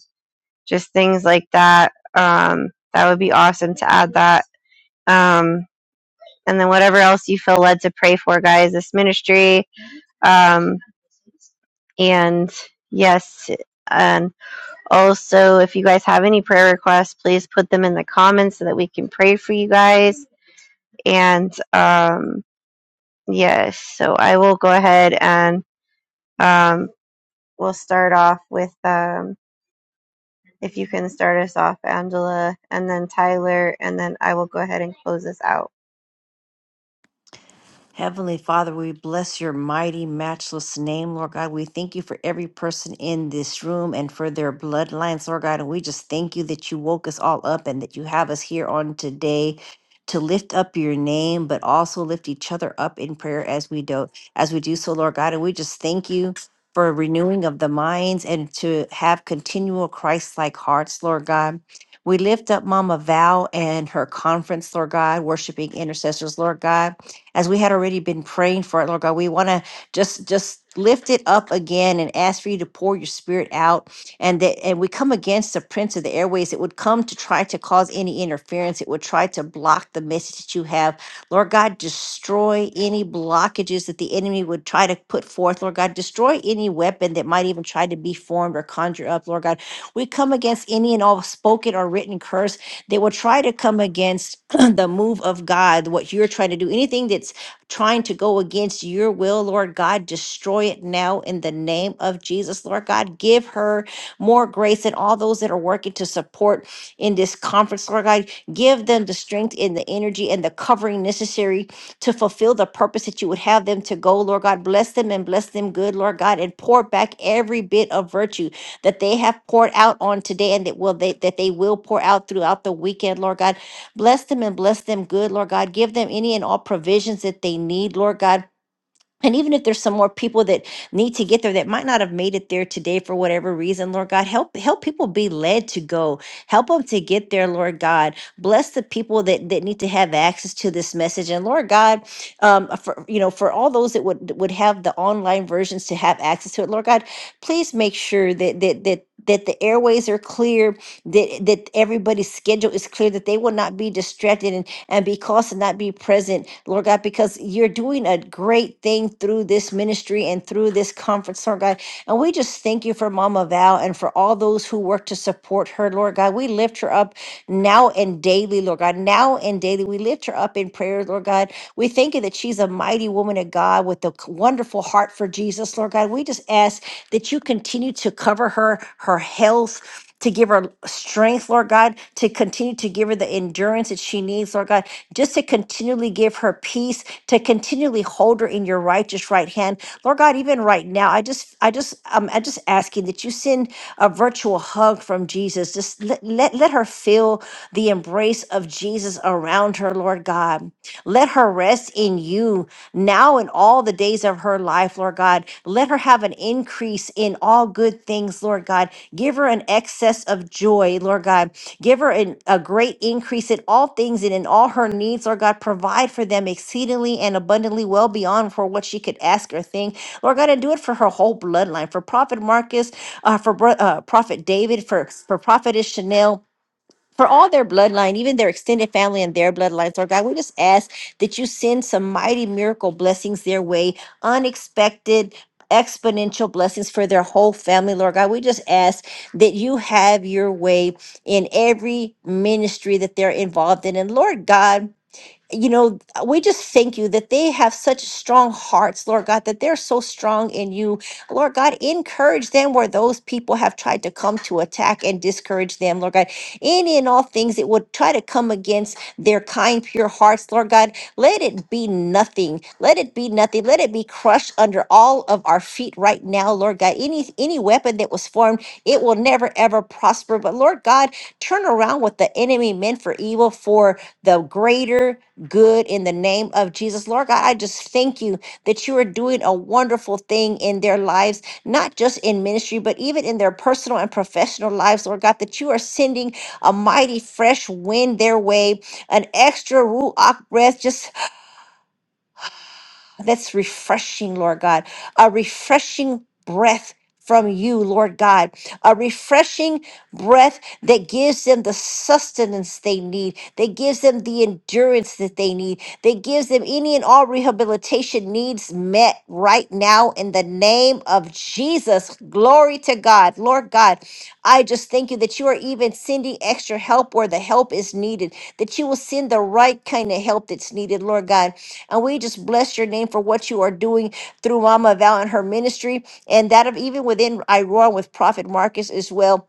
A: just things like that. Um, that would be awesome to add that. Um, and then whatever else you feel led to pray for, guys, this ministry. Um, and yes, and also if you guys have any prayer requests, please put them in the comments so that we can pray for you guys. And um, yes, so I will go ahead and um, we'll start off with. Um, if you can start us off, Angela, and then Tyler, and then I will go ahead and close this out.
C: Heavenly Father, we bless your mighty, matchless name, Lord God. We thank you for every person in this room and for their bloodlines, Lord God. And we just thank you that you woke us all up and that you have us here on today to lift up your name, but also lift each other up in prayer as we do as we do so, Lord God. And we just thank you for renewing of the minds and to have continual Christ-like hearts, Lord God. We lift up Mama Val and her conference, Lord God, worshiping intercessors, Lord God as we had already been praying for it, Lord God. We want to just just lift it up again and ask for you to pour your spirit out and that and we come against the prince of the airways it would come to try to cause any interference it would try to block the message that you have lord god destroy any blockages that the enemy would try to put forth lord god destroy any weapon that might even try to be formed or conjure up lord god we come against any and all spoken or written curse that will try to come against the move of God, what you're trying to do, anything that's trying to go against your will, Lord God, destroy it now in the name of Jesus, Lord God. Give her more grace and all those that are working to support in this conference, Lord God. Give them the strength and the energy and the covering necessary to fulfill the purpose that you would have them to go, Lord God. Bless them and bless them good, Lord God, and pour back every bit of virtue that they have poured out on today and that will they that they will pour out throughout the weekend, Lord God. Bless them and bless them good, Lord God. Give them any and all provisions that they need, Lord God and even if there's some more people that need to get there that might not have made it there today for whatever reason, Lord God, help help people be led to go. Help them to get there, Lord God. Bless the people that that need to have access to this message. And Lord God, um, for you know, for all those that would would have the online versions to have access to it, Lord God, please make sure that that that that the airways are clear, that that everybody's schedule is clear, that they will not be distracted and be caused to not be present, Lord God, because you're doing a great thing through this ministry and through this conference, Lord God. And we just thank you for Mama Val and for all those who work to support her, Lord God. We lift her up now and daily, Lord God. Now and daily, we lift her up in prayer, Lord God. We thank you that she's a mighty woman of God with a wonderful heart for Jesus, Lord God. We just ask that you continue to cover her, her health, to give her strength, Lord God, to continue to give her the endurance that she needs, Lord God, just to continually give her peace, to continually hold her in your righteous right hand. Lord God, even right now, I just, I just, um, I'm just asking that you send a virtual hug from Jesus. Just let, let, let her feel the embrace of Jesus around her, Lord God. Let her rest in you now in all the days of her life, Lord God. Let her have an increase in all good things, Lord God. Give her an excess of joy, Lord God. Give her an, a great increase in all things and in all her needs, Lord God. Provide for them exceedingly and abundantly, well beyond for what she could ask or think. Lord God, and do it for her whole bloodline, for Prophet Marcus, uh, for bro- uh, Prophet David, for, for Prophetess Chanel, for all their bloodline, even their extended family and their bloodlines, Lord God, we just ask that you send some mighty miracle blessings their way, unexpected, exponential blessings for their whole family, Lord God. We just ask that you have your way in every ministry that they're involved in. And Lord God, you know, we just thank you that they have such strong hearts, Lord God, that they're so strong in you. Lord God, encourage them where those people have tried to come to attack and discourage them, Lord God. Any and all things that would try to come against their kind, pure hearts, Lord God, let it be nothing. Let it be nothing. Let it be crushed under all of our feet right now, Lord God. Any any weapon that was formed, it will never ever prosper. But Lord God, turn around what the enemy meant for evil for the greater good in the name of Jesus. Lord God, I just thank you that you are doing a wonderful thing in their lives, not just in ministry, but even in their personal and professional lives, Lord God, that you are sending a mighty fresh wind their way, an extra ruach breath, just that's refreshing, Lord God. A refreshing breath from you, Lord God. A refreshing breath that gives them the sustenance they need, that gives them the endurance that they need, that gives them any and all rehabilitation needs met right now in the name of Jesus. Glory to God. Lord God, I just thank you that you are even sending extra help where the help is needed, that you will send the right kind of help that's needed, Lord God and we just bless your name for what you are doing through Mama Val and her ministry, and that of even within Iroar with Prophet Marcus as well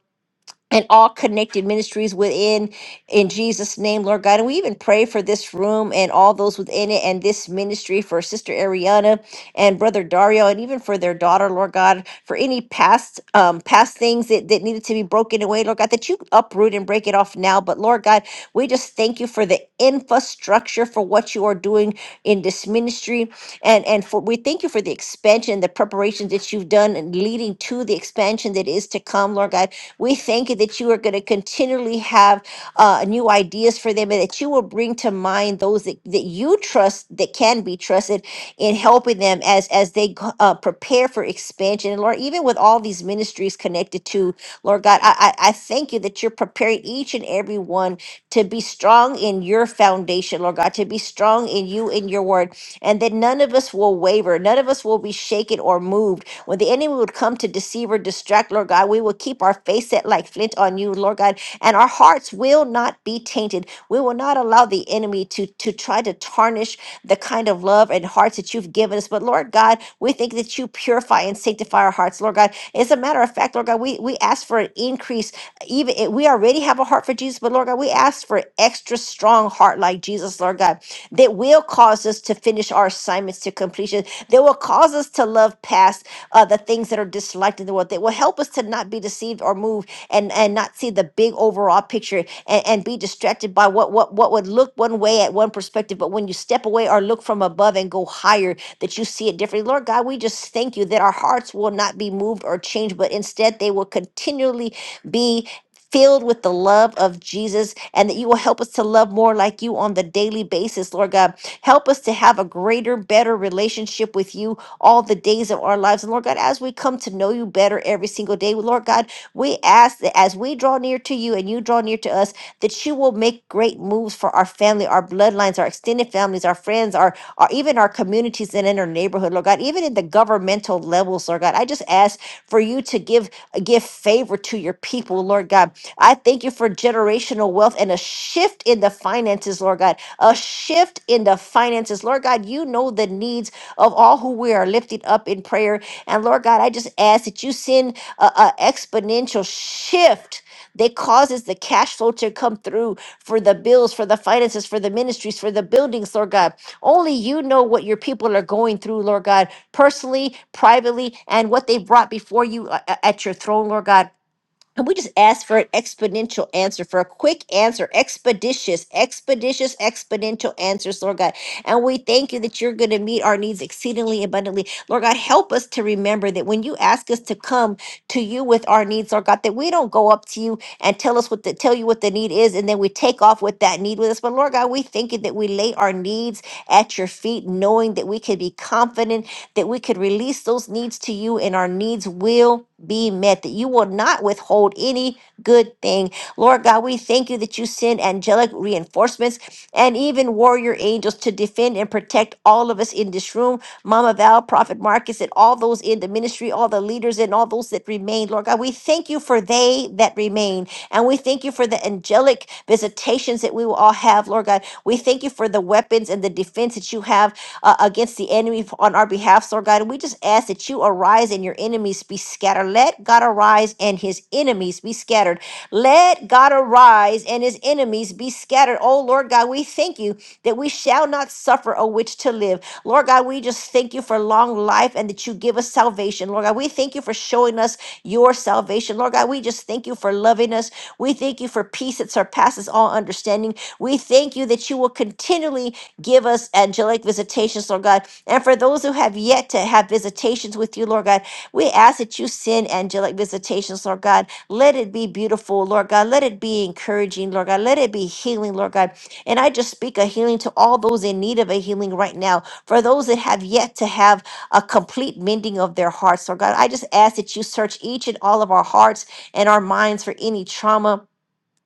C: and all connected ministries within in Jesus name Lord God and we even pray for this room and all those within it and this ministry for sister Ariana and brother Dario and even for their daughter Lord God for any past um past things that, that needed to be broken away Lord God that you uproot and break it off now but Lord God we just thank you for the infrastructure for what you are doing in this ministry and and for we thank you for the expansion the preparations that you've done and leading to the expansion that is to come Lord God we thank you that you are going to continually have uh, new ideas for them and that you will bring to mind those that, that you trust that can be trusted in helping them as as they go- uh, prepare for expansion. And Lord, even with all these ministries connected to Lord God, I, I I thank you that you're preparing each and every one to be strong in your foundation, Lord God, to be strong in you in your word, and that none of us will waver, none of us will be shaken or moved when the enemy would come to deceive or distract, Lord God, we will keep our face set like flint on you, Lord God, and our hearts will not be tainted. We will not allow the enemy to, to try to tarnish the kind of love and hearts that you've given us. But Lord God, we think that you purify and sanctify our hearts, Lord God. As a matter of fact, Lord God, we, we ask for an increase. Even if we already have a heart for Jesus, but Lord God, we ask for an extra strong heart like Jesus, Lord God, that will cause us to finish our assignments to completion, that will cause us to love past uh, the things that are disliked in the world that will help us to not be deceived or moved and and not see the big overall picture and, and be distracted by what what what would look one way at one perspective but when you step away or look from above and go higher that you see it differently lord god we just thank you that our hearts will not be moved or changed but instead they will continually be filled with the love of Jesus and that you will help us to love more like you on the daily basis, Lord God. Help us to have a greater, better relationship with you all the days of our lives. And Lord God, as we come to know you better every single day, Lord God, we ask that as we draw near to you and you draw near to us, that you will make great moves for our family, our bloodlines, our extended families, our friends, our, our even our communities and in our neighborhood, Lord God, even in the governmental levels, Lord God. I just ask for you to give give favor to your people, Lord God. I thank you for generational wealth and a shift in the finances, Lord God. A shift in the finances, Lord God. You know the needs of all who we are lifting up in prayer. And Lord God, I just ask that you send a, a exponential shift that causes the cash flow to come through for the bills, for the finances, for the ministries, for the buildings, Lord God. Only you know what your people are going through, Lord God, personally, privately, and what they brought before you uh, uh, at your throne, Lord God. And we just ask for an exponential answer, for a quick answer, expeditious, expeditious, exponential answers, Lord God. And we thank you that you're going to meet our needs exceedingly abundantly. Lord God, help us to remember that when you ask us to come to you with our needs, Lord God, that we don't go up to you and tell us what the tell you what the need is, and then we take off with that need with us. But Lord God, we thank you that we lay our needs at your feet, knowing that we can be confident that we could release those needs to you and our needs will be met, that you will not withhold any good thing. Lord God, we thank you that you send angelic reinforcements and even warrior angels to defend and protect all of us in this room. Mama Val, Prophet Marcus, and all those in the ministry, all the leaders, and all those that remain. Lord God, we thank you for they that remain. And we thank you for the angelic visitations that we will all have, Lord God. We thank you for the weapons and the defense that you have uh, against the enemy on our behalf, Lord God. And we just ask that you arise and your enemies be scattered. Let God arise and his enemies be scattered. Let God arise and his enemies be scattered. Oh, Lord God, we thank you that we shall not suffer a witch to live. Lord God, we just thank you for long life and that you give us salvation. Lord God, we thank you for showing us your salvation. Lord God, we just thank you for loving us. We thank you for peace that surpasses all understanding. We thank you that you will continually Give us angelic visitations, Lord God. And for those who have yet to have visitations with you, Lord God, we ask that you send angelic visitations, Lord God. Let it be beautiful, Lord God. Let it be encouraging, Lord God. Let it be healing, Lord God. And I just speak a healing to all those in need of a healing right now. For those that have yet to have a complete mending of their hearts, Lord God, I just ask that you search each and all of our hearts and our minds for any trauma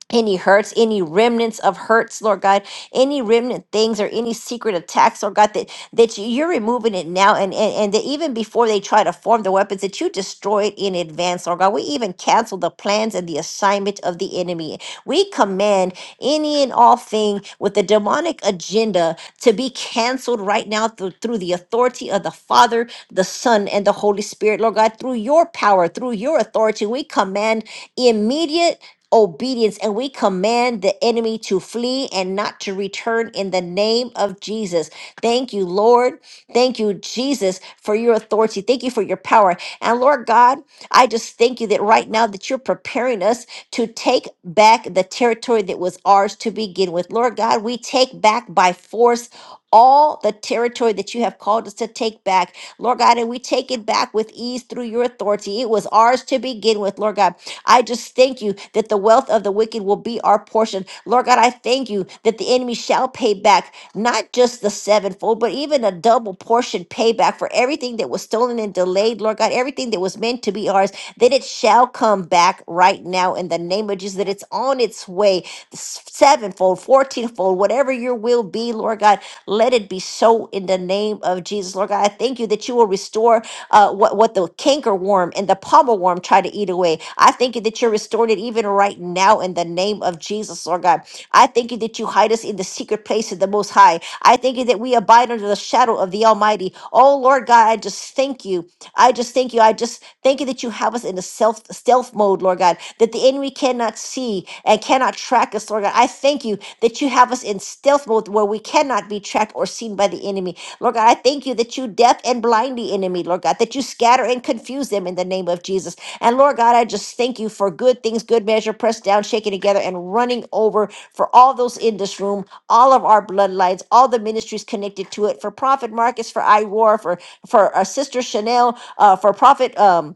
C: any hurts, any remnants of hurts, Lord God, any remnant things or any secret attacks, Lord God, that, that you- you're removing it now. And, and, and that even before they try to form the weapons, that you destroy it in advance, Lord God. We even cancel the plans and the assignment of the enemy. We command any and all thing with the demonic agenda to be canceled right now through, through the authority of the Father, the Son, and the Holy Spirit, Lord God, through your power, through your authority. We command immediate obedience and we command the enemy to flee and not to return in the name of Jesus. Thank you, Lord. Thank you, Jesus, for your authority. Thank you for your power. And Lord God, I just thank you that right now that you're preparing us to take back the territory that was ours to begin with. Lord God, we take back by force all the territory that you have called us to take back. Lord God, and we take it back with ease through your authority. It was ours to begin with, Lord God. I just thank you that the wealth of the wicked will be our portion. Lord God, I thank you that the enemy shall pay back not just the sevenfold, but even a double portion payback for everything that was stolen and delayed. Lord God, everything that was meant to be ours, that it shall come back right now in the name of Jesus, that it's on its way s- sevenfold, fourteenfold, whatever your will be, Lord God, let it be so in the name of Jesus. Lord God, I thank you that you will restore uh, what what the cankerworm and the pommel worm try to eat away. I thank you that you're restored it even right now in the name of Jesus, Lord God. I thank you that you hide us in the secret place of the Most High. I thank you that we abide under the shadow of the Almighty. Oh Lord God, I just thank you. I just thank you. I just thank you that you have us in a self stealth mode, Lord God, that the enemy cannot see and cannot track us, Lord God. I thank you that you have us in stealth mode where we cannot be tracked or seen by the enemy. Lord God, I thank you that you deaf and blind the enemy, Lord God, that you scatter and confuse them in the name of Jesus. And Lord God, I just thank you for good things, good measure, pressed down, shaken together, and running over for all those in this room, all of our bloodlines, all the ministries connected to it, for Prophet Marcus, for I War, for for uh, Sister Chanel, uh, for Prophet. Um,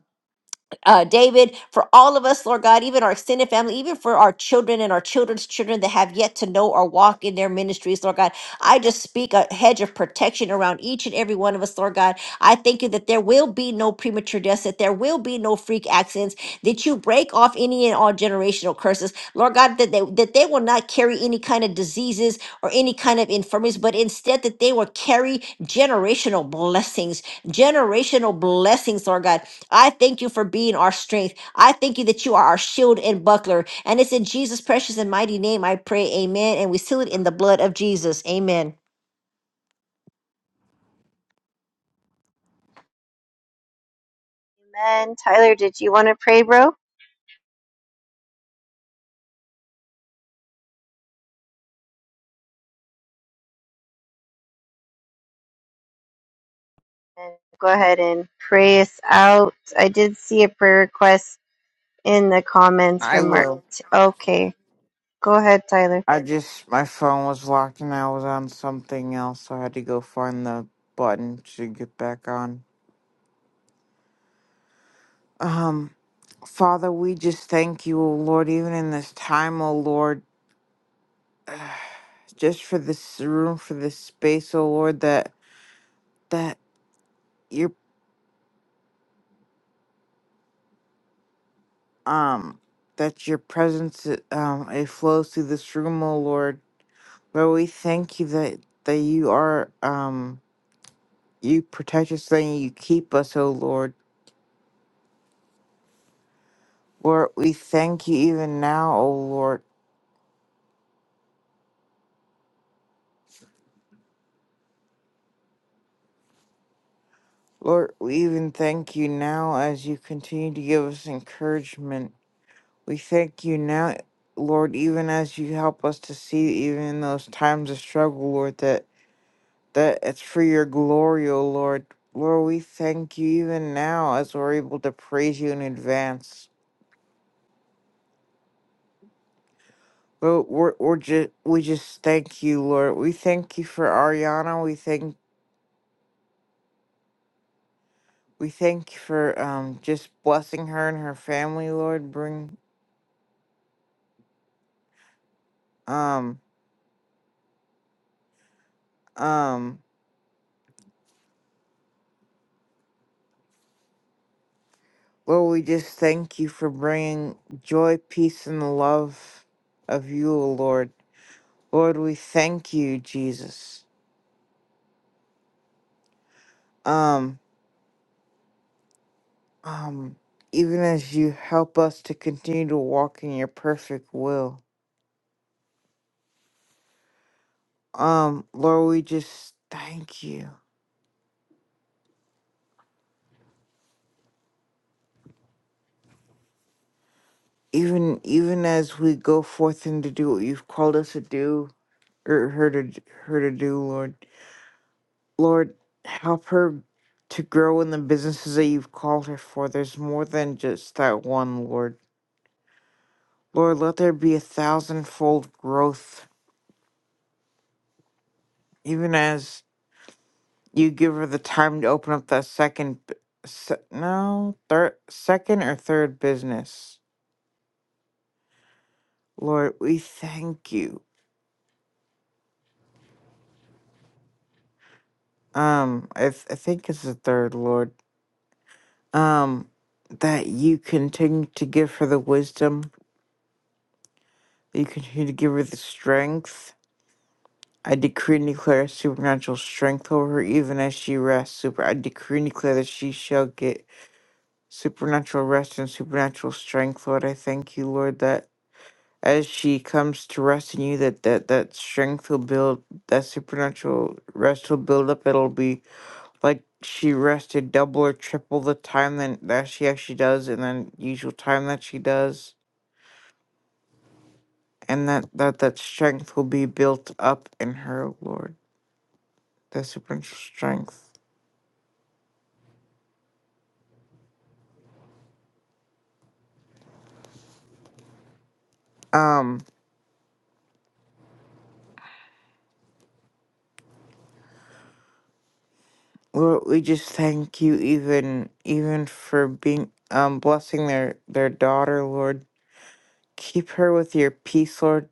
C: uh, David, for all of us, Lord God, even our extended family, even for our children and our children's children that have yet to know or walk in their ministries, Lord God. I just speak a hedge of protection around each and every one of us, Lord God. I thank you that there will be no premature deaths, that there will be no freak accidents, that you break off any and all generational curses, Lord God, that they, that they will not carry any kind of diseases or any kind of infirmities, but instead that they will carry generational blessings, generational blessings, Lord God I thank you for being our strength. I thank you that you are our shield and buckler. And it's in Jesus' precious and mighty name I pray, amen. And we seal it in the blood of Jesus, amen.
A: Amen. Tyler, did you want to pray, bro? And go ahead and pray us out. I did see a prayer request in the comments
E: I
A: from Mark.
E: will.
A: Okay. Go ahead, Tyler.
E: I just, my phone was locked and I was on something else, so I had to go find the button to get back on. Um, Father, we just thank you, O Lord, even in this time, O Lord, just for this room, for this space, O Lord, that, that your, um, that your presence, um, it flows through this room, O Lord. Lord, we thank you that, that you are, um, You protect us and you keep us, O Lord. Lord, we thank you even now, O Lord. Lord, we even thank you now as you continue to give us encouragement. We thank you now, Lord, even as you help us to see even in those times of struggle, Lord, that, that it's for your glory, O Lord. Lord, we thank you even now as we're able to praise you in advance. Lord, we're, we're just, we just thank you, Lord. We thank you for Ariana. We thank We thank you for um just blessing her and her family, Lord. Bring um um Lord, we just thank you for bringing joy, peace, and the love of you, O Lord. Lord, we thank you, Jesus. Um um even as you help us to continue to walk in your perfect will. Um, Lord, we just thank you. Even even as we go forth and to do what you've called us to do, or her to her to do, Lord. Lord, help her to grow in the businesses that you've called her for. There's more than just that one, Lord. Lord, let there be a thousandfold growth, even as you give her the time to open up that second, b- se- no, third, second or third business. Lord, we thank you. Um, I, th- I think it's the third, Lord. Um, that you continue to give her the wisdom, you continue to give her the strength I decree and declare supernatural strength over her even as she rests. Super I decree and declare that she shall get supernatural rest and supernatural strength, Lord. I thank you, Lord, that as she comes to rest in you, that that, that strength will build that supernatural rest will build up. It'll be like she rested double or triple the time than that she actually does and then usual time that she does. And that, that that strength will be built up in her, Lord. That supernatural strength. Um Lord, we just thank you even even for being um blessing their their daughter, Lord. Keep her with your peace, Lord.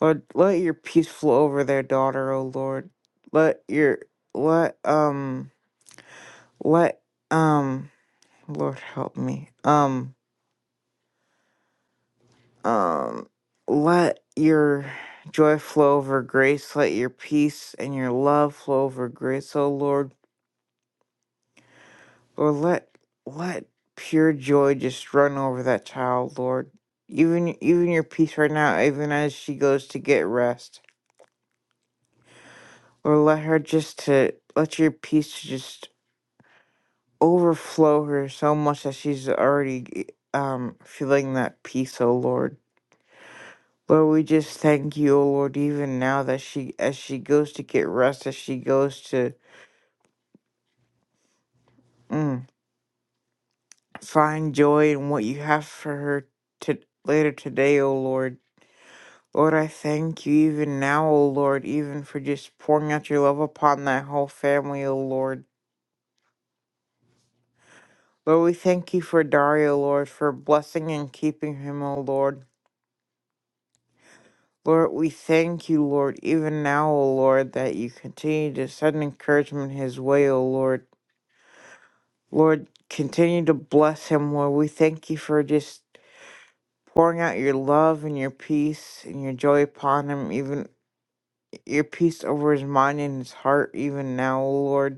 E: Lord, let your peace flow over their daughter, O Lord. Let your let um let um Lord help me. Um um let your joy flow over grace, let your peace and your love flow over grace, O Lord. Or let let pure joy just run over that child, Lord. Even even your peace right now, even as she goes to get rest. Or let her just to let your peace just overflow her so much that she's already um feeling that peace, oh Lord. Lord, we just thank you, oh Lord, even now that she as she goes to get rest, as she goes to mm, find joy in what you have for her to later today, oh Lord. Lord, I thank you even now, O Lord, even for just pouring out your love upon that whole family, O Lord. Lord, we thank you for Dario, Lord, for blessing and keeping him, O Lord. Lord, we thank you, Lord, even now, O Lord, that you continue to send encouragement his way, O Lord. Lord, continue to bless him, Lord. We thank you for just pouring out your love and your peace and your joy upon him, even your peace over his mind and his heart, even now, O Lord.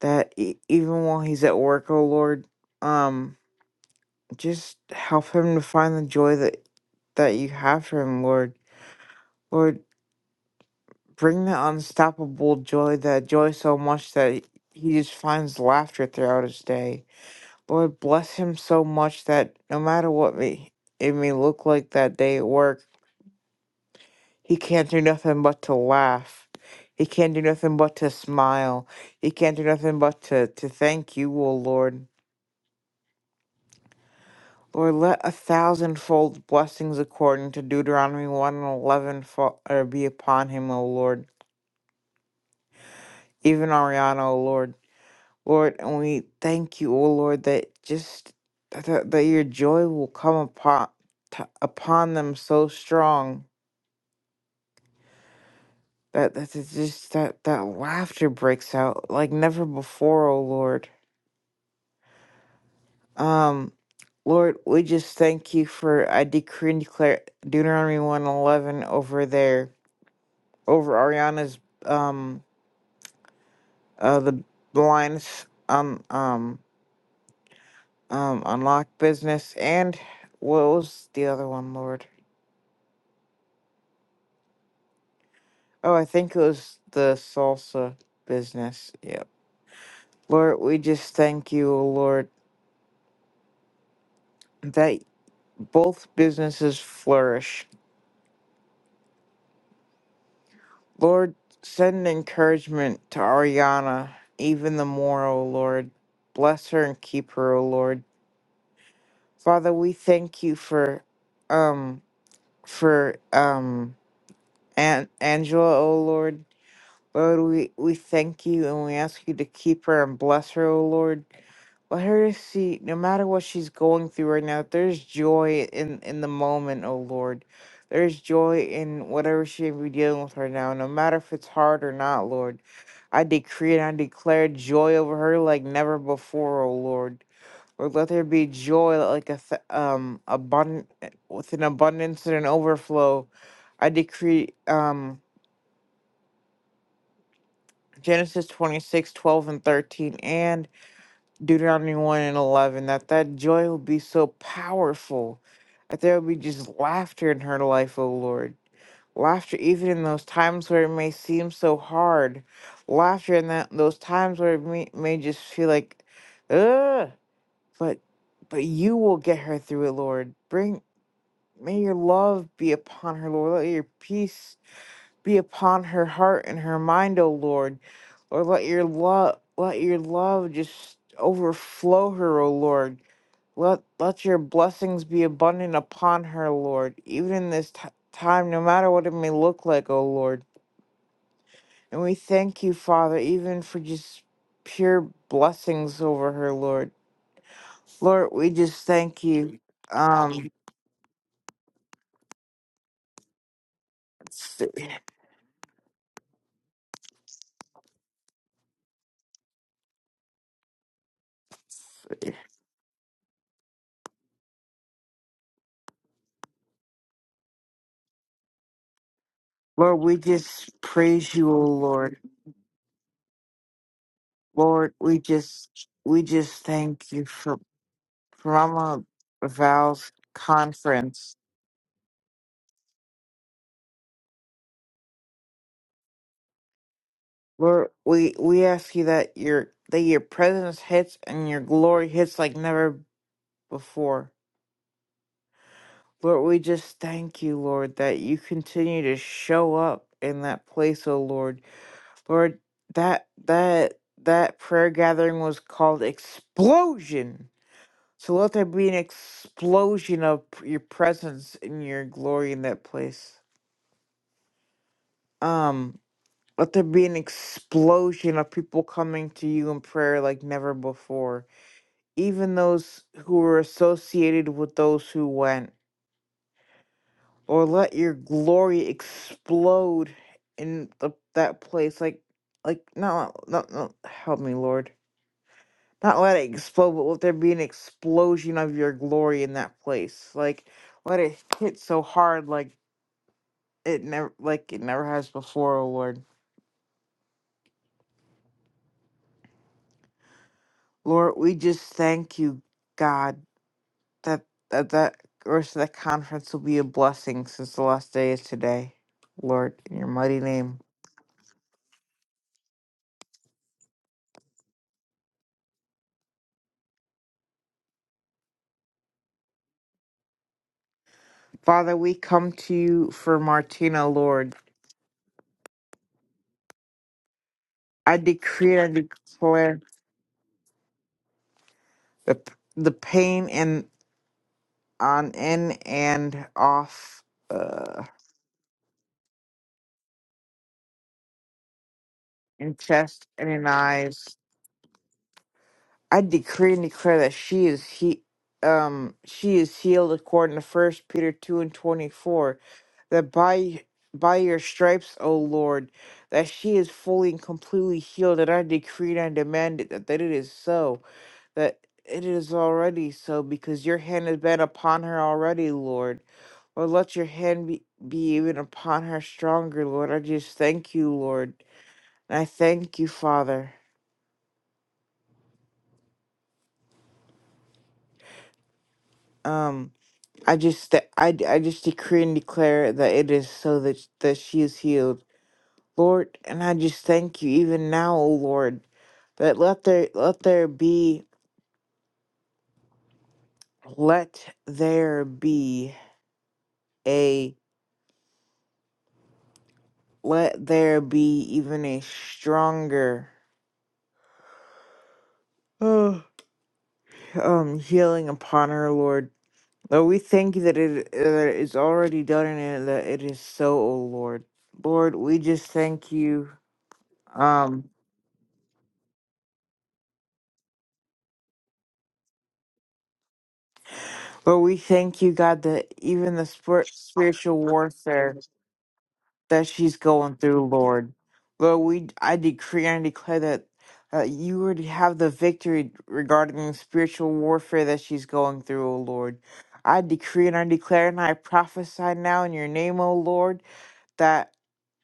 E: that e- even while he's at work, oh Lord, um, just help him to find the joy that that you have for him, Lord. Lord, bring that unstoppable joy, that joy so much that he just finds laughter throughout his day. Lord, bless him so much that no matter what me it may look like that day at work, he can't do nothing but to laugh. He can't do nothing but to smile. He can't do nothing but to, to thank you, O Lord. Lord, let a thousandfold blessings according to Deuteronomy 1 and 11 fall, er, be upon him, O Lord. Even Ariana, O Lord. Lord, and we thank you, O Lord, that just that, that your joy will come upon t- upon them so strong that that it's just that that laughter breaks out like never before, O Lord. Um, Lord, we just thank you for I decree and declare Deuteronomy 1 and 11 over there. over Ariana's um uh the blinds um um um unlock business and what was the other one, Lord? Oh, I think it was the salsa business. Yep. Lord, we just thank you, O Lord, that both businesses flourish. Lord, send encouragement to Ariana even the more, O Lord. Bless her and keep her, O Lord. Father, we thank you for um for um And Angela, O Lord, Lord, we, we thank you and we ask you to keep her and bless her, O Lord. Let her see, no matter what she's going through right now, there's joy in, in the moment, O Lord. There's joy in whatever she may be dealing with right now, no matter if it's hard or not, Lord. I decree and I declare joy over her like never before, O Lord. Lord, let there be joy like a th- um abundant with an abundance and an overflow. I decree um. Genesis 26 12 and 13, and Deuteronomy 1 and 11, that that joy will be so powerful that there will be just laughter in her life, O Lord. Laughter even in those times where it may seem so hard. Laughter in that those times where it may, may just feel like, ugh. But, but you will get her through it, Lord. Bring, may your love be upon her, Lord. Let your peace be upon her heart and her mind, O Lord. Lord, let your love let your love just overflow her, O Lord. Let let your blessings be abundant upon her, Lord, even in this t- time, no matter what it may look like, O Lord. And we thank you, Father, even for just pure blessings over her, Lord. Lord, we just thank you. Um, Lord, we just praise you, O Lord. Lord, we just we just thank you for Mama Val's conference. Lord, we we ask you that your that your presence hits and your glory hits like never before. Lord, we just thank you, Lord, that you continue to show up in that place, oh Lord. Lord, that that that prayer gathering was called explosion. So let there be an explosion of your presence and your glory in that place. um let there be an explosion of people coming to you in prayer like never before even those who were associated with those who went or let your glory explode in the, that place like like no no no help me lord not let it explode but let there be an explosion of your glory in that place like let it hit so hard like it never like it never has before oh lord lord we just thank you god that that that rest of that conference will be a blessing since the last day is today. Lord, in your mighty name. Father, we come to you for Martina, Lord. I decree and I declare the the pain in on in and off uh in chest and in eyes. I decree and declare that she is he um she is healed according to first Peter two and twenty four, that by by your stripes, O Lord, that she is fully and completely healed, and I decree and I demand it that, that it is so, that it is already so, because your hand has been upon her already, Lord. Lord, let your hand be, be even upon her stronger, Lord. I just thank you, Lord. And I thank you, Father. Um I just th- I, I just decree and declare that it is so that that she is healed, Lord. And I just thank you even now, O Lord, that let there let there be let there be a let there be even a stronger oh, um healing upon her, Lord. Lord, we thank you that it that it is already done and that it is so, O Lord. Lord, we just thank you. Um. But we thank you, God, that even the spir- spiritual warfare that she's going through, Lord, Lord, we I decree and declare that uh, you already have the victory regarding the spiritual warfare that she's going through, O Lord. I decree and I declare and I prophesy now in your name, O Lord, that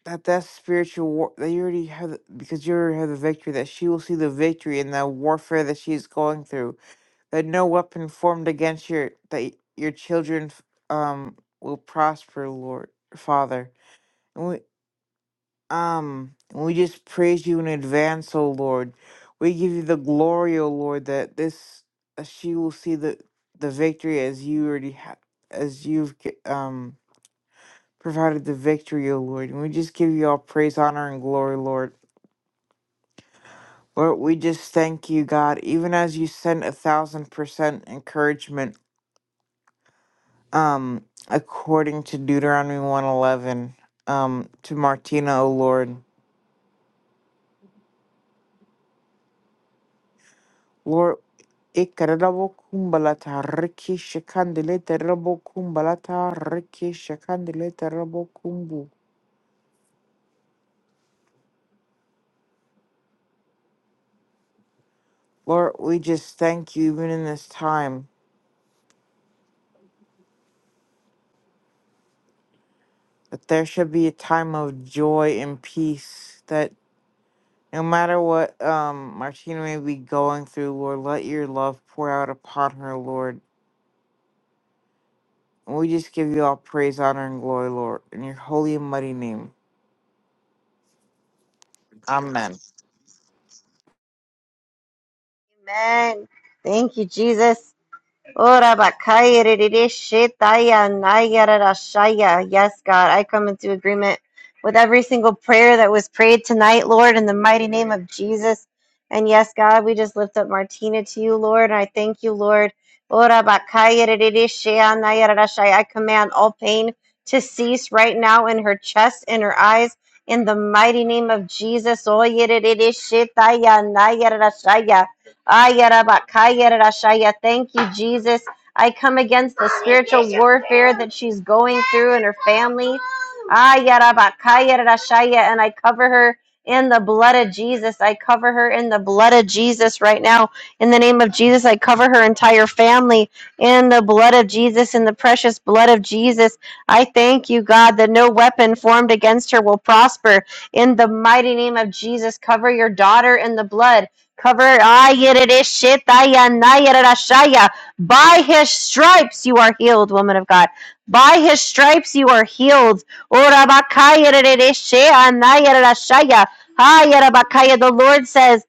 E: that that spiritual war that you already have because you already have the victory that she will see the victory in the warfare that she's going through that no weapon formed against your that your children um will prosper, Lord Father. And we um and we just praise you in advance, O Lord. We give you the glory, O Lord, that this that she will see the the victory as you already ha- as you've g- um provided the victory, O Lord. And we just give you all praise, honor, and glory, Lord. Lord, we just thank you, God, even as you send a thousand percent encouragement um, according to Deuteronomy 111, um, to Martina, O Lord, Lord, ikarabo kumbalata riki shakandelete rabo kumbalata riki shakandelete rabo kumbu. Lord, we just thank you even in this time that there should be a time of joy and peace that no matter what um Martina may be going through, Lord, let your love pour out upon her, Lord And we just give you all praise, honor, and glory, Lord, in your holy and mighty name. Amen.
A: Amen. Thank you, Jesus. Ora bakaya rerere shetaya nayara rashaya. Yes, God, I come into agreement with every single prayer that was prayed tonight, Lord, in the mighty name of Jesus. And yes, God, we just lift up Martina to you, Lord, and I thank you, Lord. Ora bakaya rerere shea nayara rashaya. I command all pain to cease right now in her chest, in her eyes, in the mighty name of Jesus. Oye rerere shetaya nayara rashaya. Ayarabakayarashaya. Thank you, Jesus. I come against the spiritual warfare that she's going through in her family. Ayarabakayarashaya. And I cover her in the blood of Jesus. I cover her in the blood of Jesus right now. In the name of Jesus, I cover her entire family in the blood of Jesus, in the precious blood of Jesus. I thank you, God, that no weapon formed against her will prosper. In the mighty name of Jesus, cover your daughter in the blood. Covered shaya. by his stripes you are healed, woman of God. By his stripes you are healed. Orabakayiririshianayyarirashaya. Hayarabakaya. The Lord says,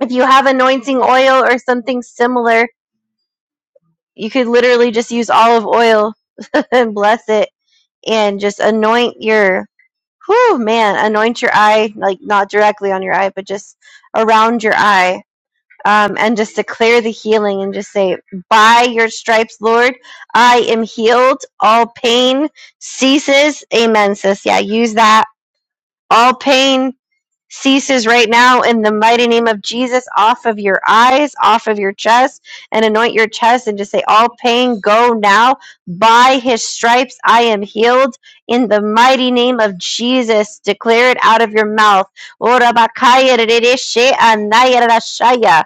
A: if you have anointing oil or something similar, you could literally just use olive oil and bless it and just anoint your whew man, anoint your eye, like not directly on your eye, but just around your eye um, and just declare the healing and just say, By your stripes, Lord, I am healed. All pain ceases. Amen, sis. Yeah, use that. All pain ceases right now in the mighty name of Jesus off of your eyes, off of your chest, and anoint your chest and just say, All pain go now. By his stripes, I am healed in the mighty name of Jesus. Declare it out of your mouth. Ora bakaya rere anaya rashaya.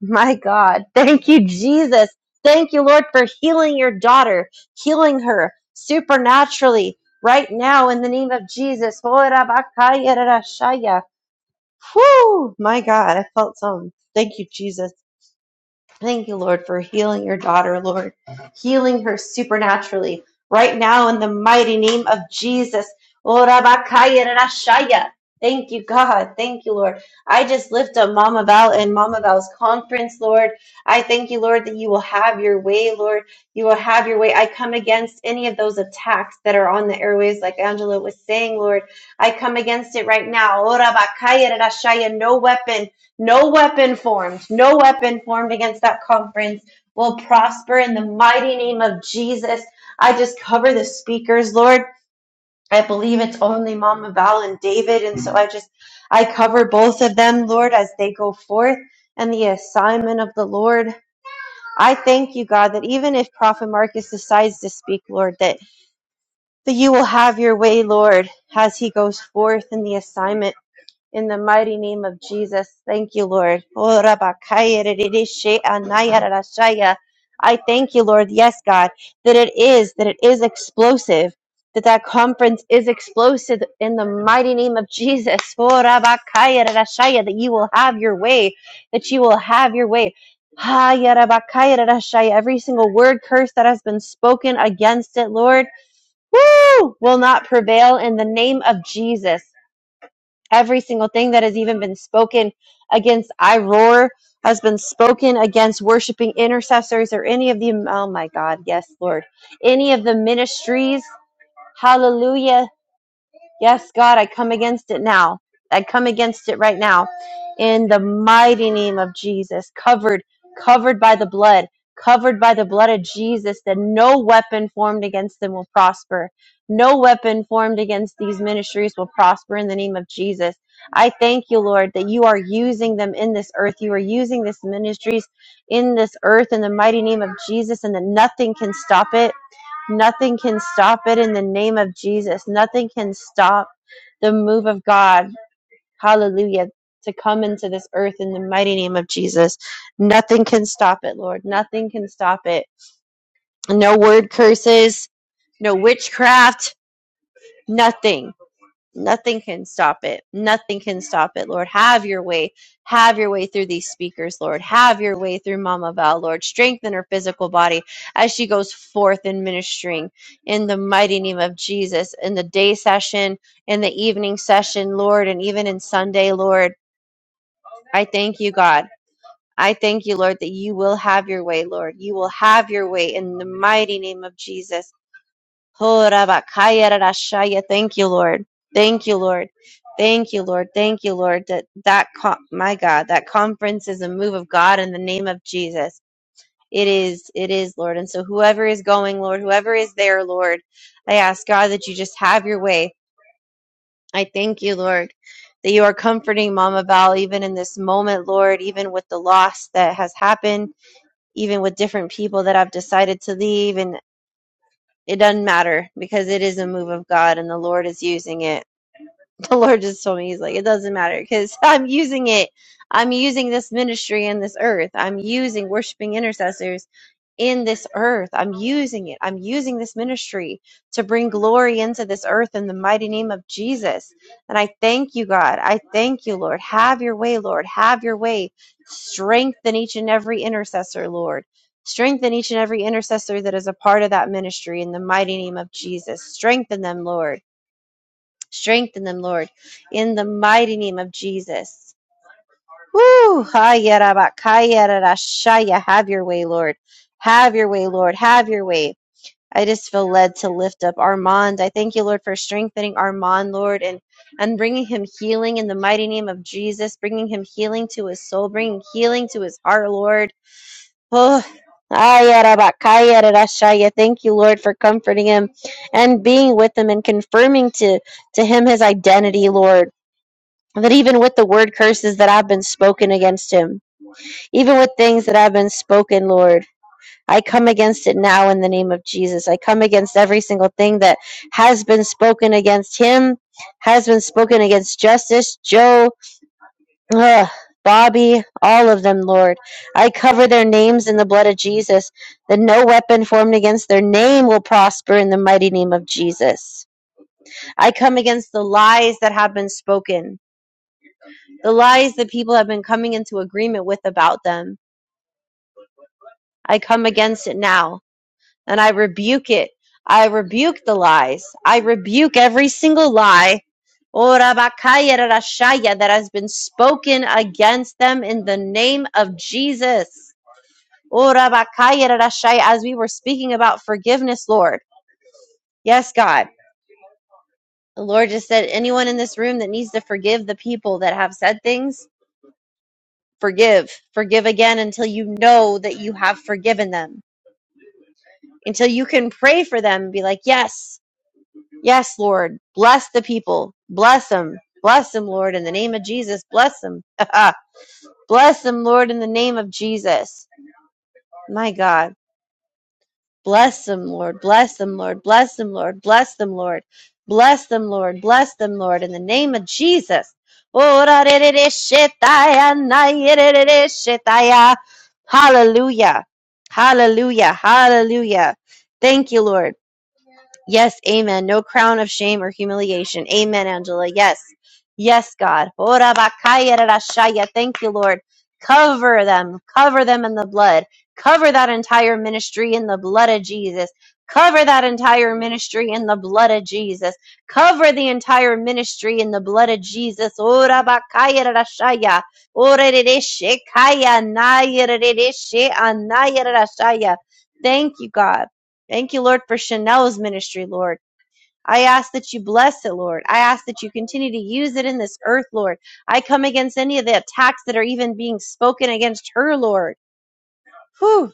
A: My God. Thank you, Jesus. Thank you, Lord, for healing your daughter, healing her supernaturally right now in the name of Jesus. Whew, my God. I felt some. Thank you, Jesus. Thank you, Lord, for healing your daughter, Lord, healing her supernaturally right now in the mighty name of Jesus. Oh, Thank you, God. Thank you, Lord. I just lift up Mama Val and Mama Val's conference, Lord. I thank you, Lord, that you will have your way, Lord. You will have your way. I come against any of those attacks that are on the airways, like Angela was saying, Lord. I come against it right now. Oh, No weapon. No weapon formed, no weapon formed against that conference will prosper in the mighty name of Jesus. I just cover the speakers, Lord. I believe it's only Mama Val and David, and so I just I cover both of them, Lord, as they go forth and the assignment of the Lord. I thank you, God, that even if Prophet Marcus decides to speak, Lord, that, that you will have your way, Lord, as he goes forth in the assignment. In the mighty name of Jesus, thank you, Lord. Oh, Rabakaya, Ririshe, Anaya, Rarashaya. I thank you, Lord, yes, God, that it is, that it is explosive, that that conference is explosive in the mighty name of Jesus. Oh, Rabakaya, Rarashaya, that you will have your way, that you will have your way. Haya, Rabakaya, Rarashaya. Every single word curse that has been spoken against it, Lord, woo, will not prevail in the name of Jesus. Every single thing that has even been spoken against I Roar has been spoken against worshiping intercessors or any of the, oh my God, yes, Lord, any of the ministries. Hallelujah Yes, God, I come against it now. I come against it right now in the mighty name of Jesus. Covered, covered by the blood, covered by the blood of Jesus, that no weapon formed against them will prosper. No weapon formed against these ministries will prosper in the name of Jesus. I thank you, Lord, that you are using them in this earth. You are using this ministries in this earth in the mighty name of Jesus, and that nothing can stop it Nothing can stop it in the name of Jesus. Nothing can stop the move of God. Hallelujah. To come into this earth in the mighty name of Jesus. Nothing can stop it, Lord. Nothing can stop it. No word curses, no witchcraft, nothing. Nothing can stop it. Nothing can stop it, Lord. Have your way. Have your way through these speakers, Lord. Have your way through Mama Val, Lord. Strengthen her physical body as she goes forth in ministering in the mighty name of Jesus, in the day session, in the evening session, Lord, and even in Sunday, Lord. I thank you, God. I thank you, Lord, that you will have your way, Lord. You will have your way in the mighty name of Jesus. Ho rabakaya Thank you, Lord. Thank you, Lord. Thank you, Lord. Thank you, Lord. That that co- my God, that conference is a move of God in the name of Jesus. It is, it is, Lord. And so whoever is going, Lord, whoever is there, Lord, I ask God that you just have your way. I thank you, Lord, that you are comforting Mama Val even in this moment, Lord, even with the loss that has happened, even with different people that have decided to leave and. It doesn't matter because it is a move of God and the Lord is using it. the Lord just told me, He's like, it doesn't matter because I'm using it. I'm using this ministry in this earth. I'm using worshiping intercessors in this earth. I'm using it. I'm using this ministry to bring glory into this earth in the mighty name of Jesus. And I thank you, God. I thank you, Lord. Have your way, Lord. Have your way. Strengthen each and every intercessor, Lord. Strengthen each and every intercessor that is a part of that ministry in the mighty name of Jesus. Strengthen them, Lord. Strengthen them, Lord, in the mighty name of Jesus. Woo! Hayarabakayarashaya. Have your way, Lord. Have your way, Lord. Have your way. I just feel led to lift up Armand. I thank you, Lord, for strengthening Armand, Lord, and, and bringing him healing in the mighty name of Jesus, bringing him healing to his soul, bringing healing to his heart, Lord. Oh, Ayarabakayarashaya. thank you, Lord, for comforting him and being with him and confirming to, to him his identity, Lord that even with the word curses that have been spoken against him, even with things that have been spoken, Lord, I come against it now in the name of Jesus. I come against every single thing that has been spoken against him, has been spoken against Justice, Joe, ugh, Bobby, all of them, Lord. I cover their names in the blood of Jesus, that no weapon formed against their name will prosper in the mighty name of Jesus. I come against the lies that have been spoken. the lies that people have been coming into agreement with about them. I come against it now and I rebuke it. I rebuke the lies. I rebuke every single lie Ora bakaya rarashaya, that has been spoken against them in the name of Jesus. Ora bakaya rarashaya, As we were speaking about forgiveness, Lord. Yes, God. The Lord just said, anyone in this room that needs to forgive the people that have said things, Forgive. Forgive again until you know that you have forgiven them. Until you can pray for them and be like, Yes, yes, Lord. Bless the people. Bless them. Bless them, Lord, in the name of Jesus. Bless them. Bless them, Lord, in the name of Jesus. My God. Bless them, Lord. Bless them, Lord. Bless them, Lord. Bless them, Lord. Bless them, Lord. Bless them, Lord. In the name of Jesus. Hallelujah. Hallelujah. Hallelujah. Thank you, Lord. Yes, amen. No crown of shame or humiliation. Amen, Angela. Yes. Yes, God. Ora bakaya rarashaya. Thank you, Lord. Cover them. Cover them in the blood. Cover that entire ministry in the blood of Jesus. Cover that entire ministry in the blood of Jesus. Cover the entire ministry in the blood of Jesus. Ora bakaya rarashaya. Ora rereshe naya rereshe anaya rarashaya. Thank you, God. Thank you, Lord, for Chanel's ministry, Lord. I ask that you bless it, Lord. I ask that you continue to use it in this earth, Lord. I come against any of the attacks that are even being spoken against her, Lord. Whew.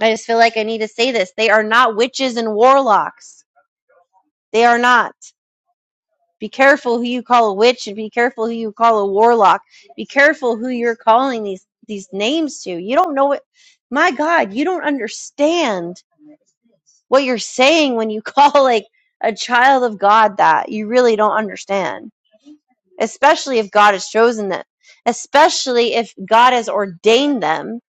A: I just feel like I need to say this. They are not witches and warlocks. They are not. Be careful who you call a witch and be careful who you call a warlock. Be careful who you're calling these these names to. You don't know it. My God, you don't understand what you're saying when you call like a child of God that you really don't understand, especially if God has chosen them, especially if God has ordained them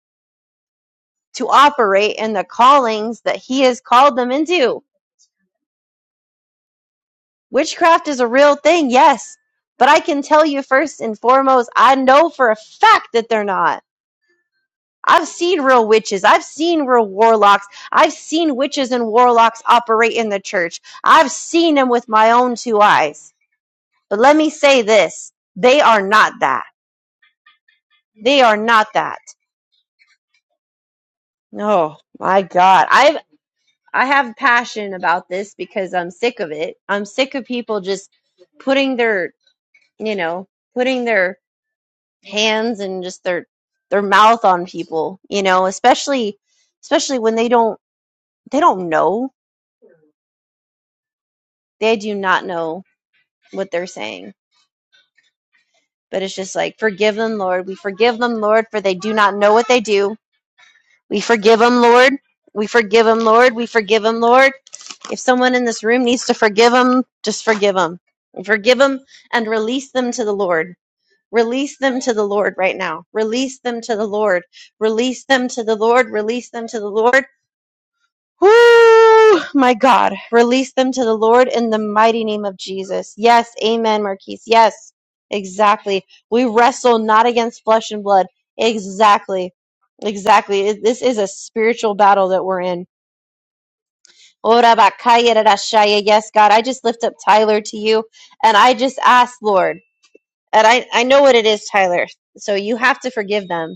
A: to operate in the callings that He has called them into. Witchcraft is a real thing, yes, but I can tell you first and foremost, I know for a fact that they're not. I've seen real witches. I've seen real warlocks. I've seen witches and warlocks operate in the church. I've seen them with my own two eyes. But let me say this. They are not that. They are not that. Oh my God. I've, I have passion about this because I'm sick of it. I'm sick of people just putting their, you know, putting their hands and just their, their mouth on people, you know, especially, especially when they don't, they don't know. They do not know what they're saying. But it's just like, forgive them, Lord. We forgive them, Lord, for they do not know what they do. We forgive them, Lord. We forgive them, Lord. We forgive them, Lord. If someone in this room needs to forgive them, just forgive them. Forgive them and release them to the Lord. Release them to the Lord right now. Release them to the Lord. Release them to the Lord. Release them to the Lord. My God, release them to the Lord in the mighty name of Jesus. Yes, amen, Marquise. Yes, exactly. We wrestle not against flesh and blood. Exactly. Exactly. It- This is a spiritual battle that we're in. Ora bakaya rarashaya. Yes, God, I just lift up Tyler to you and I just ask, Lord, and I, I know what it is, Tyler. So you have to forgive them.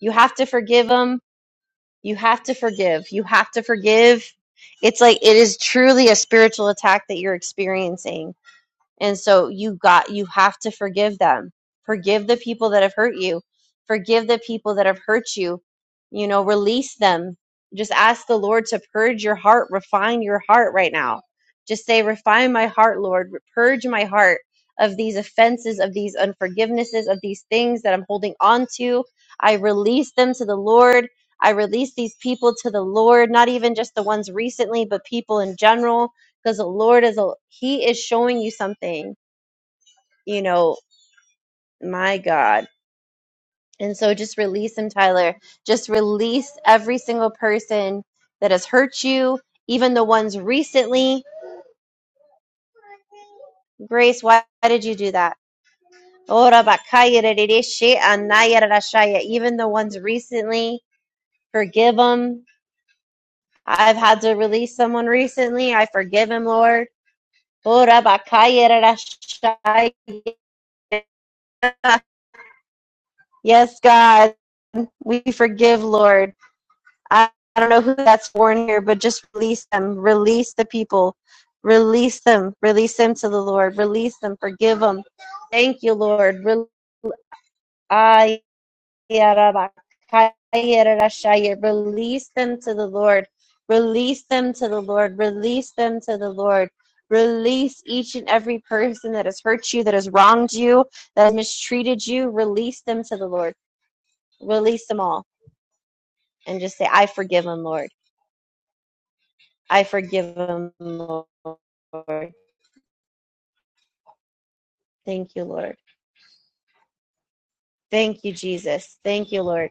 A: You have to forgive them you have to forgive. You have to forgive. It's like it is truly a spiritual attack that you're experiencing and so you got you have to forgive them. Forgive the people that have hurt you. Forgive the people that have hurt you. You know, release them. Just ask the Lord to purge your heart, refine your heart right now. Just say, refine my heart, Lord. Purge my heart of these offenses, of these unforgivenesses, of these things that I'm holding on to. I release them to the Lord. I release these people to the Lord, not even just the ones recently, but people in general because the Lord is a He is showing you something, you know, my God. And so just release him, Tyler. Just release every single person that has hurt you, even the ones recently. Grace, why why did you do that? Ora bakaya rerereshe anaya rarashaya. Even the ones recently, forgive them. I've had to release someone recently. I forgive him, Lord. Ora bakaya rarashaya. Yes, God, we forgive, Lord. I, I don't know who that's for in here, but just release them. Release the people. Release them. Release them to the Lord. Release them. Forgive them. Thank you, Lord. Release them to the Lord. Release them to the Lord. Release them to the Lord. Release each and every person that has hurt you, that has wronged you, that has mistreated you. Release them to the Lord. Release them all. and just say, I forgive him, Lord. I forgive him, Lord. Thank you, Lord. Thank you, Jesus. Thank you, Lord.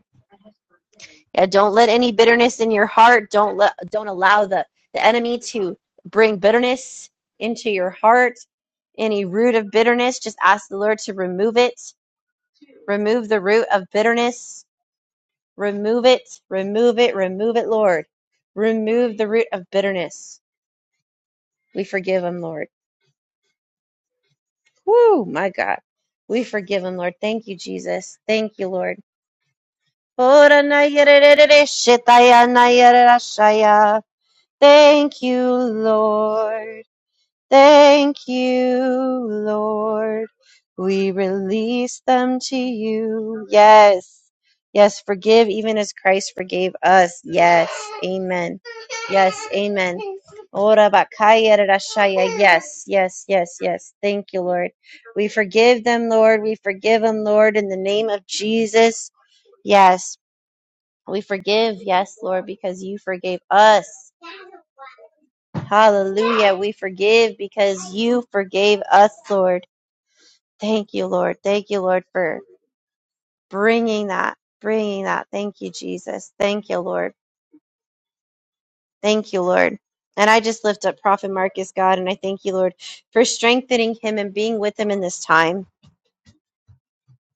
A: Yeah, don't let any bitterness in your heart. Don't let don't allow the, the enemy to bring bitterness into your heart. Any root of bitterness, just ask the Lord to remove it. Remove the root of bitterness. Remove it. Remove it. Remove it, Lord. Remove the root of bitterness. We forgive him, Lord. Woo, my God. We forgive him, Lord. Thank you, Jesus. Thank you, Lord. Ora na yererere, shetaya na yererashaya. Thank you, Lord. Thank you, Lord. We release them to you. Yes. Yes. Forgive even as Christ forgave us. Yes. Amen. Yes. Amen. Ora bakaya rarashaya. Yes. Yes. Yes. Yes. Thank you, Lord. We forgive them, Lord. We forgive them, Lord, in the name of Jesus. Yes. We forgive. Yes, Lord, because you forgave us. Hallelujah. We forgive because you forgave us, Lord. Thank you, Lord. Thank you, Lord, for bringing that, bringing that. Thank you, Jesus. Thank you, Lord. Thank you, Lord. And I just lift up Prophet Marcus, God, and I thank you, Lord, for strengthening him and being with him in this time,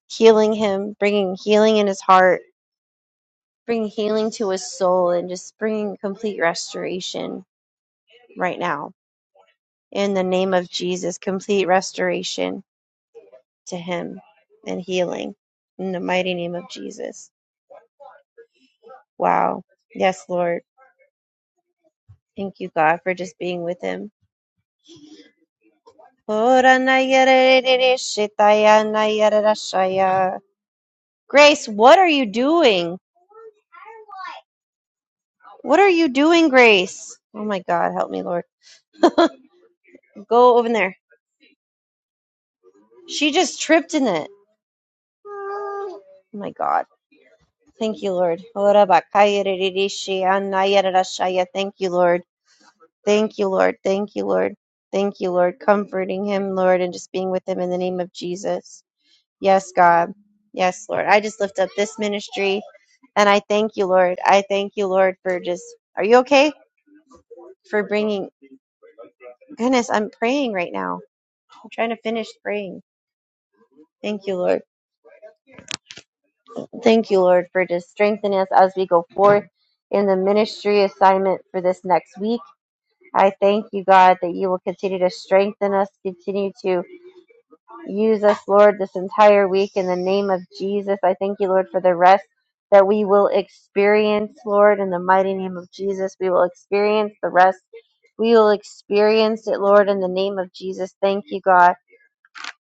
A: healing him, bringing healing in his heart, bringing healing to his soul, and just bringing complete restoration right now. In the name of Jesus, complete restoration to him and healing in the mighty name of Jesus. Wow. Yes, Lord. Thank you, God, for just being with him. Grace, what are you doing? What are you doing, Grace? Oh my God, help me, Lord. Go over there. She just tripped in it. Oh my God. Thank you, Lord. Thank you, Lord. Thank you, Lord. Thank you, Lord. Thank you, Lord. Comforting him, Lord, and just being with him in the name of Jesus. Yes, God. Yes, Lord. I just lift up this ministry and I thank you, Lord. I thank you, Lord, for just, are you okay? For bringing, goodness, I'm praying right now. I'm trying to finish praying. Thank you, Lord. Thank you, Lord, for just strengthening us as we go forth in the ministry assignment for this next week. I thank you, God, that you will continue to strengthen us, continue to Use us, Lord, this entire week in the name of Jesus. I thank you, Lord, for the rest that we will experience, Lord, in the mighty name of Jesus. We will experience the rest. We will experience it, Lord, in the name of Jesus. Thank you, God.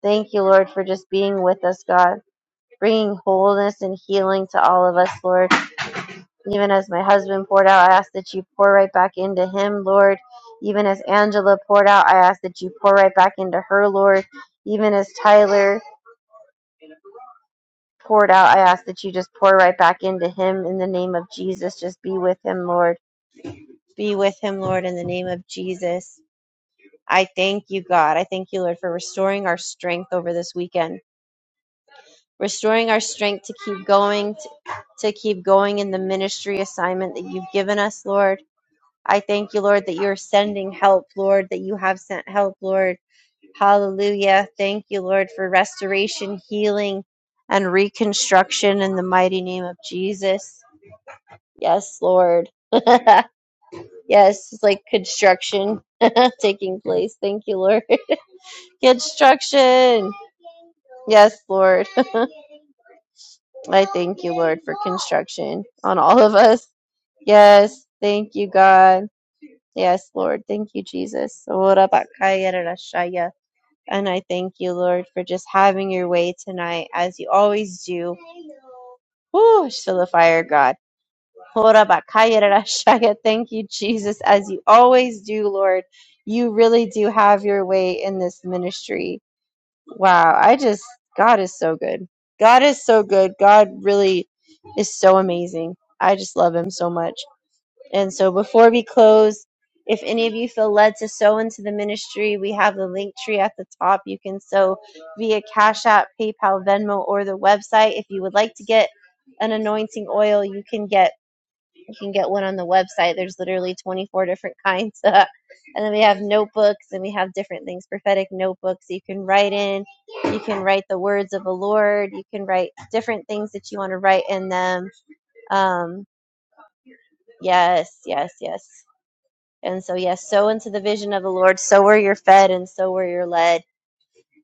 A: Thank you, Lord, for just being with us, God, bringing wholeness and healing to all of us, Lord. Even as my husband poured out, I ask that you pour right back into him, Lord. Even as Angela poured out, I ask that you pour right back into her, Lord. Even as Tyler poured out, I ask that you just pour right back into him in the name of Jesus. Just be with him, Lord. Be with him, Lord, in the name of Jesus. I thank you, God. I thank you, Lord, for restoring our strength over this weekend, restoring our strength to keep going, to, to keep going in the ministry assignment that you've given us, Lord. I thank you, Lord, that you're sending help, Lord, that you have sent help, Lord. Hallelujah. Thank you, Lord, for restoration, healing, and reconstruction in the mighty name of Jesus. Yes, Lord. yes, it's like construction taking place. Thank you, Lord. Construction. Yes, Lord. I thank you, Lord, for construction on all of us. Yes, thank you, God. Yes, Lord. Thank you, Jesus. Ora bakaya rarashaya. And I thank you, Lord, for just having your way tonight as you always do. Woo, I just feel the fire, God. Horabakayarashaya. Thank you, Jesus, as you always do, Lord. You really do have your way in this ministry. Wow. I just, God is so good. God is so good. God really is so amazing. I just love him so much. And so before we close, if any of you feel led to sow into the ministry, we have the link tree at the top. You can sow via Cash App, PayPal, Venmo, or the website. If you would like to get an anointing oil, you can get you can get one on the website. There's literally 24 different kinds. and then we have notebooks and we have different things, prophetic notebooks you can write in. You can write the words of the Lord. You can write different things that you want to write in them. Um, yes, yes, yes. And so, yes, sow into the vision of the Lord. So where you're fed and so where you're led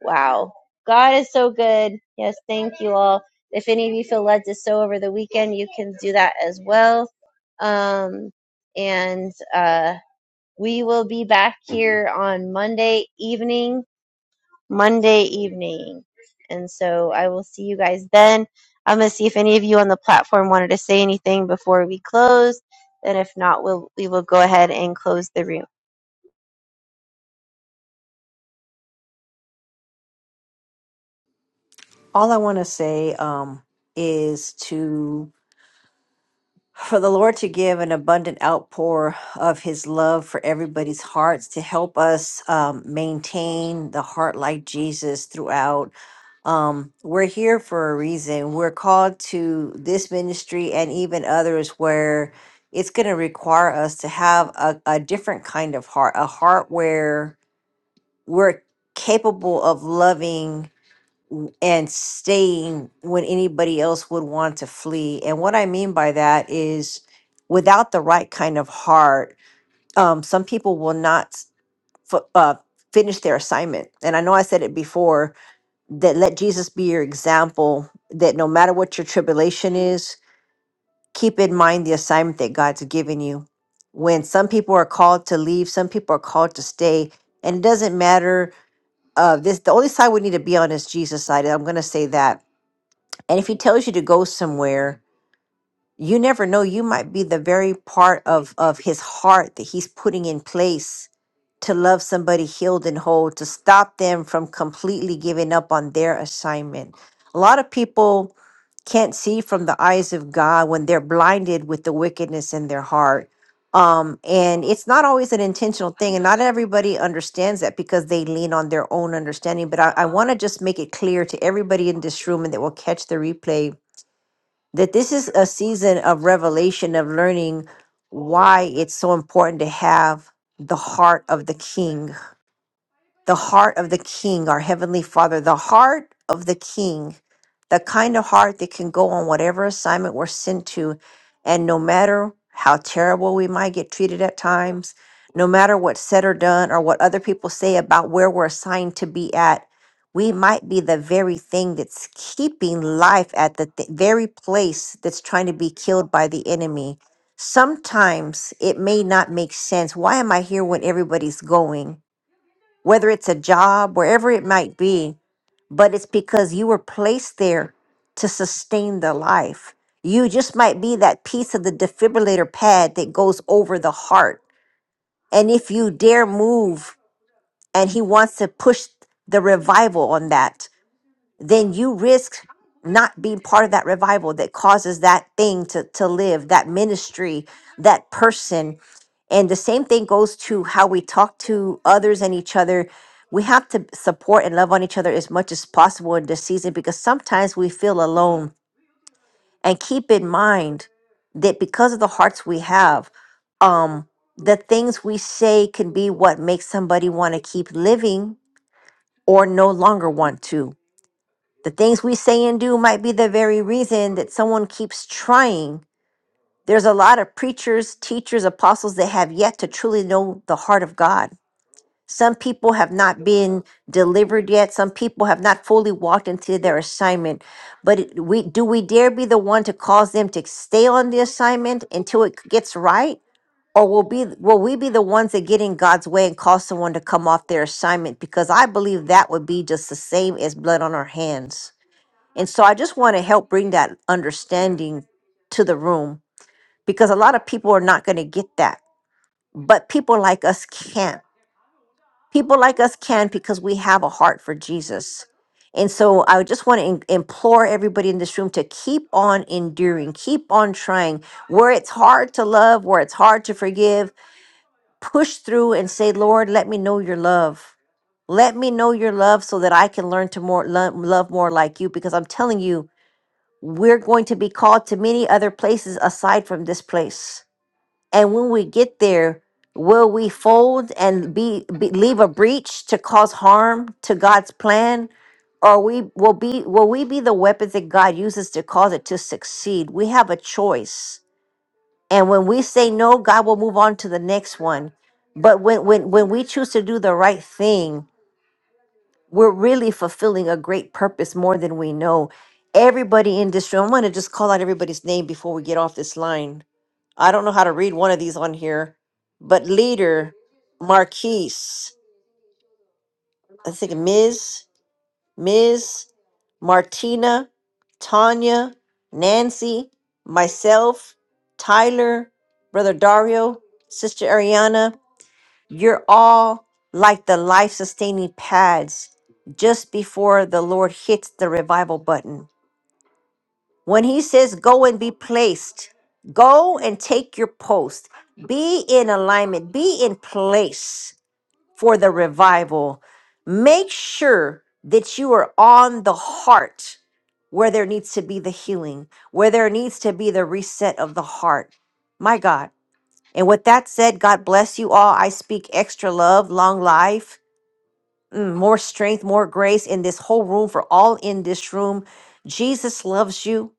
A: Wow. God is so good. Yes, thank you all. If any of you feel led to sow over the weekend, you can do that as well. Um, and uh, we will be back here on Monday evening Monday evening. And so I will see you guys then. I'm going to see if any of you on the platform wanted to say anything before we close. And if not, we'll, we will go ahead and close the room.
C: All I want to say um, is to for the Lord to give an abundant outpour of His love for everybody's hearts to help us um, maintain the heart like Jesus throughout. Um, we're here for a reason. We're called to this ministry and even others where it's going to require us to have a, a different kind of heart, a heart where we're capable of loving w- and staying when anybody else would want to flee. And what I mean by that is without the right kind of heart, um, some people will not s- f- uh, finish their assignment. And I know I said it before that let Jesus be your example, that no matter what your tribulation is, keep in mind the assignment that God's given you. When some people are called to leave, some people are called to stay. And it doesn't matter. Uh, this the only side we need to be on is Jesus' side. I'm going to say that and if he tells you to go somewhere you never know you might be the very part of of his heart that he's putting in place to love somebody healed and whole to stop them from completely giving up on their assignment a lot of people can't see from the eyes of god when they're blinded with the wickedness in their heart um, and it's not always an intentional thing and not everybody understands that because they lean on their own understanding but i, I want to just make it clear to everybody in this room and that will catch the replay that this is a season of revelation of learning why it's so important to have the heart of the king the heart of the king, our heavenly father, the heart of the king, the kind of heart that can go on whatever assignment we're sent to. And no matter how terrible we might get treated at times, no matter what's said or done or what other people say about where we're assigned to be at, we might be the very thing that's keeping life at the th- very place that's trying to be killed by the enemy. Sometimes it may not make sense. Why am I here when everybody's going? whether it's a job, wherever it might be, but it's because you were placed there to sustain the life. You just might be that piece of the defibrillator pad that goes over the heart. And if you dare move, and he wants to push the revival on that, then you risk not being part of that revival that causes that thing to, to live, that ministry, that person. And the same thing goes to how we talk to others and each other. We have to support and love on each other as much as possible in this season because sometimes we feel alone. And keep in mind that because of the hearts we have, um, the things we say can be what makes somebody want to keep living or no longer want to the things we say and do might be the very reason that someone keeps trying. There's a lot of preachers, teachers, apostles that have yet to truly know the heart of God. Some people have not been delivered yet. Some people have not fully walked into their assignment. But it- we do we dare be the one to cause them to stay on the assignment until it gets right? Or will be will we be the ones that get in God's way and cause someone to come off their assignment? Because I believe that would be just the same as blood on our hands. And so I just want to help bring that understanding to the room because a lot of people are not going to get that. But people like us can. People like us can because we have a heart for Jesus. And so I just want to en- implore everybody in this room to keep on enduring, keep on trying. Where it's hard to love, where it's hard to forgive, push through and say, Lord, let me know your love. Let me know your love so that I can learn to more love, love more like you because I'm telling you we're going to be called to many other places aside from this place. And when we get there, will we fold and be, be leave a breach to cause harm to God's plan? Or we will be will we be the weapons that God uses to cause it to succeed? We have a choice. And when we say no, God will move on to the next one. But when when when we choose to do the right thing, we're really fulfilling a great purpose more than we know. Everybody in this room, I'm going to just call out everybody's name before we get off this line. I don't know how to read one of these on here, but leader, Marquise, I think Ms., Ms., Martina, Tanya, Nancy, myself, Tyler, Brother Dario, Sister Ariana, you're all like the life sustaining pads just before the Lord hits the revival button. When He says, Go and be placed, go and take your post, be in alignment, be in place for the revival. Make sure that you are on the heart where there needs to be the healing, where there needs to be the reset of the heart. My God. And with that said, God bless you all. I speak extra love, long life, mm, more strength, more grace in this whole room for all in this room. Jesus loves you.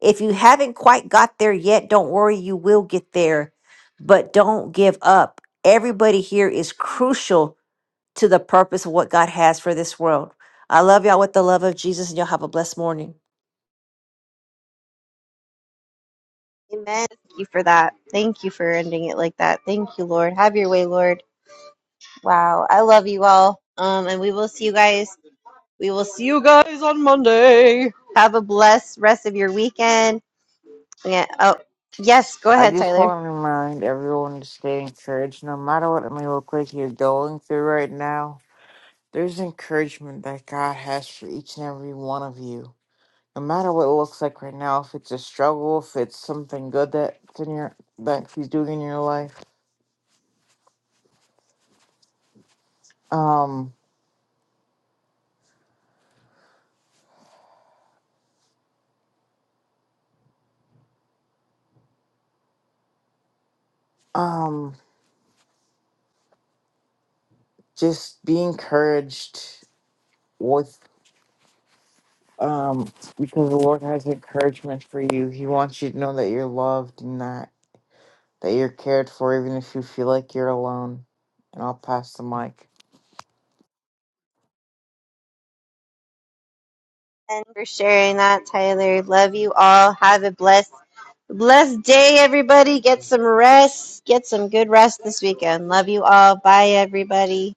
C: If you haven't quite got there yet, don't worry, you will get there. But don't give up. Everybody here is crucial to the purpose of what God has for this world. I love y'all with the love of Jesus, and y'all have a blessed morning.
A: Amen. Thank you for that. Thank you for ending it like that. Thank you, Lord. Have your way, Lord. Wow. I love you all. Um, and we will see you guys. We will see you guys on Monday. Have a blessed rest of your weekend. Yeah. Oh, yes. Go
E: I
A: ahead,
E: just
A: Tyler.
E: want to remind everyone to stay encouraged. No matter what it may look like you're going through right now, there's encouragement that God has for each and every one of you. No matter what it looks like right now, if it's a struggle, if it's something good that's in your that He's doing in your life, um, um, just be encouraged with. um, because the Lord has encouragement for you. He wants you to know that you're loved and that that you're cared for, even if you feel like you're alone. And I'll pass the mic.
A: And for sharing that, Tyler. Love you all. Have a blessed, blessed day, everybody. Get some rest. Get some good rest this weekend. Love you all. Bye, everybody.